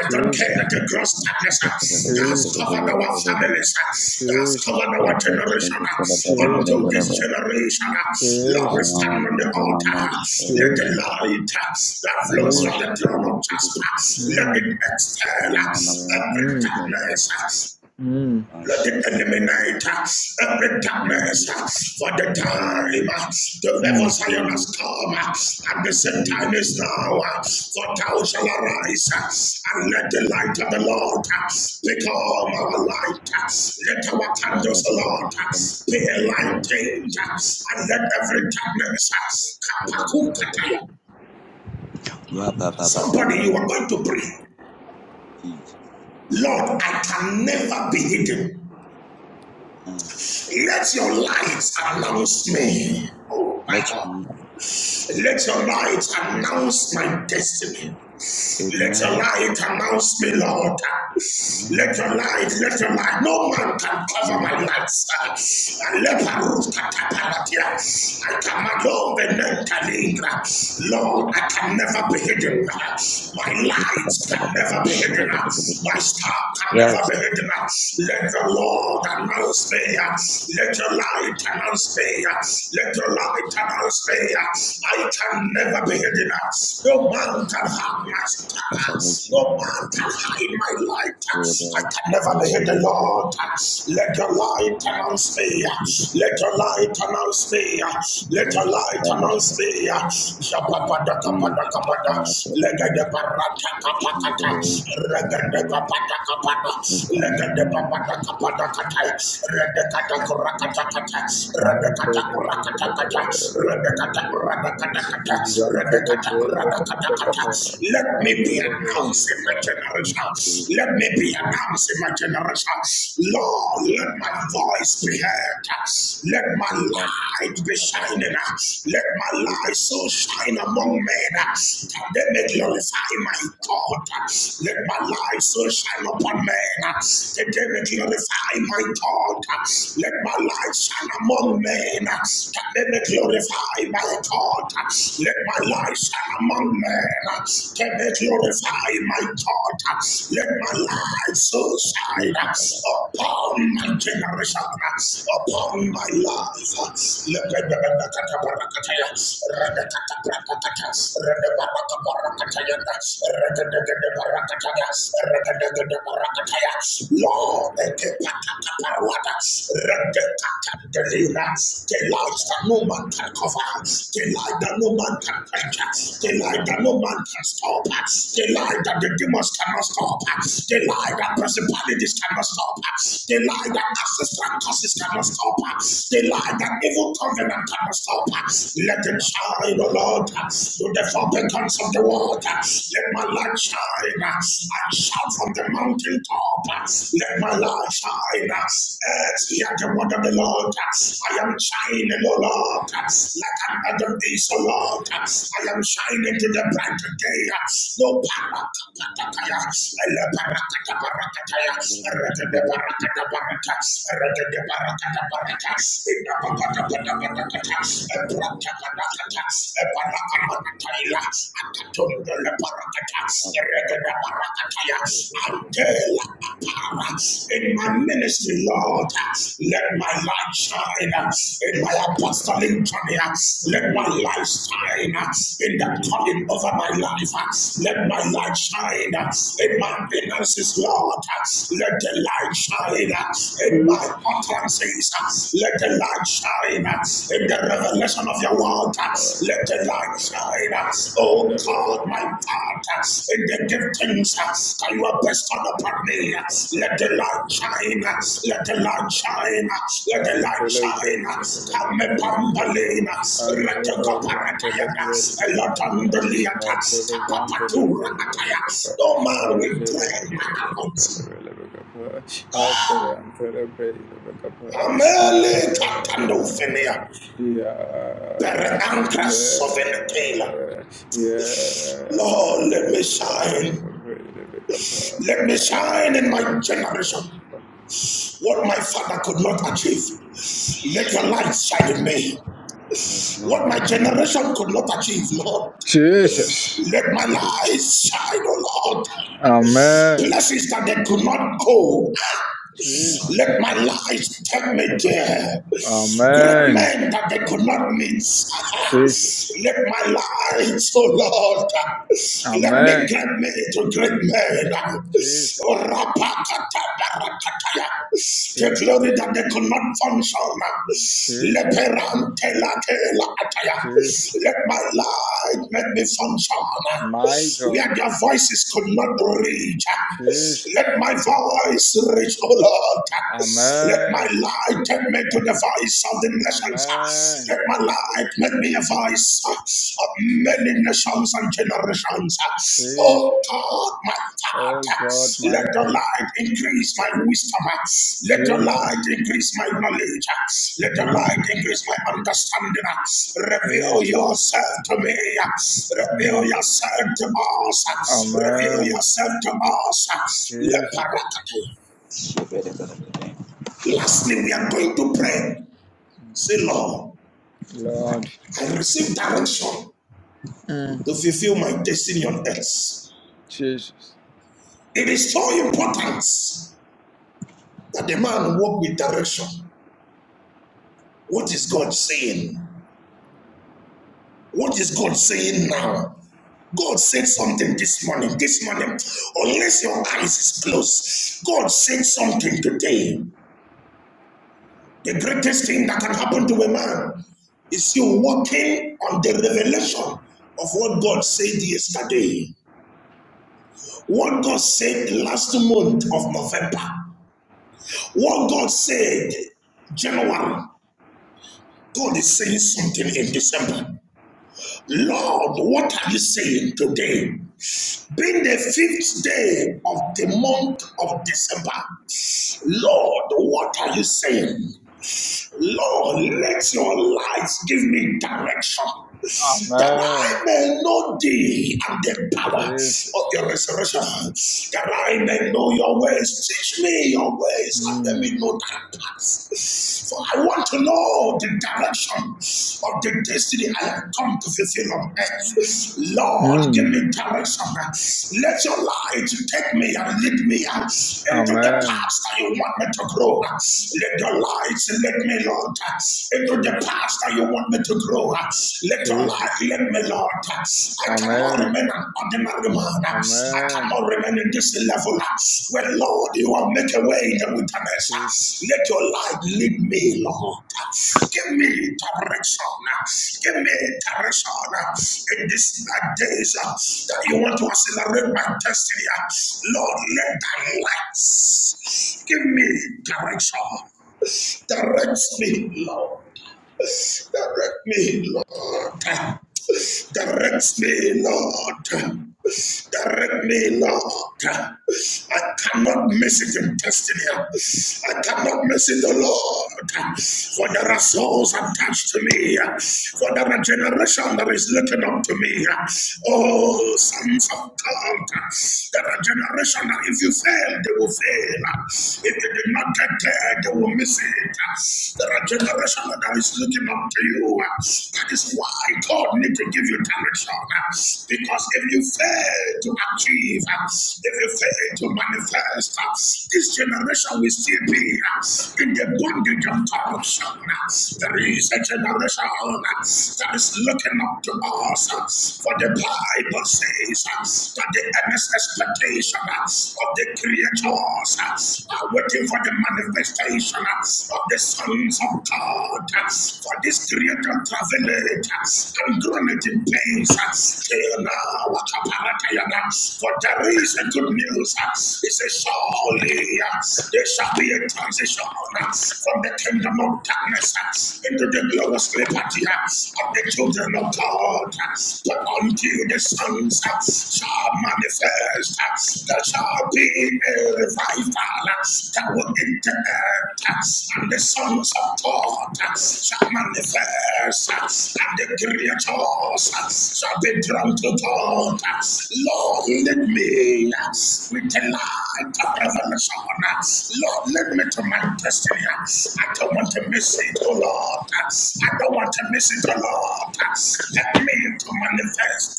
Speaker 2: I don't care
Speaker 5: Jesus.
Speaker 2: the gross darkness uh, that has
Speaker 5: Jesus.
Speaker 2: covered our families, uh, that has
Speaker 5: Jesus.
Speaker 2: covered our generation uh, unto this generation. uh, Lord, we
Speaker 5: Jesus. Jesus.
Speaker 2: stand on the altar. uh, Let the
Speaker 5: Jesus.
Speaker 2: light uh, that flows from
Speaker 5: Jesus.
Speaker 2: the throne of Jasper, let it
Speaker 5: Mm.
Speaker 2: exhale uh, every
Speaker 5: Mm.
Speaker 2: darkness.
Speaker 5: Mm.
Speaker 2: Let it eliminate uh, every darkness uh, for the time
Speaker 3: Let us
Speaker 2: uh, the
Speaker 5: Mm.
Speaker 2: level Zion has come uh, and the same time is now. uh, For thou shall arise uh, and let the light of the Lord uh, become our light. uh, Let our candles, Lord, uh, be lighted uh, and let every darkness uh, kapakukataya. Somebody, you are going to pray. Lord, I can never be hidden. Let your light announce me. Oh my God.
Speaker 3: be
Speaker 2: Let your light announce my destiny.
Speaker 3: amen,
Speaker 2: Let your
Speaker 3: amen.
Speaker 2: light announce me, Lord. Let your light, let your light. No man can cover my light. And let her roof catapalatia. I command all the Nentaligra. Lord, I can never be hidden. My light can never be hidden. My star can never be hidden. Let the Lord announce me. Let your light challenge me. Let your light announce me. I can never be hidden. No man can hide my light. No man can hide my light. I can never be hidden, Lord. Let your light announce me. Let your light announce me. Let your light announce me.
Speaker 3: Jesus,
Speaker 2: Shapapadakapadakapada.
Speaker 3: my affection.
Speaker 2: Legadeparata let me be
Speaker 5: I Thank
Speaker 2: announced in my generation. Let me be announced in my generation. Lord, let my voice be heard. Let my light be shining. uh, Let my light so shine among men uh, that they may glorify my God. uh, Let my
Speaker 3: Thank
Speaker 2: light so shine upon men uh, that they may glorify my God. uh, Let my light shine among men uh, that they may glorify my God. uh, Let my light shine among men uh, that they may glorify my God. uh, Let my light so shine uh, upon my generation generation upon my life. Lebedebedekatabarakataya, redekatabarakataya, redebarakabarakataya, redededebarakataya, redededebarakataya. Lord, ekepatatabaruata, redekatadelina, the light that no man can cover, the light that no man can quench, the light that no man can stop, the light that the demons cannot stop, the light that principalities cannot stop. The lie that ancestral causes cannot stop. The lie that evil covenant cannot stop. Let it shine, O Lord, to the four beacons of the world. Let my light shine. I shout from the mountain top. Let my light shine. Earth, hear the word of the Lord. I am shining, O Lord, like another other is, O Lord. I am shining to the bright day. No power until in my ministry, Lord. Let my light shine in my apostolic journey. Let my light shine in the calling over my life. Let my light shine in my finances, Lord. Let the light shine in my
Speaker 3: you.
Speaker 2: utterances. Let the light shine in the revelation of your word. Let the light shine, oh God, my Father, in the giftings that you have bestowed upon me. Let the light shine, let the light
Speaker 5: you.
Speaker 2: shine, let the
Speaker 5: and
Speaker 2: light
Speaker 5: celebrate
Speaker 2: shine. Come, Pambalina,
Speaker 5: and shepherd and celebrate
Speaker 2: Retokoparatayana, Elotondoliata,
Speaker 5: after the van
Speaker 2: Kapapatura
Speaker 5: celebrate
Speaker 2: Ataya. No
Speaker 5: I
Speaker 2: man will
Speaker 5: shepherd
Speaker 2: dwell
Speaker 5: and
Speaker 2: amongst you. Amele
Speaker 5: celebrate
Speaker 2: Katandophilia, Bere Ancras of Taylor.
Speaker 5: Yeah, yeah,
Speaker 2: Lord, let me shine. Let me shine in my generation
Speaker 5: yeah.
Speaker 2: what my father could not achieve. Let your light shine in me.
Speaker 3: Yes,
Speaker 2: What my
Speaker 3: Lord, my
Speaker 2: generation could not achieve, Lord.
Speaker 3: King,
Speaker 5: Jesus.
Speaker 2: Let my
Speaker 3: my Coach,
Speaker 2: light shine, oh Lord.
Speaker 5: Amen.
Speaker 2: Places that they could not go.
Speaker 3: my
Speaker 2: Let
Speaker 5: Jesus.
Speaker 2: my
Speaker 3: my
Speaker 2: life take me
Speaker 3: my
Speaker 2: there. Great
Speaker 5: Amen.
Speaker 2: men that they could not meet.
Speaker 3: King,
Speaker 5: Jesus.
Speaker 2: Let
Speaker 3: my
Speaker 2: my light, oh Lord, let me
Speaker 5: Amen.
Speaker 2: get me to great men. Oh,
Speaker 5: Jesus.
Speaker 2: rapakata, barakataya. The
Speaker 5: Jesus.
Speaker 2: glory that they could not function.
Speaker 5: Jesus.
Speaker 2: Leperante, late, lataya.
Speaker 5: Jesus.
Speaker 2: Let my light make me function.
Speaker 5: My God.
Speaker 2: Where their voices could not reach. Let
Speaker 5: Jesus.
Speaker 2: my voice reach eyes, O Lord. Let my
Speaker 5: Amen.
Speaker 2: light take me to the voice of the nations. Let
Speaker 5: Amen.
Speaker 2: my light make me a voice of
Speaker 5: Jesus.
Speaker 2: many nations and generations. Oh
Speaker 5: Jesus.
Speaker 2: God, my
Speaker 5: Oh God,
Speaker 2: Father, let
Speaker 5: my
Speaker 2: your
Speaker 5: God.
Speaker 2: light increase my wisdom. Let your light
Speaker 5: Jesus.
Speaker 2: increase my knowledge. Let your light
Speaker 3: my
Speaker 5: Jesus.
Speaker 2: increase my understanding. Reveal
Speaker 5: Jesus.
Speaker 2: yourself to me. Reveal
Speaker 5: Mm.
Speaker 2: yourself to us. Reveal
Speaker 5: Amen.
Speaker 2: yourself to us. Let
Speaker 5: Jesus.
Speaker 2: Parakate. Lastly, we are going to pray. Say, Lord,
Speaker 5: Lord.
Speaker 2: I receive direction to fulfill my destiny on earth.
Speaker 5: Jesus.
Speaker 2: It is so important that the man walk with direction. What is God saying? What is God saying now? God said something this morning. This morning, unless your eyes is closed, God said something today. The greatest thing that can happen to a man is you walking on the revelation of what God said yesterday. What God said last month of November, what God said January, God is saying something in December. Lord, what are you saying today? Being the fifth day of the month of December, Lord, what are you saying? Lord, let your lights give me direction. that
Speaker 5: Amen.
Speaker 2: I may know thee and the power of your
Speaker 5: Jesus.
Speaker 2: resurrection, that I may know your ways. Teach me your ways and let
Speaker 5: Mm.
Speaker 2: me know thy paths. For I want to know the direction of the destiny I have come to fulfill on earth. Lord, give
Speaker 5: Mm.
Speaker 2: me direction. Let your light take me and lead me into the
Speaker 5: Amen.
Speaker 2: paths that you want me to grow. Let your light lead me, Lord, into the
Speaker 5: Jesus.
Speaker 2: Pastor, you want me to grow. Let your
Speaker 5: Jesus.
Speaker 2: life let me, Lord. I cannot
Speaker 5: Amen.
Speaker 2: remain an ordinary man. I
Speaker 5: Amen.
Speaker 2: cannot remain in this level where, Lord, you will make a way in the wilderness.
Speaker 5: Jesus.
Speaker 2: Let your light lead me, Lord. Give me direction. Give me direction in these days that you want to accelerate my destiny. Lord, let thy lights give me direction. Direct me, Lord. Direct me, Lord. Direct me, Lord. Direct me, Lord. I cannot miss it in destiny. I cannot miss it, oh Lord. For there are souls attached to me. For there are generation that is looking up to me. Oh, sons of God. There are generation that if you fail, they will fail. If you did not get there, they will miss it. There are generation that is looking up to you. That is why God need to give you direction. Because if you fail to achieve, if you fail to manifest. This generation will still be in the bondage of corruption. There is a generation that is looking up to us, for the Bible says that the earnest expectation of the creators are waiting for the manifestation of the sons of God. For this creator traveled and groaned in pains till now. Wakaparatayana. For there is a good news he says, Surely yes, there shall be a transition from the kingdom of darkness into the glorious liberty of the children of God. But until the sons shall manifest, there shall be a revival that will interact, and the sons of God shall manifest, and the creatures shall be drawn to God. Lord, let me with the light of revelation. Lord, lead me to my destiny. I don't want to miss it, oh Lord. I don't want to miss it, oh Lord. Help me to manifest.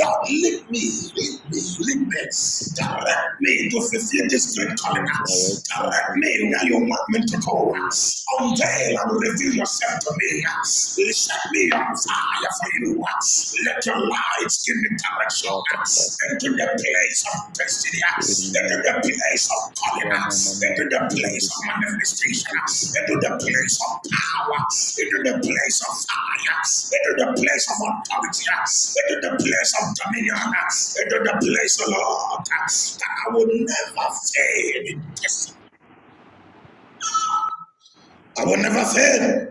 Speaker 2: Lord, lead me, lead me, lead me. Direct me to fulfill this great calling. Let me where you want me to go. Unveil
Speaker 3: Shine.
Speaker 2: and reveal yourself to me. Set me on fire for you. Let your lights give me direction into the place of destiny, into the place of calling,
Speaker 3: Yes,
Speaker 2: into the place of manifestation, into the place of power, into the place of fire, into the place of authority, into the place of dominion, into the place, of Lord, that I will never fail in destiny. I will never fail.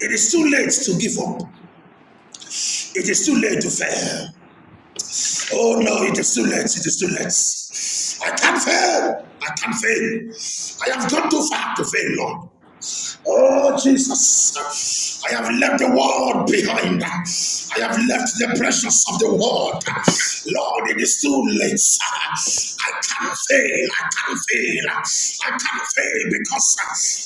Speaker 2: It is too late to give up. It is too late to fail. Oh no, it is too late. It is too late. I can't fail. I can't fail. I have gone too far to fail, Lord. Oh, Jesus, I have left the world behind. I have left the pressures of the world. Lord, it is too late. I can fail. I can fail. I can fail because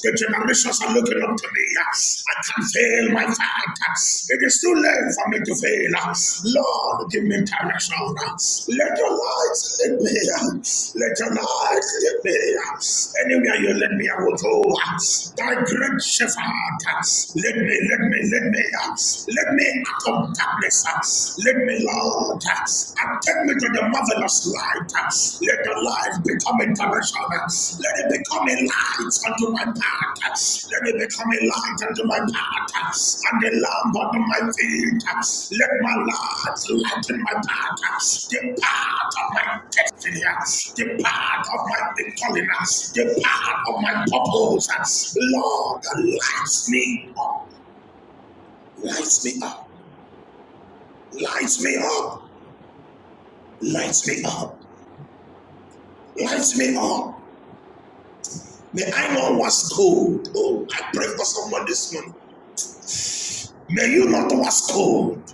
Speaker 2: the generations are looking up to me. I can fail, my father. It is too late for me to fail. Lord, give me direction. Let your light lead me. Let your light lead me. Anywhere you lead me, I will go. Thy great shepherd, lead me, lead me, lead me. Lead me out of darkness. Lead me, Lord. And take me to the marvelous light. Let the light become a let it become a light unto my path. Let it become a light unto my path and a lamp unto my feet. Let my light lighten my path. The path of my destiny, the path of my calling, the path of my purpose. Lord, lights me up, lights me up, lights me up, lights me up, lights me up. May I know what's cold. Oh, I pray for someone this morning. May you not was cold.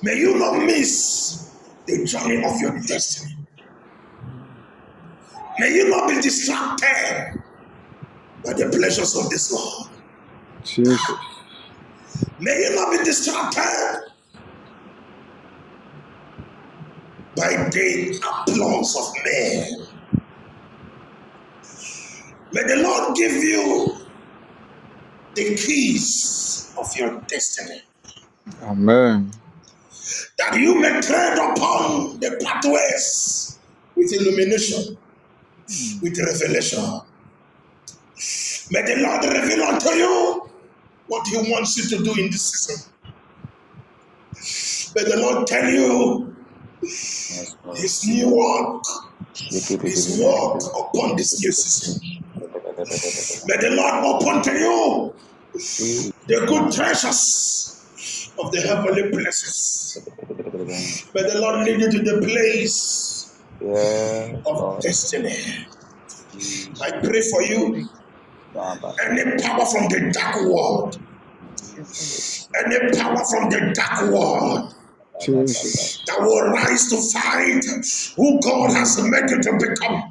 Speaker 2: May you not miss the journey of your destiny. May you not be distracted by the pleasures of this world.
Speaker 5: Jesus.
Speaker 2: May you not be distracted by the applause of men. May the Lord give you the keys of your destiny
Speaker 5: Amen.
Speaker 2: that you may tread upon the pathways with illumination, with revelation. May the Lord reveal unto you what He wants you to do in this season. May the Lord tell you
Speaker 3: Lord.
Speaker 2: His new work,
Speaker 3: Jesus,
Speaker 2: His work upon this new season.
Speaker 3: man. Yes,
Speaker 2: May the Lord lead you to the place of
Speaker 3: Lord.
Speaker 2: destiny. I
Speaker 3: Jesus.
Speaker 2: pray
Speaker 1: Jesus.
Speaker 2: for
Speaker 1: Thank
Speaker 2: you.
Speaker 1: you. Jesus.
Speaker 2: Any power from the dark world,
Speaker 1: Yes, God.
Speaker 3: Jesus. Yes.
Speaker 2: any power from the dark world
Speaker 5: Jesus.
Speaker 2: that will rise to fight who God
Speaker 5: Mm.
Speaker 2: has made you to become.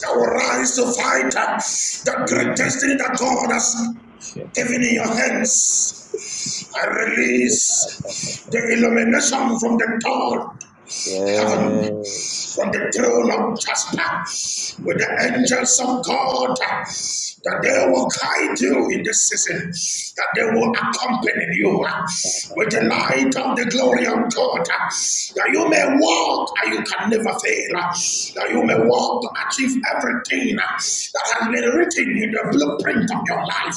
Speaker 2: that will rise to fight uh, the great destiny that God has given in your hands. I release the illumination from the dawn heaven from the throne of Jasper with
Speaker 3: Make
Speaker 2: the
Speaker 3: up.
Speaker 2: angels of God that they
Speaker 3: Yes.
Speaker 2: will guide you in this season, that they will accompany you with the light of the glory of God, that you may walk and you can never fail, that you may walk to achieve everything that has been written in the blueprint of your life,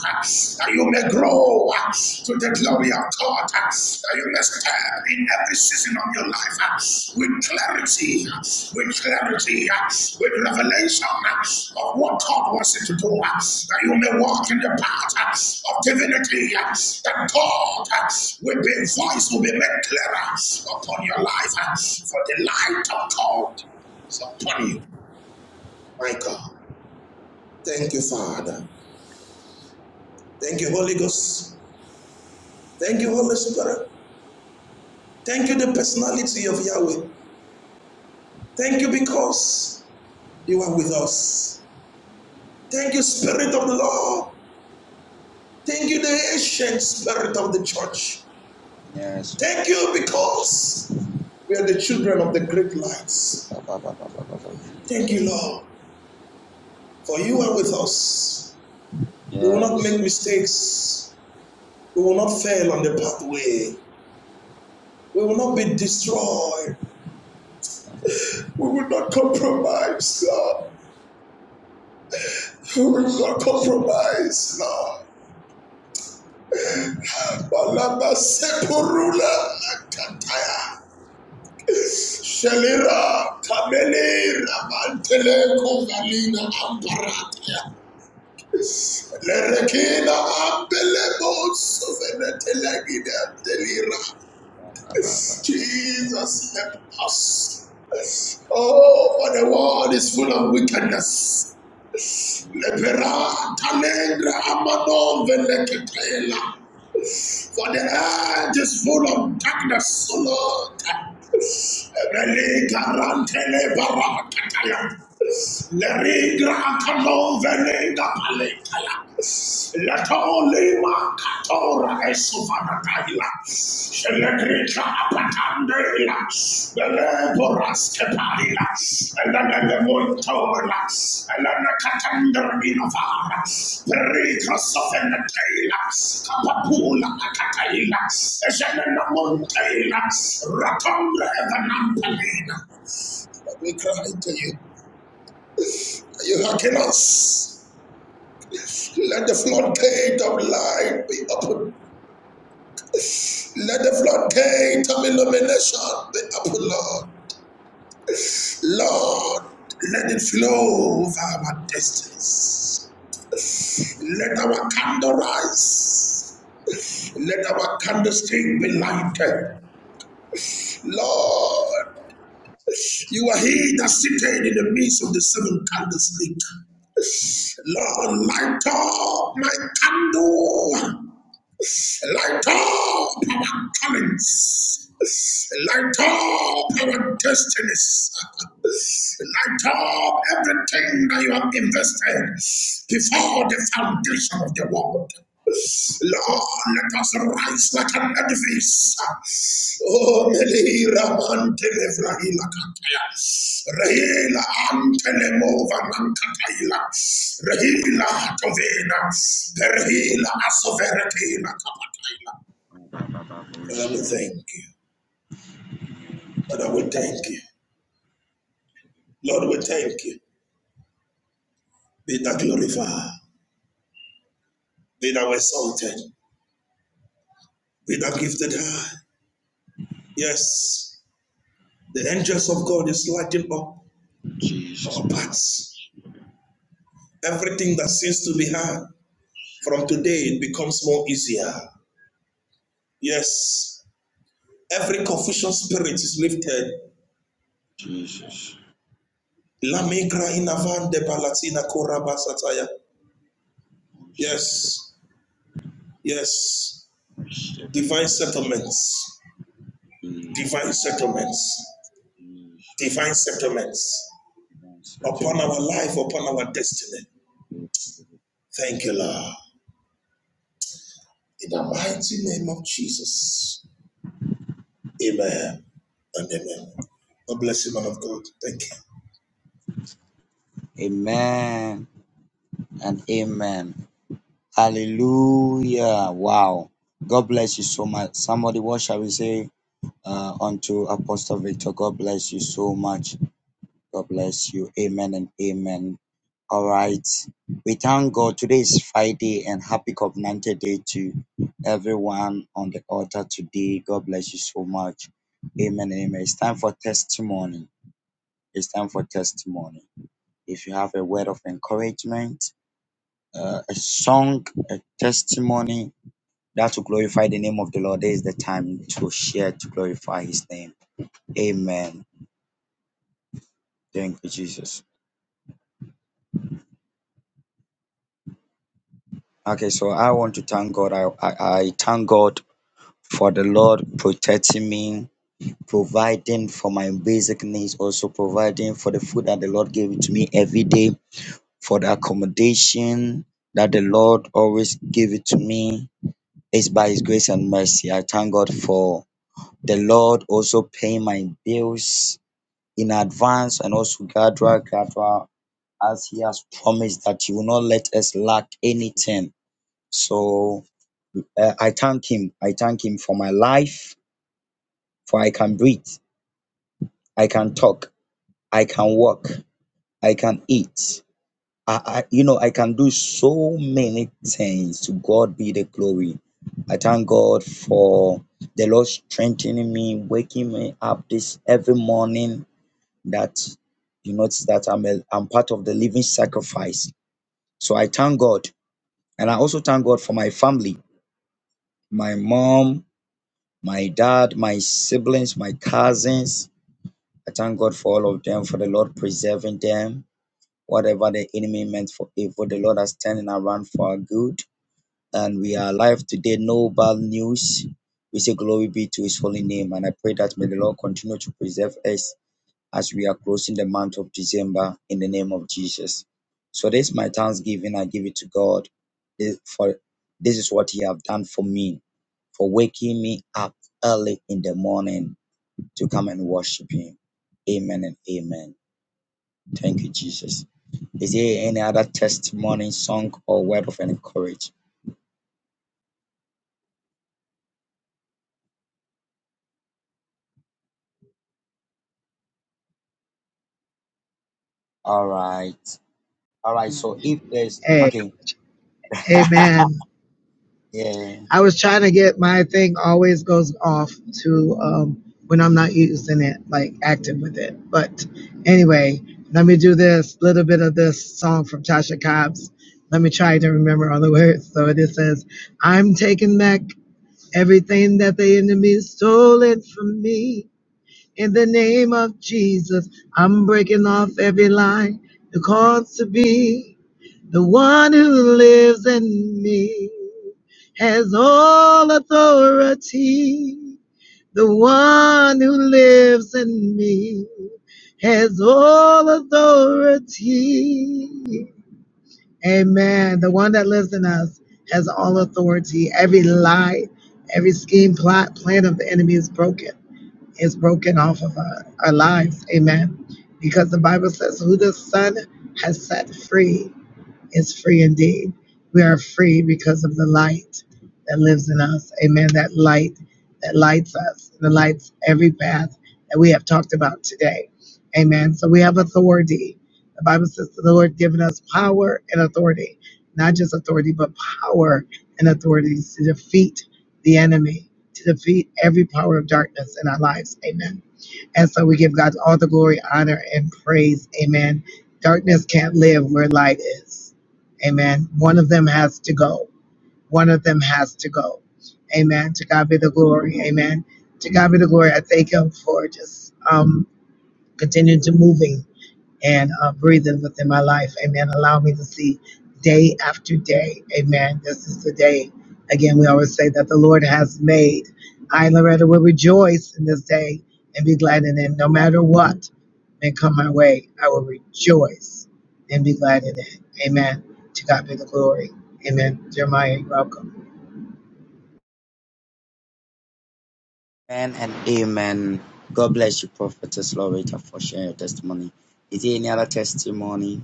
Speaker 2: that you may Grow to the glory of God that you may stand in every season of your life with clarity, with clarity, with revelation of what God wants you to do, that you may walk in the path of divinity, that God will be voice will be made clearer upon your life, for the light of God is upon you. Thank you, Father. Thank you, Holy Ghost. Thank you, Holy Spirit. Thank you, the personality of Yahweh. Thank you because you are with us. Thank you, Spirit of the Lord. Thank you, the ancient Spirit of the church.
Speaker 3: Yes, Lord.
Speaker 2: Thank you because we are the children of the great lights. Thank you, Lord, for you are with us. We will not make
Speaker 3: Yes,
Speaker 2: mistakes. We will not fail on the pathway. We will not be destroyed. We will not compromise, Lord. We will
Speaker 3: Jesus,
Speaker 2: not
Speaker 3: yes, Lord.
Speaker 2: compromise, Lord.
Speaker 3: Have mercy.
Speaker 2: Balaba sepurula Shelira kameli ramantele kovalina amparata. Lerekina ambelebo sovenetele delira. Jesus help us. Oh, for the world is full of wickedness. Lepera talengra amano veleketela. For the earth is full of darkness, O Lord. Let garantele barakataya. Leri grantano velenga paletaya. Leto lima katora esovanatahila. Patandelas, the Leporas Caparilas, and then the Montolas, and then the Catanderinovaras, Pericos of Enatelas, Capapula Acatailas, Zenana Montailas, Ratondra Evanampalina. But we cry to you, are you hearken us? Let the floodgate of light be open. Let the floodgate of illumination be open, Lord. Lord, let it flow over our destinies. Let our candle rise. Let our candlestick be lighted. Lord, you are he that sitteth in the midst of the seven candlesticks. Lord, light up my candle. Light up our callings. Light up our destinies. Light up everything that you have invested before the foundation of the world. Lord, let us rise like an edifice. Oh, Melira Mantele Vrahila Kataya. Rahila Antele Mova Nankataila. Rahila Tovena. Perhila Asoveretela Kapataila. Father, we thank you. Father, we thank you. Lord, we thank you. Be thou glorified. Be thou exalted. Be thou gifted high. Yes, the angels of God is lighting up
Speaker 3: Jesus,
Speaker 2: our
Speaker 3: my
Speaker 2: paths. Everything that seems to be hard, from today it becomes more easier. Yes, every confusion spirit is lifted.
Speaker 3: Jesus. Jesus,
Speaker 2: Yes, yes. Divine settlements, divine settlements,
Speaker 3: Jesus.
Speaker 2: divine settlements
Speaker 3: Answer
Speaker 2: Upon
Speaker 3: to my prayer.
Speaker 2: upon our destiny. Thank you, Lord. In the mighty name of Jesus. Amen and amen. God bless you, man of God. Thank you.
Speaker 3: Amen and amen. Hallelujah. Wow. God bless you so much. Somebody, what shall we say uh, unto Apostle Victor? God bless you so much. God bless you. Amen and amen. All right. We thank God. Today is Friday and happy covenanted day to everyone on the altar today. God bless you so much. Amen and amen. It's time for testimony. It's time for testimony. If you have a word of encouragement, uh, a song, a testimony that will glorify the name of the Lord, there is the time to share to glorify his name. Amen. Thank you, Jesus. Okay, so I want to thank God. I, I, I thank God for the Lord protecting me, providing for my basic needs, also providing for the food that the Lord gave to me every day, for the accommodation that the Lord always gave it to me. It's by His grace and mercy. I thank God for the Lord also paying my bills in advance and also gradual, gradual, as He has promised that He will not let us lack anything. So Uh, I thank Him. I thank Him for my life, for I can breathe, I can talk, I can walk, I can eat. I, I, you know, I can do so many things. To God be the glory. I thank God for the Lord strengthening me, waking me up this every morning. That you notice that I'm a, I'm part of the living sacrifice. So I thank God, and I also thank God for my family, my mom, my dad, my siblings, my cousins, I thank God for all of them, for the Lord preserving them. Whatever the enemy meant for evil, the Lord has turning around for our good. And we are alive today, no bad news. We say glory be to his holy name. And I pray that may the Lord continue to preserve us as we are closing the month of December in the name of Jesus. So this is my thanksgiving. I give it to God. This- For this is what He have done for me, for waking me up early in the morning to come and worship Him. Amen and amen. Thank you, Jesus. Is there any other testimony, song, or word of encouragement? All right. All right. So if there's okay. Yeah.
Speaker 1: used in it, like with it. But anyway, let me do this a little bit of this, perhaps. Let me try to remember all the words. So it says, I'm taking back everything that the enemy stole it from me. In the name of Jesus, I'm breaking off every lie that caused to be. The one who lives in me has all authority. The one who lives in me has all authority. And us has all authority. Every lie, every scheme, plot, plan of the enemy is broken. Is broken off of our, our lives. Amen. Because the Bible says, "Who the Son has set free is free indeed. We are free because of the light that lives in us. Amen. That light that lights us, that lights every path that we have talked about today. Amen. So we have authority. The Bible says the Lord given us power and authority, not just authority, but power and authority to defeat the enemy, to defeat every power of darkness in our lives. Amen. And so we give God all the glory, honor, and praise. Amen. Darkness can't live where light is. Amen. One of them has to go. One of them has to go. Amen. To God be the glory. Amen. To God be the glory. I thank Him for just um, continuing to moving and uh, breathing within my life. Amen. Allow me to see day after day. Amen. This is the day. Again, we always say that the Lord has made. I, Loretta, will rejoice in this day and be glad in it. No matter what may come my way, I will rejoice and be glad in it. Amen. To God be the glory. Amen. Jeremiah, you're welcome.
Speaker 3: Amen and amen. God bless you, Prophetess Loretta, for sharing your testimony. Is there any other testimony?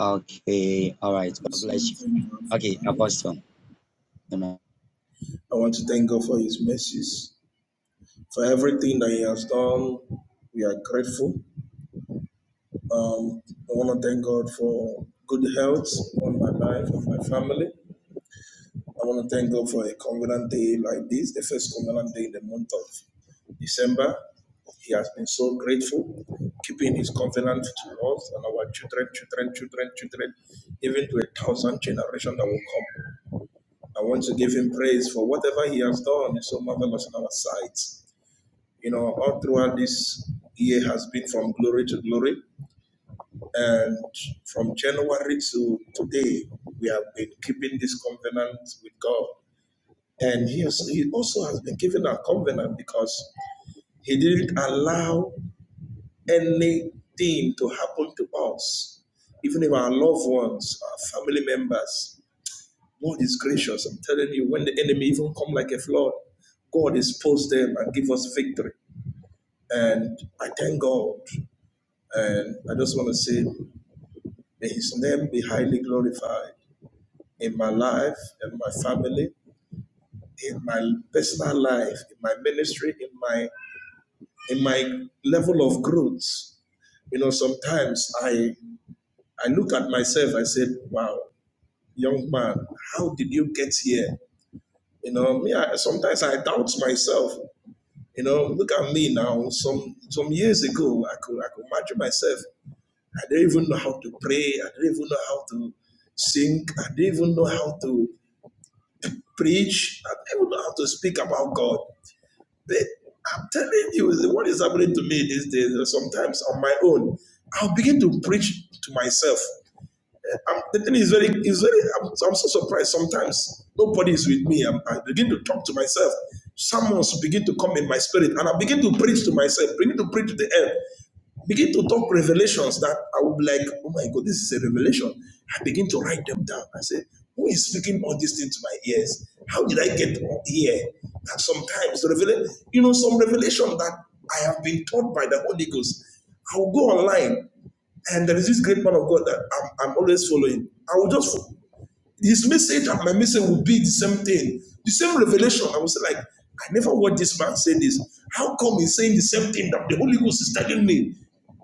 Speaker 3: Okay. All right.
Speaker 2: I
Speaker 3: God
Speaker 2: just
Speaker 3: bless
Speaker 2: want to
Speaker 3: you.
Speaker 2: thank God
Speaker 3: Okay,
Speaker 2: for life.
Speaker 3: Apostle. Amen.
Speaker 2: I want to thank God for His mercies. For everything that He has done, we are grateful. Um, I want to thank God for good health on my life and my family. I want to thank God for a covenant day like this, the first covenant day in the month of December. He has been so grateful, keeping his covenant to us and our children, children, children, children, even to a thousand generations that will come. I want to give him praise for whatever he has done is so marvelous in our sight. You know, all throughout this year has been from glory to glory. And from January to today, we have been keeping this covenant with God. And he, has, he also has been keeping our covenant because he didn't allow anything to happen to us, even if our loved ones, our family members, God is gracious. I'm telling you, when the enemy even come like a flood, God expose them and give us victory. And I thank God. And I just want to say, may His name be highly glorified in my life, in my family, in my personal life, in my ministry, in my in my level of growth. You know, sometimes I I look at myself. I said, "Wow, young man, how did you get here? You know, me, I, sometimes I doubt myself. You know, look at me now. Some some years ago, I could I could imagine myself. I didn't even know how to pray. I didn't even know how to sing. I didn't even know how to preach. I didn't even know how to speak about God. But I'm telling you, what is happening to me these days? Sometimes on my own, I'll begin to preach to myself. I'm, the thing is very, is very. I'm, I'm so surprised. Sometimes nobody is with me. I'm, I begin to talk to myself. Someone's begin to come in my spirit, and I begin to preach to myself. Begin to preach to the end. Begin to talk revelations that I would be like, oh my God, this is a revelation. I begin to write them down. I say, who is speaking all these things to my ears? How did I get here? That sometimes the revelation, you know, some revelation that I have been taught by the Holy Ghost. I will go online and there is this great man of God that I'm, I'm always following. I will just, my message will be the same thing, the same revelation. I will say, like, I never heard this man say this. How come he's saying thing that the Holy Ghost is telling me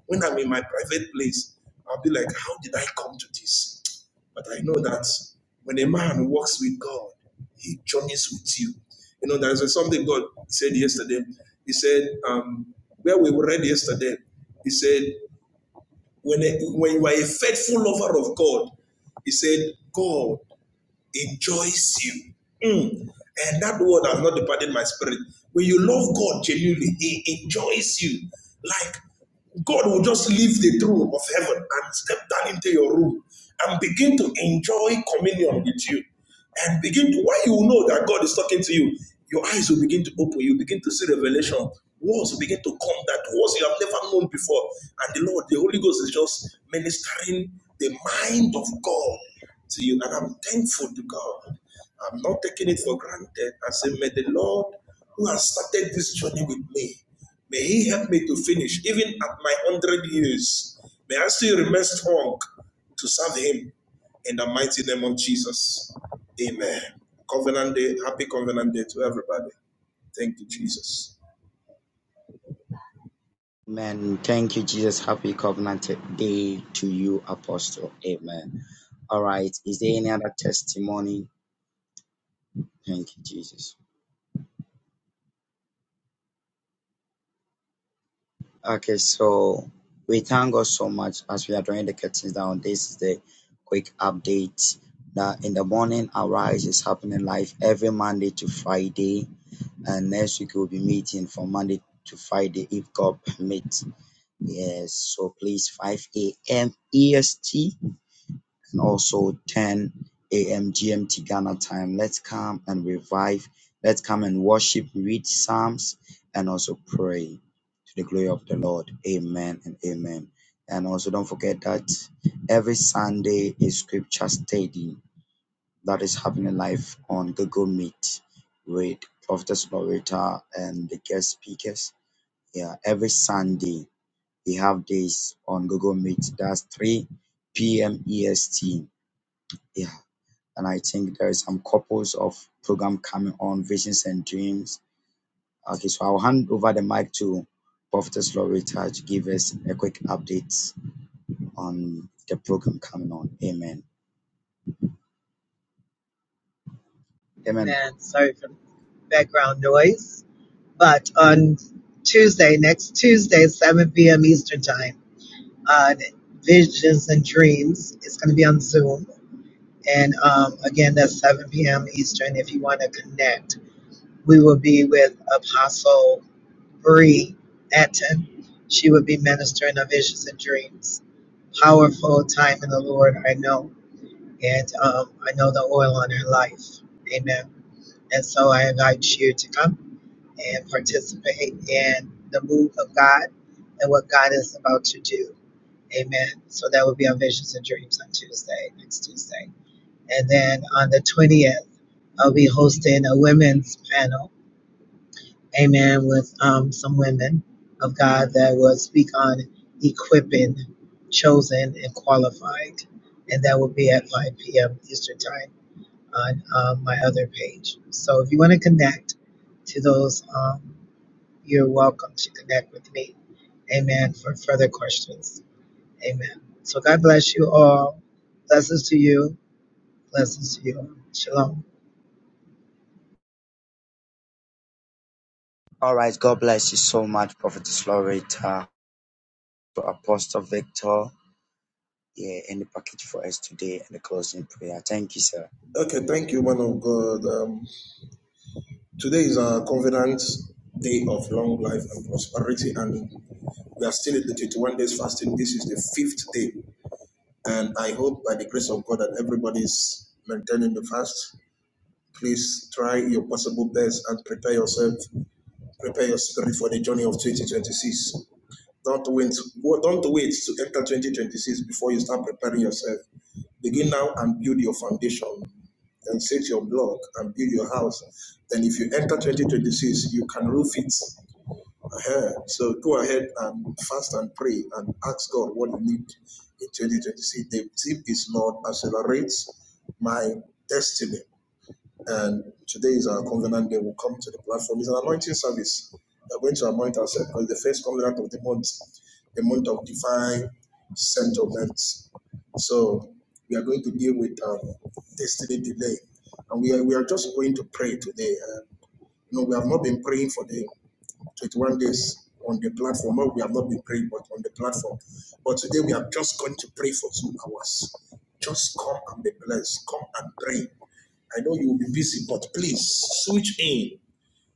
Speaker 2: when I'm in my private place? I'll be like, how come? But I know that when a man walks with God, he journeys with you. You know, there's something God said yesterday. He said, um, where we read yesterday, he said, When, a, when you are a faithful lover of God, he said, God enjoys you. Mm. And that word has not departed my spirit. When you love God genuinely, He enjoys you. Like God will just leave the throne of heaven and step down into your room and begin to enjoy communion with you. And begin to, why you know that God is talking to you, your eyes will begin to open. You begin to see revelation. Walls will begin to come that walls you have never known before. And the Lord, the Holy Ghost is just ministering the mind of God to you. And I'm thankful to God. I'm not taking it for granted. I say, may the Lord who has started this journey with me, may he help me, even at my May I remain strong to serve him in the mighty name of Jesus. Amen. Covenant Day, happy Covenant Day to everybody. Thank you, Jesus.
Speaker 3: Amen. Thank you, Jesus. Happy Covenant Day to you, Apostle. Amen. All right. Is there any other testimony? Thank you, Jesus. Okay, so we thank God so much as we are drawing the curtains down. This is the quick update that in the morning arise is happening live every Monday to Friday, and next week we'll be meeting from Monday to Friday if God permits. Yes, so please 5 a.m. EST and also 10 a.m. GMT Ghana time. Let's come and revive. Let's come and worship, read Psalms, and also pray to the glory of the Lord. Amen and amen. And also, don't forget that every Sunday is scripture study that is happening live on Google Meet with Prophetess Loretta and the guest speakers. Yeah, every Sunday we have this on Google Meet. That's 3 p.m. EST. Yeah, and I think there is some couples of program coming on Visions and Dreams. Okay, so I'll hand over the mic to Prophetess Loretta to give us a quick update on the program coming on. Amen. Amen.
Speaker 1: Amen. Sorry for the background noise. But on Tuesday, next Tuesday, 7 p.m. Eastern Time. on Visions and Dreams. It's going to be on Zoom. And um, again, that's 7 p.m. Eastern. If you want to connect, we will be with Apostle Bree Etten. She will be ministering on Visions and Dreams. Powerful time in the Lord, I know. And um, I know the oil on her life. Amen. And so I invite you to come and participate in the move of God and what God is about to do. Amen. So that will be on Visions and Dreams on Tuesday, next Tuesday. And then on the 20th, I'll be hosting a women's panel. Amen. With um, some women of God that will speak on equipping, chosen, and qualified. And that will be at 5 p.m. Eastern Time on um, my other page. So if you want to connect to those, um, you're welcome to connect with me. Amen. For further questions. Amen. So God bless you all. Blessings to you. Blessings to you. Shalom.
Speaker 3: All right. God bless you so much, Prophetess Loretta, to Apostle Victor. Yeah, any package for us today and the closing prayer. Thank you, sir.
Speaker 2: Okay, thank you, man of God. Um, today's day, and I hope by the grace of God that everybody's maintaining the fast. Please try your possible best and prepare yourself Prepare your spirit for the journey of 2026. Don't wait, don't wait to enter 2026 before you start preparing yourself. Begin now and build your foundation. Then set your block and build your house. Then if you enter 2026, you can roof it. Uh-huh. So go ahead and fast and pray and then 21 days on the platform. Well, we have not been praying, but on the platform. But today we are just going to pray for two hours. Just come and be blessed. Come and pray. I know you will be busy, but please switch in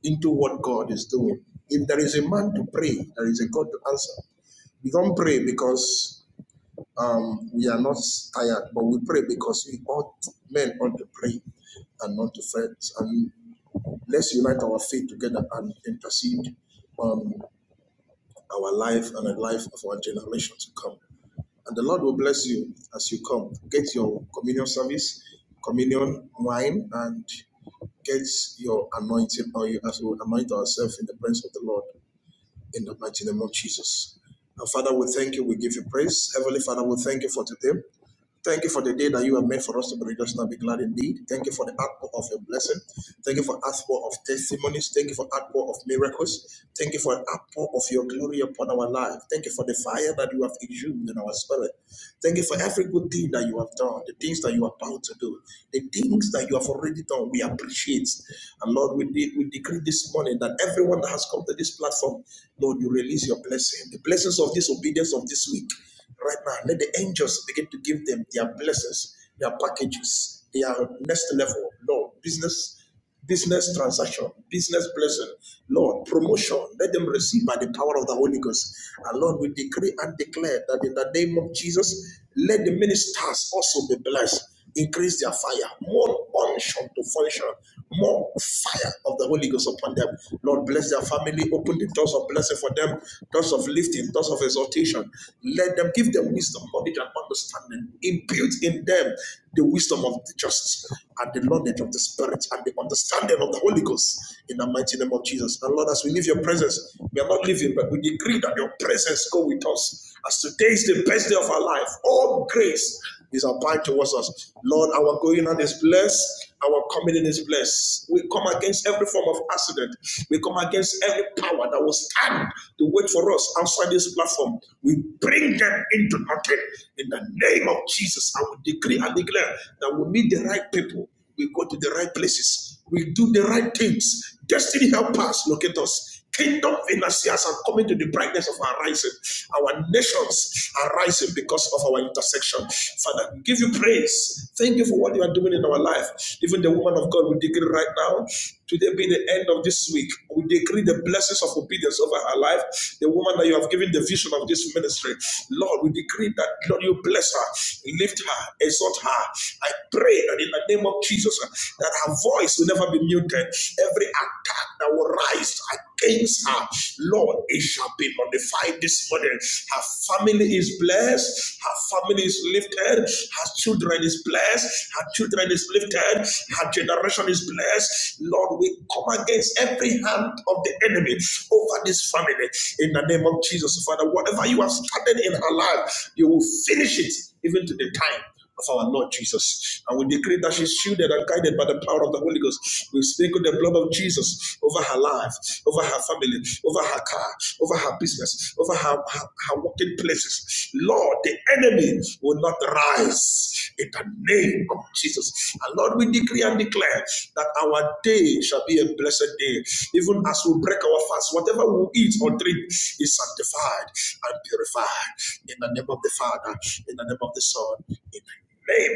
Speaker 2: into what God is doing. If there is a man to pray, there is a God to answer. We don't pray because um, we are not tired, but we pray because we ought men ought to pray and not to fret. And let's unite our faith together and intercede on our life and the life of our generation to come. And the Lord will bless you as you come. Get your communion service, communion wine, and Get your anointing oil as we anoint ourselves in the presence of the Lord in the mighty name of Jesus. And Father, we thank you. We give you praise. Heavenly Father, we thank you for today. Thank you for the day that you have made for us to be rejoiced and be glad indeed. Thank you for the outpour of your blessing. Thank you for outpour of testimonies. Thank you for outpour of miracles. Thank you for outpour of your glory upon our life. Thank you for the fire that you have exhumed in our spirit. Thank you for every good thing that you have done, the things that you are about to do, the things that you have already done. We appreciate. And Lord, we, de- we decree this morning that everyone that has come to this platform, Lord, you release your blessing. The blessings of this obedience of this week, right now, let the angels begin to give them their blessings, their packages, their next level, Lord, business business transaction, business blessing. Lord, promotion, let them receive by the power of the Holy Ghost. And Lord, we decree and declare that in the name of Jesus, let the ministers also be blessed. Increase their fire, more unction to function, more fire of the Holy Ghost upon them. Lord, bless their family, open the doors of blessing for them, doors of lifting, doors of exaltation. Let them give them wisdom, knowledge, and understanding. Impute in them the wisdom of the just and the knowledge of the the Spirit and the understanding of the Holy Ghost in the mighty name of Jesus. And Lord, as we leave your presence, we are not leaving, but we decree that your presence go with us. As today is the best day of our life, all grace is applied towards us. Lord, our going on is blessed, our coming in is blessed. We come against every form of accident. We come against every power that will stand to wait for us outside this platform. We bring them into nothing in the name of Jesus. I will decree and declare that we meet the right people. We go to the right places. We do the right things. Destiny help us locate us. Kingdom financiers are coming to the brightness of our rising. Our nations are rising because of our intersection. Father, we give you praise. Thank you for what you are doing in our life. Even the woman of God we dig in right now. Today be the end of this week. We decree the blessings of obedience over her life. The woman that you have given the vision of this ministry. Lord, we decree that, Lord, you bless her, lift her, exalt her. I pray that in the name of Jesus, uh, that her voice will never be muted. Every attack that will rise against her, Lord, it shall be modified this morning. Her family is blessed. Her her family is lifted. Her children is blessed. Her children is lifted. Her generation is blessed. Lord, we come against every hand of the enemy over this family in the name of Jesus. Father, whatever you have started in her life, you will finish it even to the time of our Lord Jesus. And we decree that she's shielded and guided by the power of the Holy Ghost. We speak with the blood of Jesus over her life, over her family, over her car, over her business, over her, her, her working places. Lord, the enemy will not rise in the name of Jesus. And Lord, we decree and declare that our day shall be a blessed day. Even as we break our fast, whatever we eat or drink is sanctified and purified. In the name of the Father, in the name of the Son, in the name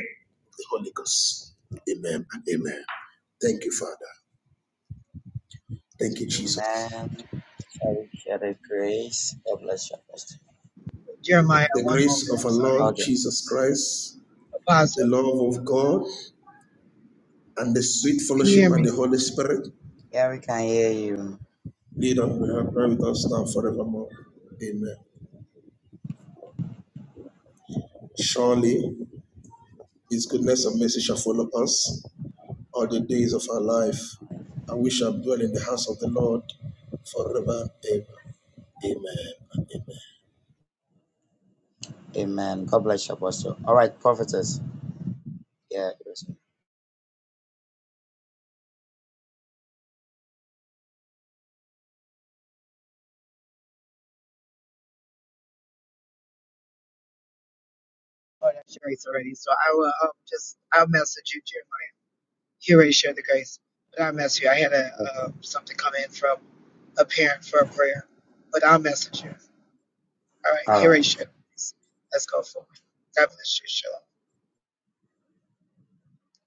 Speaker 2: of the Holy Ghost. Amen and amen. Thank you, Father. Thank you, Jesus.
Speaker 3: Amen. Shall we share the grace? God bless you, Apostle. The
Speaker 1: Jeremiah,
Speaker 2: The
Speaker 1: one moment.
Speaker 2: grace of
Speaker 1: I'm
Speaker 2: our
Speaker 1: sorry.
Speaker 2: Lord
Speaker 3: Okay.
Speaker 2: Jesus Christ, the
Speaker 1: Apostle,
Speaker 2: love of God, and the sweet
Speaker 1: can you
Speaker 2: fellowship
Speaker 1: hear
Speaker 2: and
Speaker 1: me?
Speaker 2: the Holy Spirit
Speaker 3: Yeah, we can hear you.
Speaker 2: lead and pray with us now forevermore. Amen. Surely His goodness and mercy shall follow us all the days of our life, and we shall dwell in the house of the Lord forever and ever. Amen.
Speaker 3: Amen. God bless you, Apostle. All right, prophetess. Yeah. it was-
Speaker 1: Oh, that's Sherry's already. So I will um, just, I'll message you, Jeremiah. You already shared the grace, but I'll message you. I had a uh, something come in from a parent for a prayer, but I'll message you. All right.
Speaker 3: All
Speaker 1: Here I
Speaker 3: right.
Speaker 1: shared the grace. Let's go forward. God bless you. Shalom.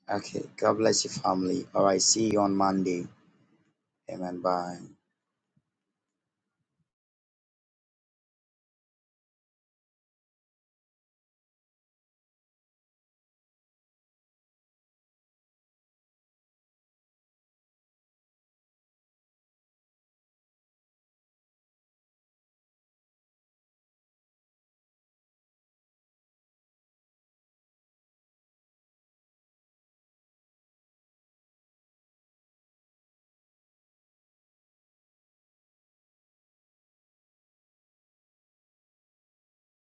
Speaker 3: Okay. God bless you, family. All right. See you on Monday. Amen. Bye.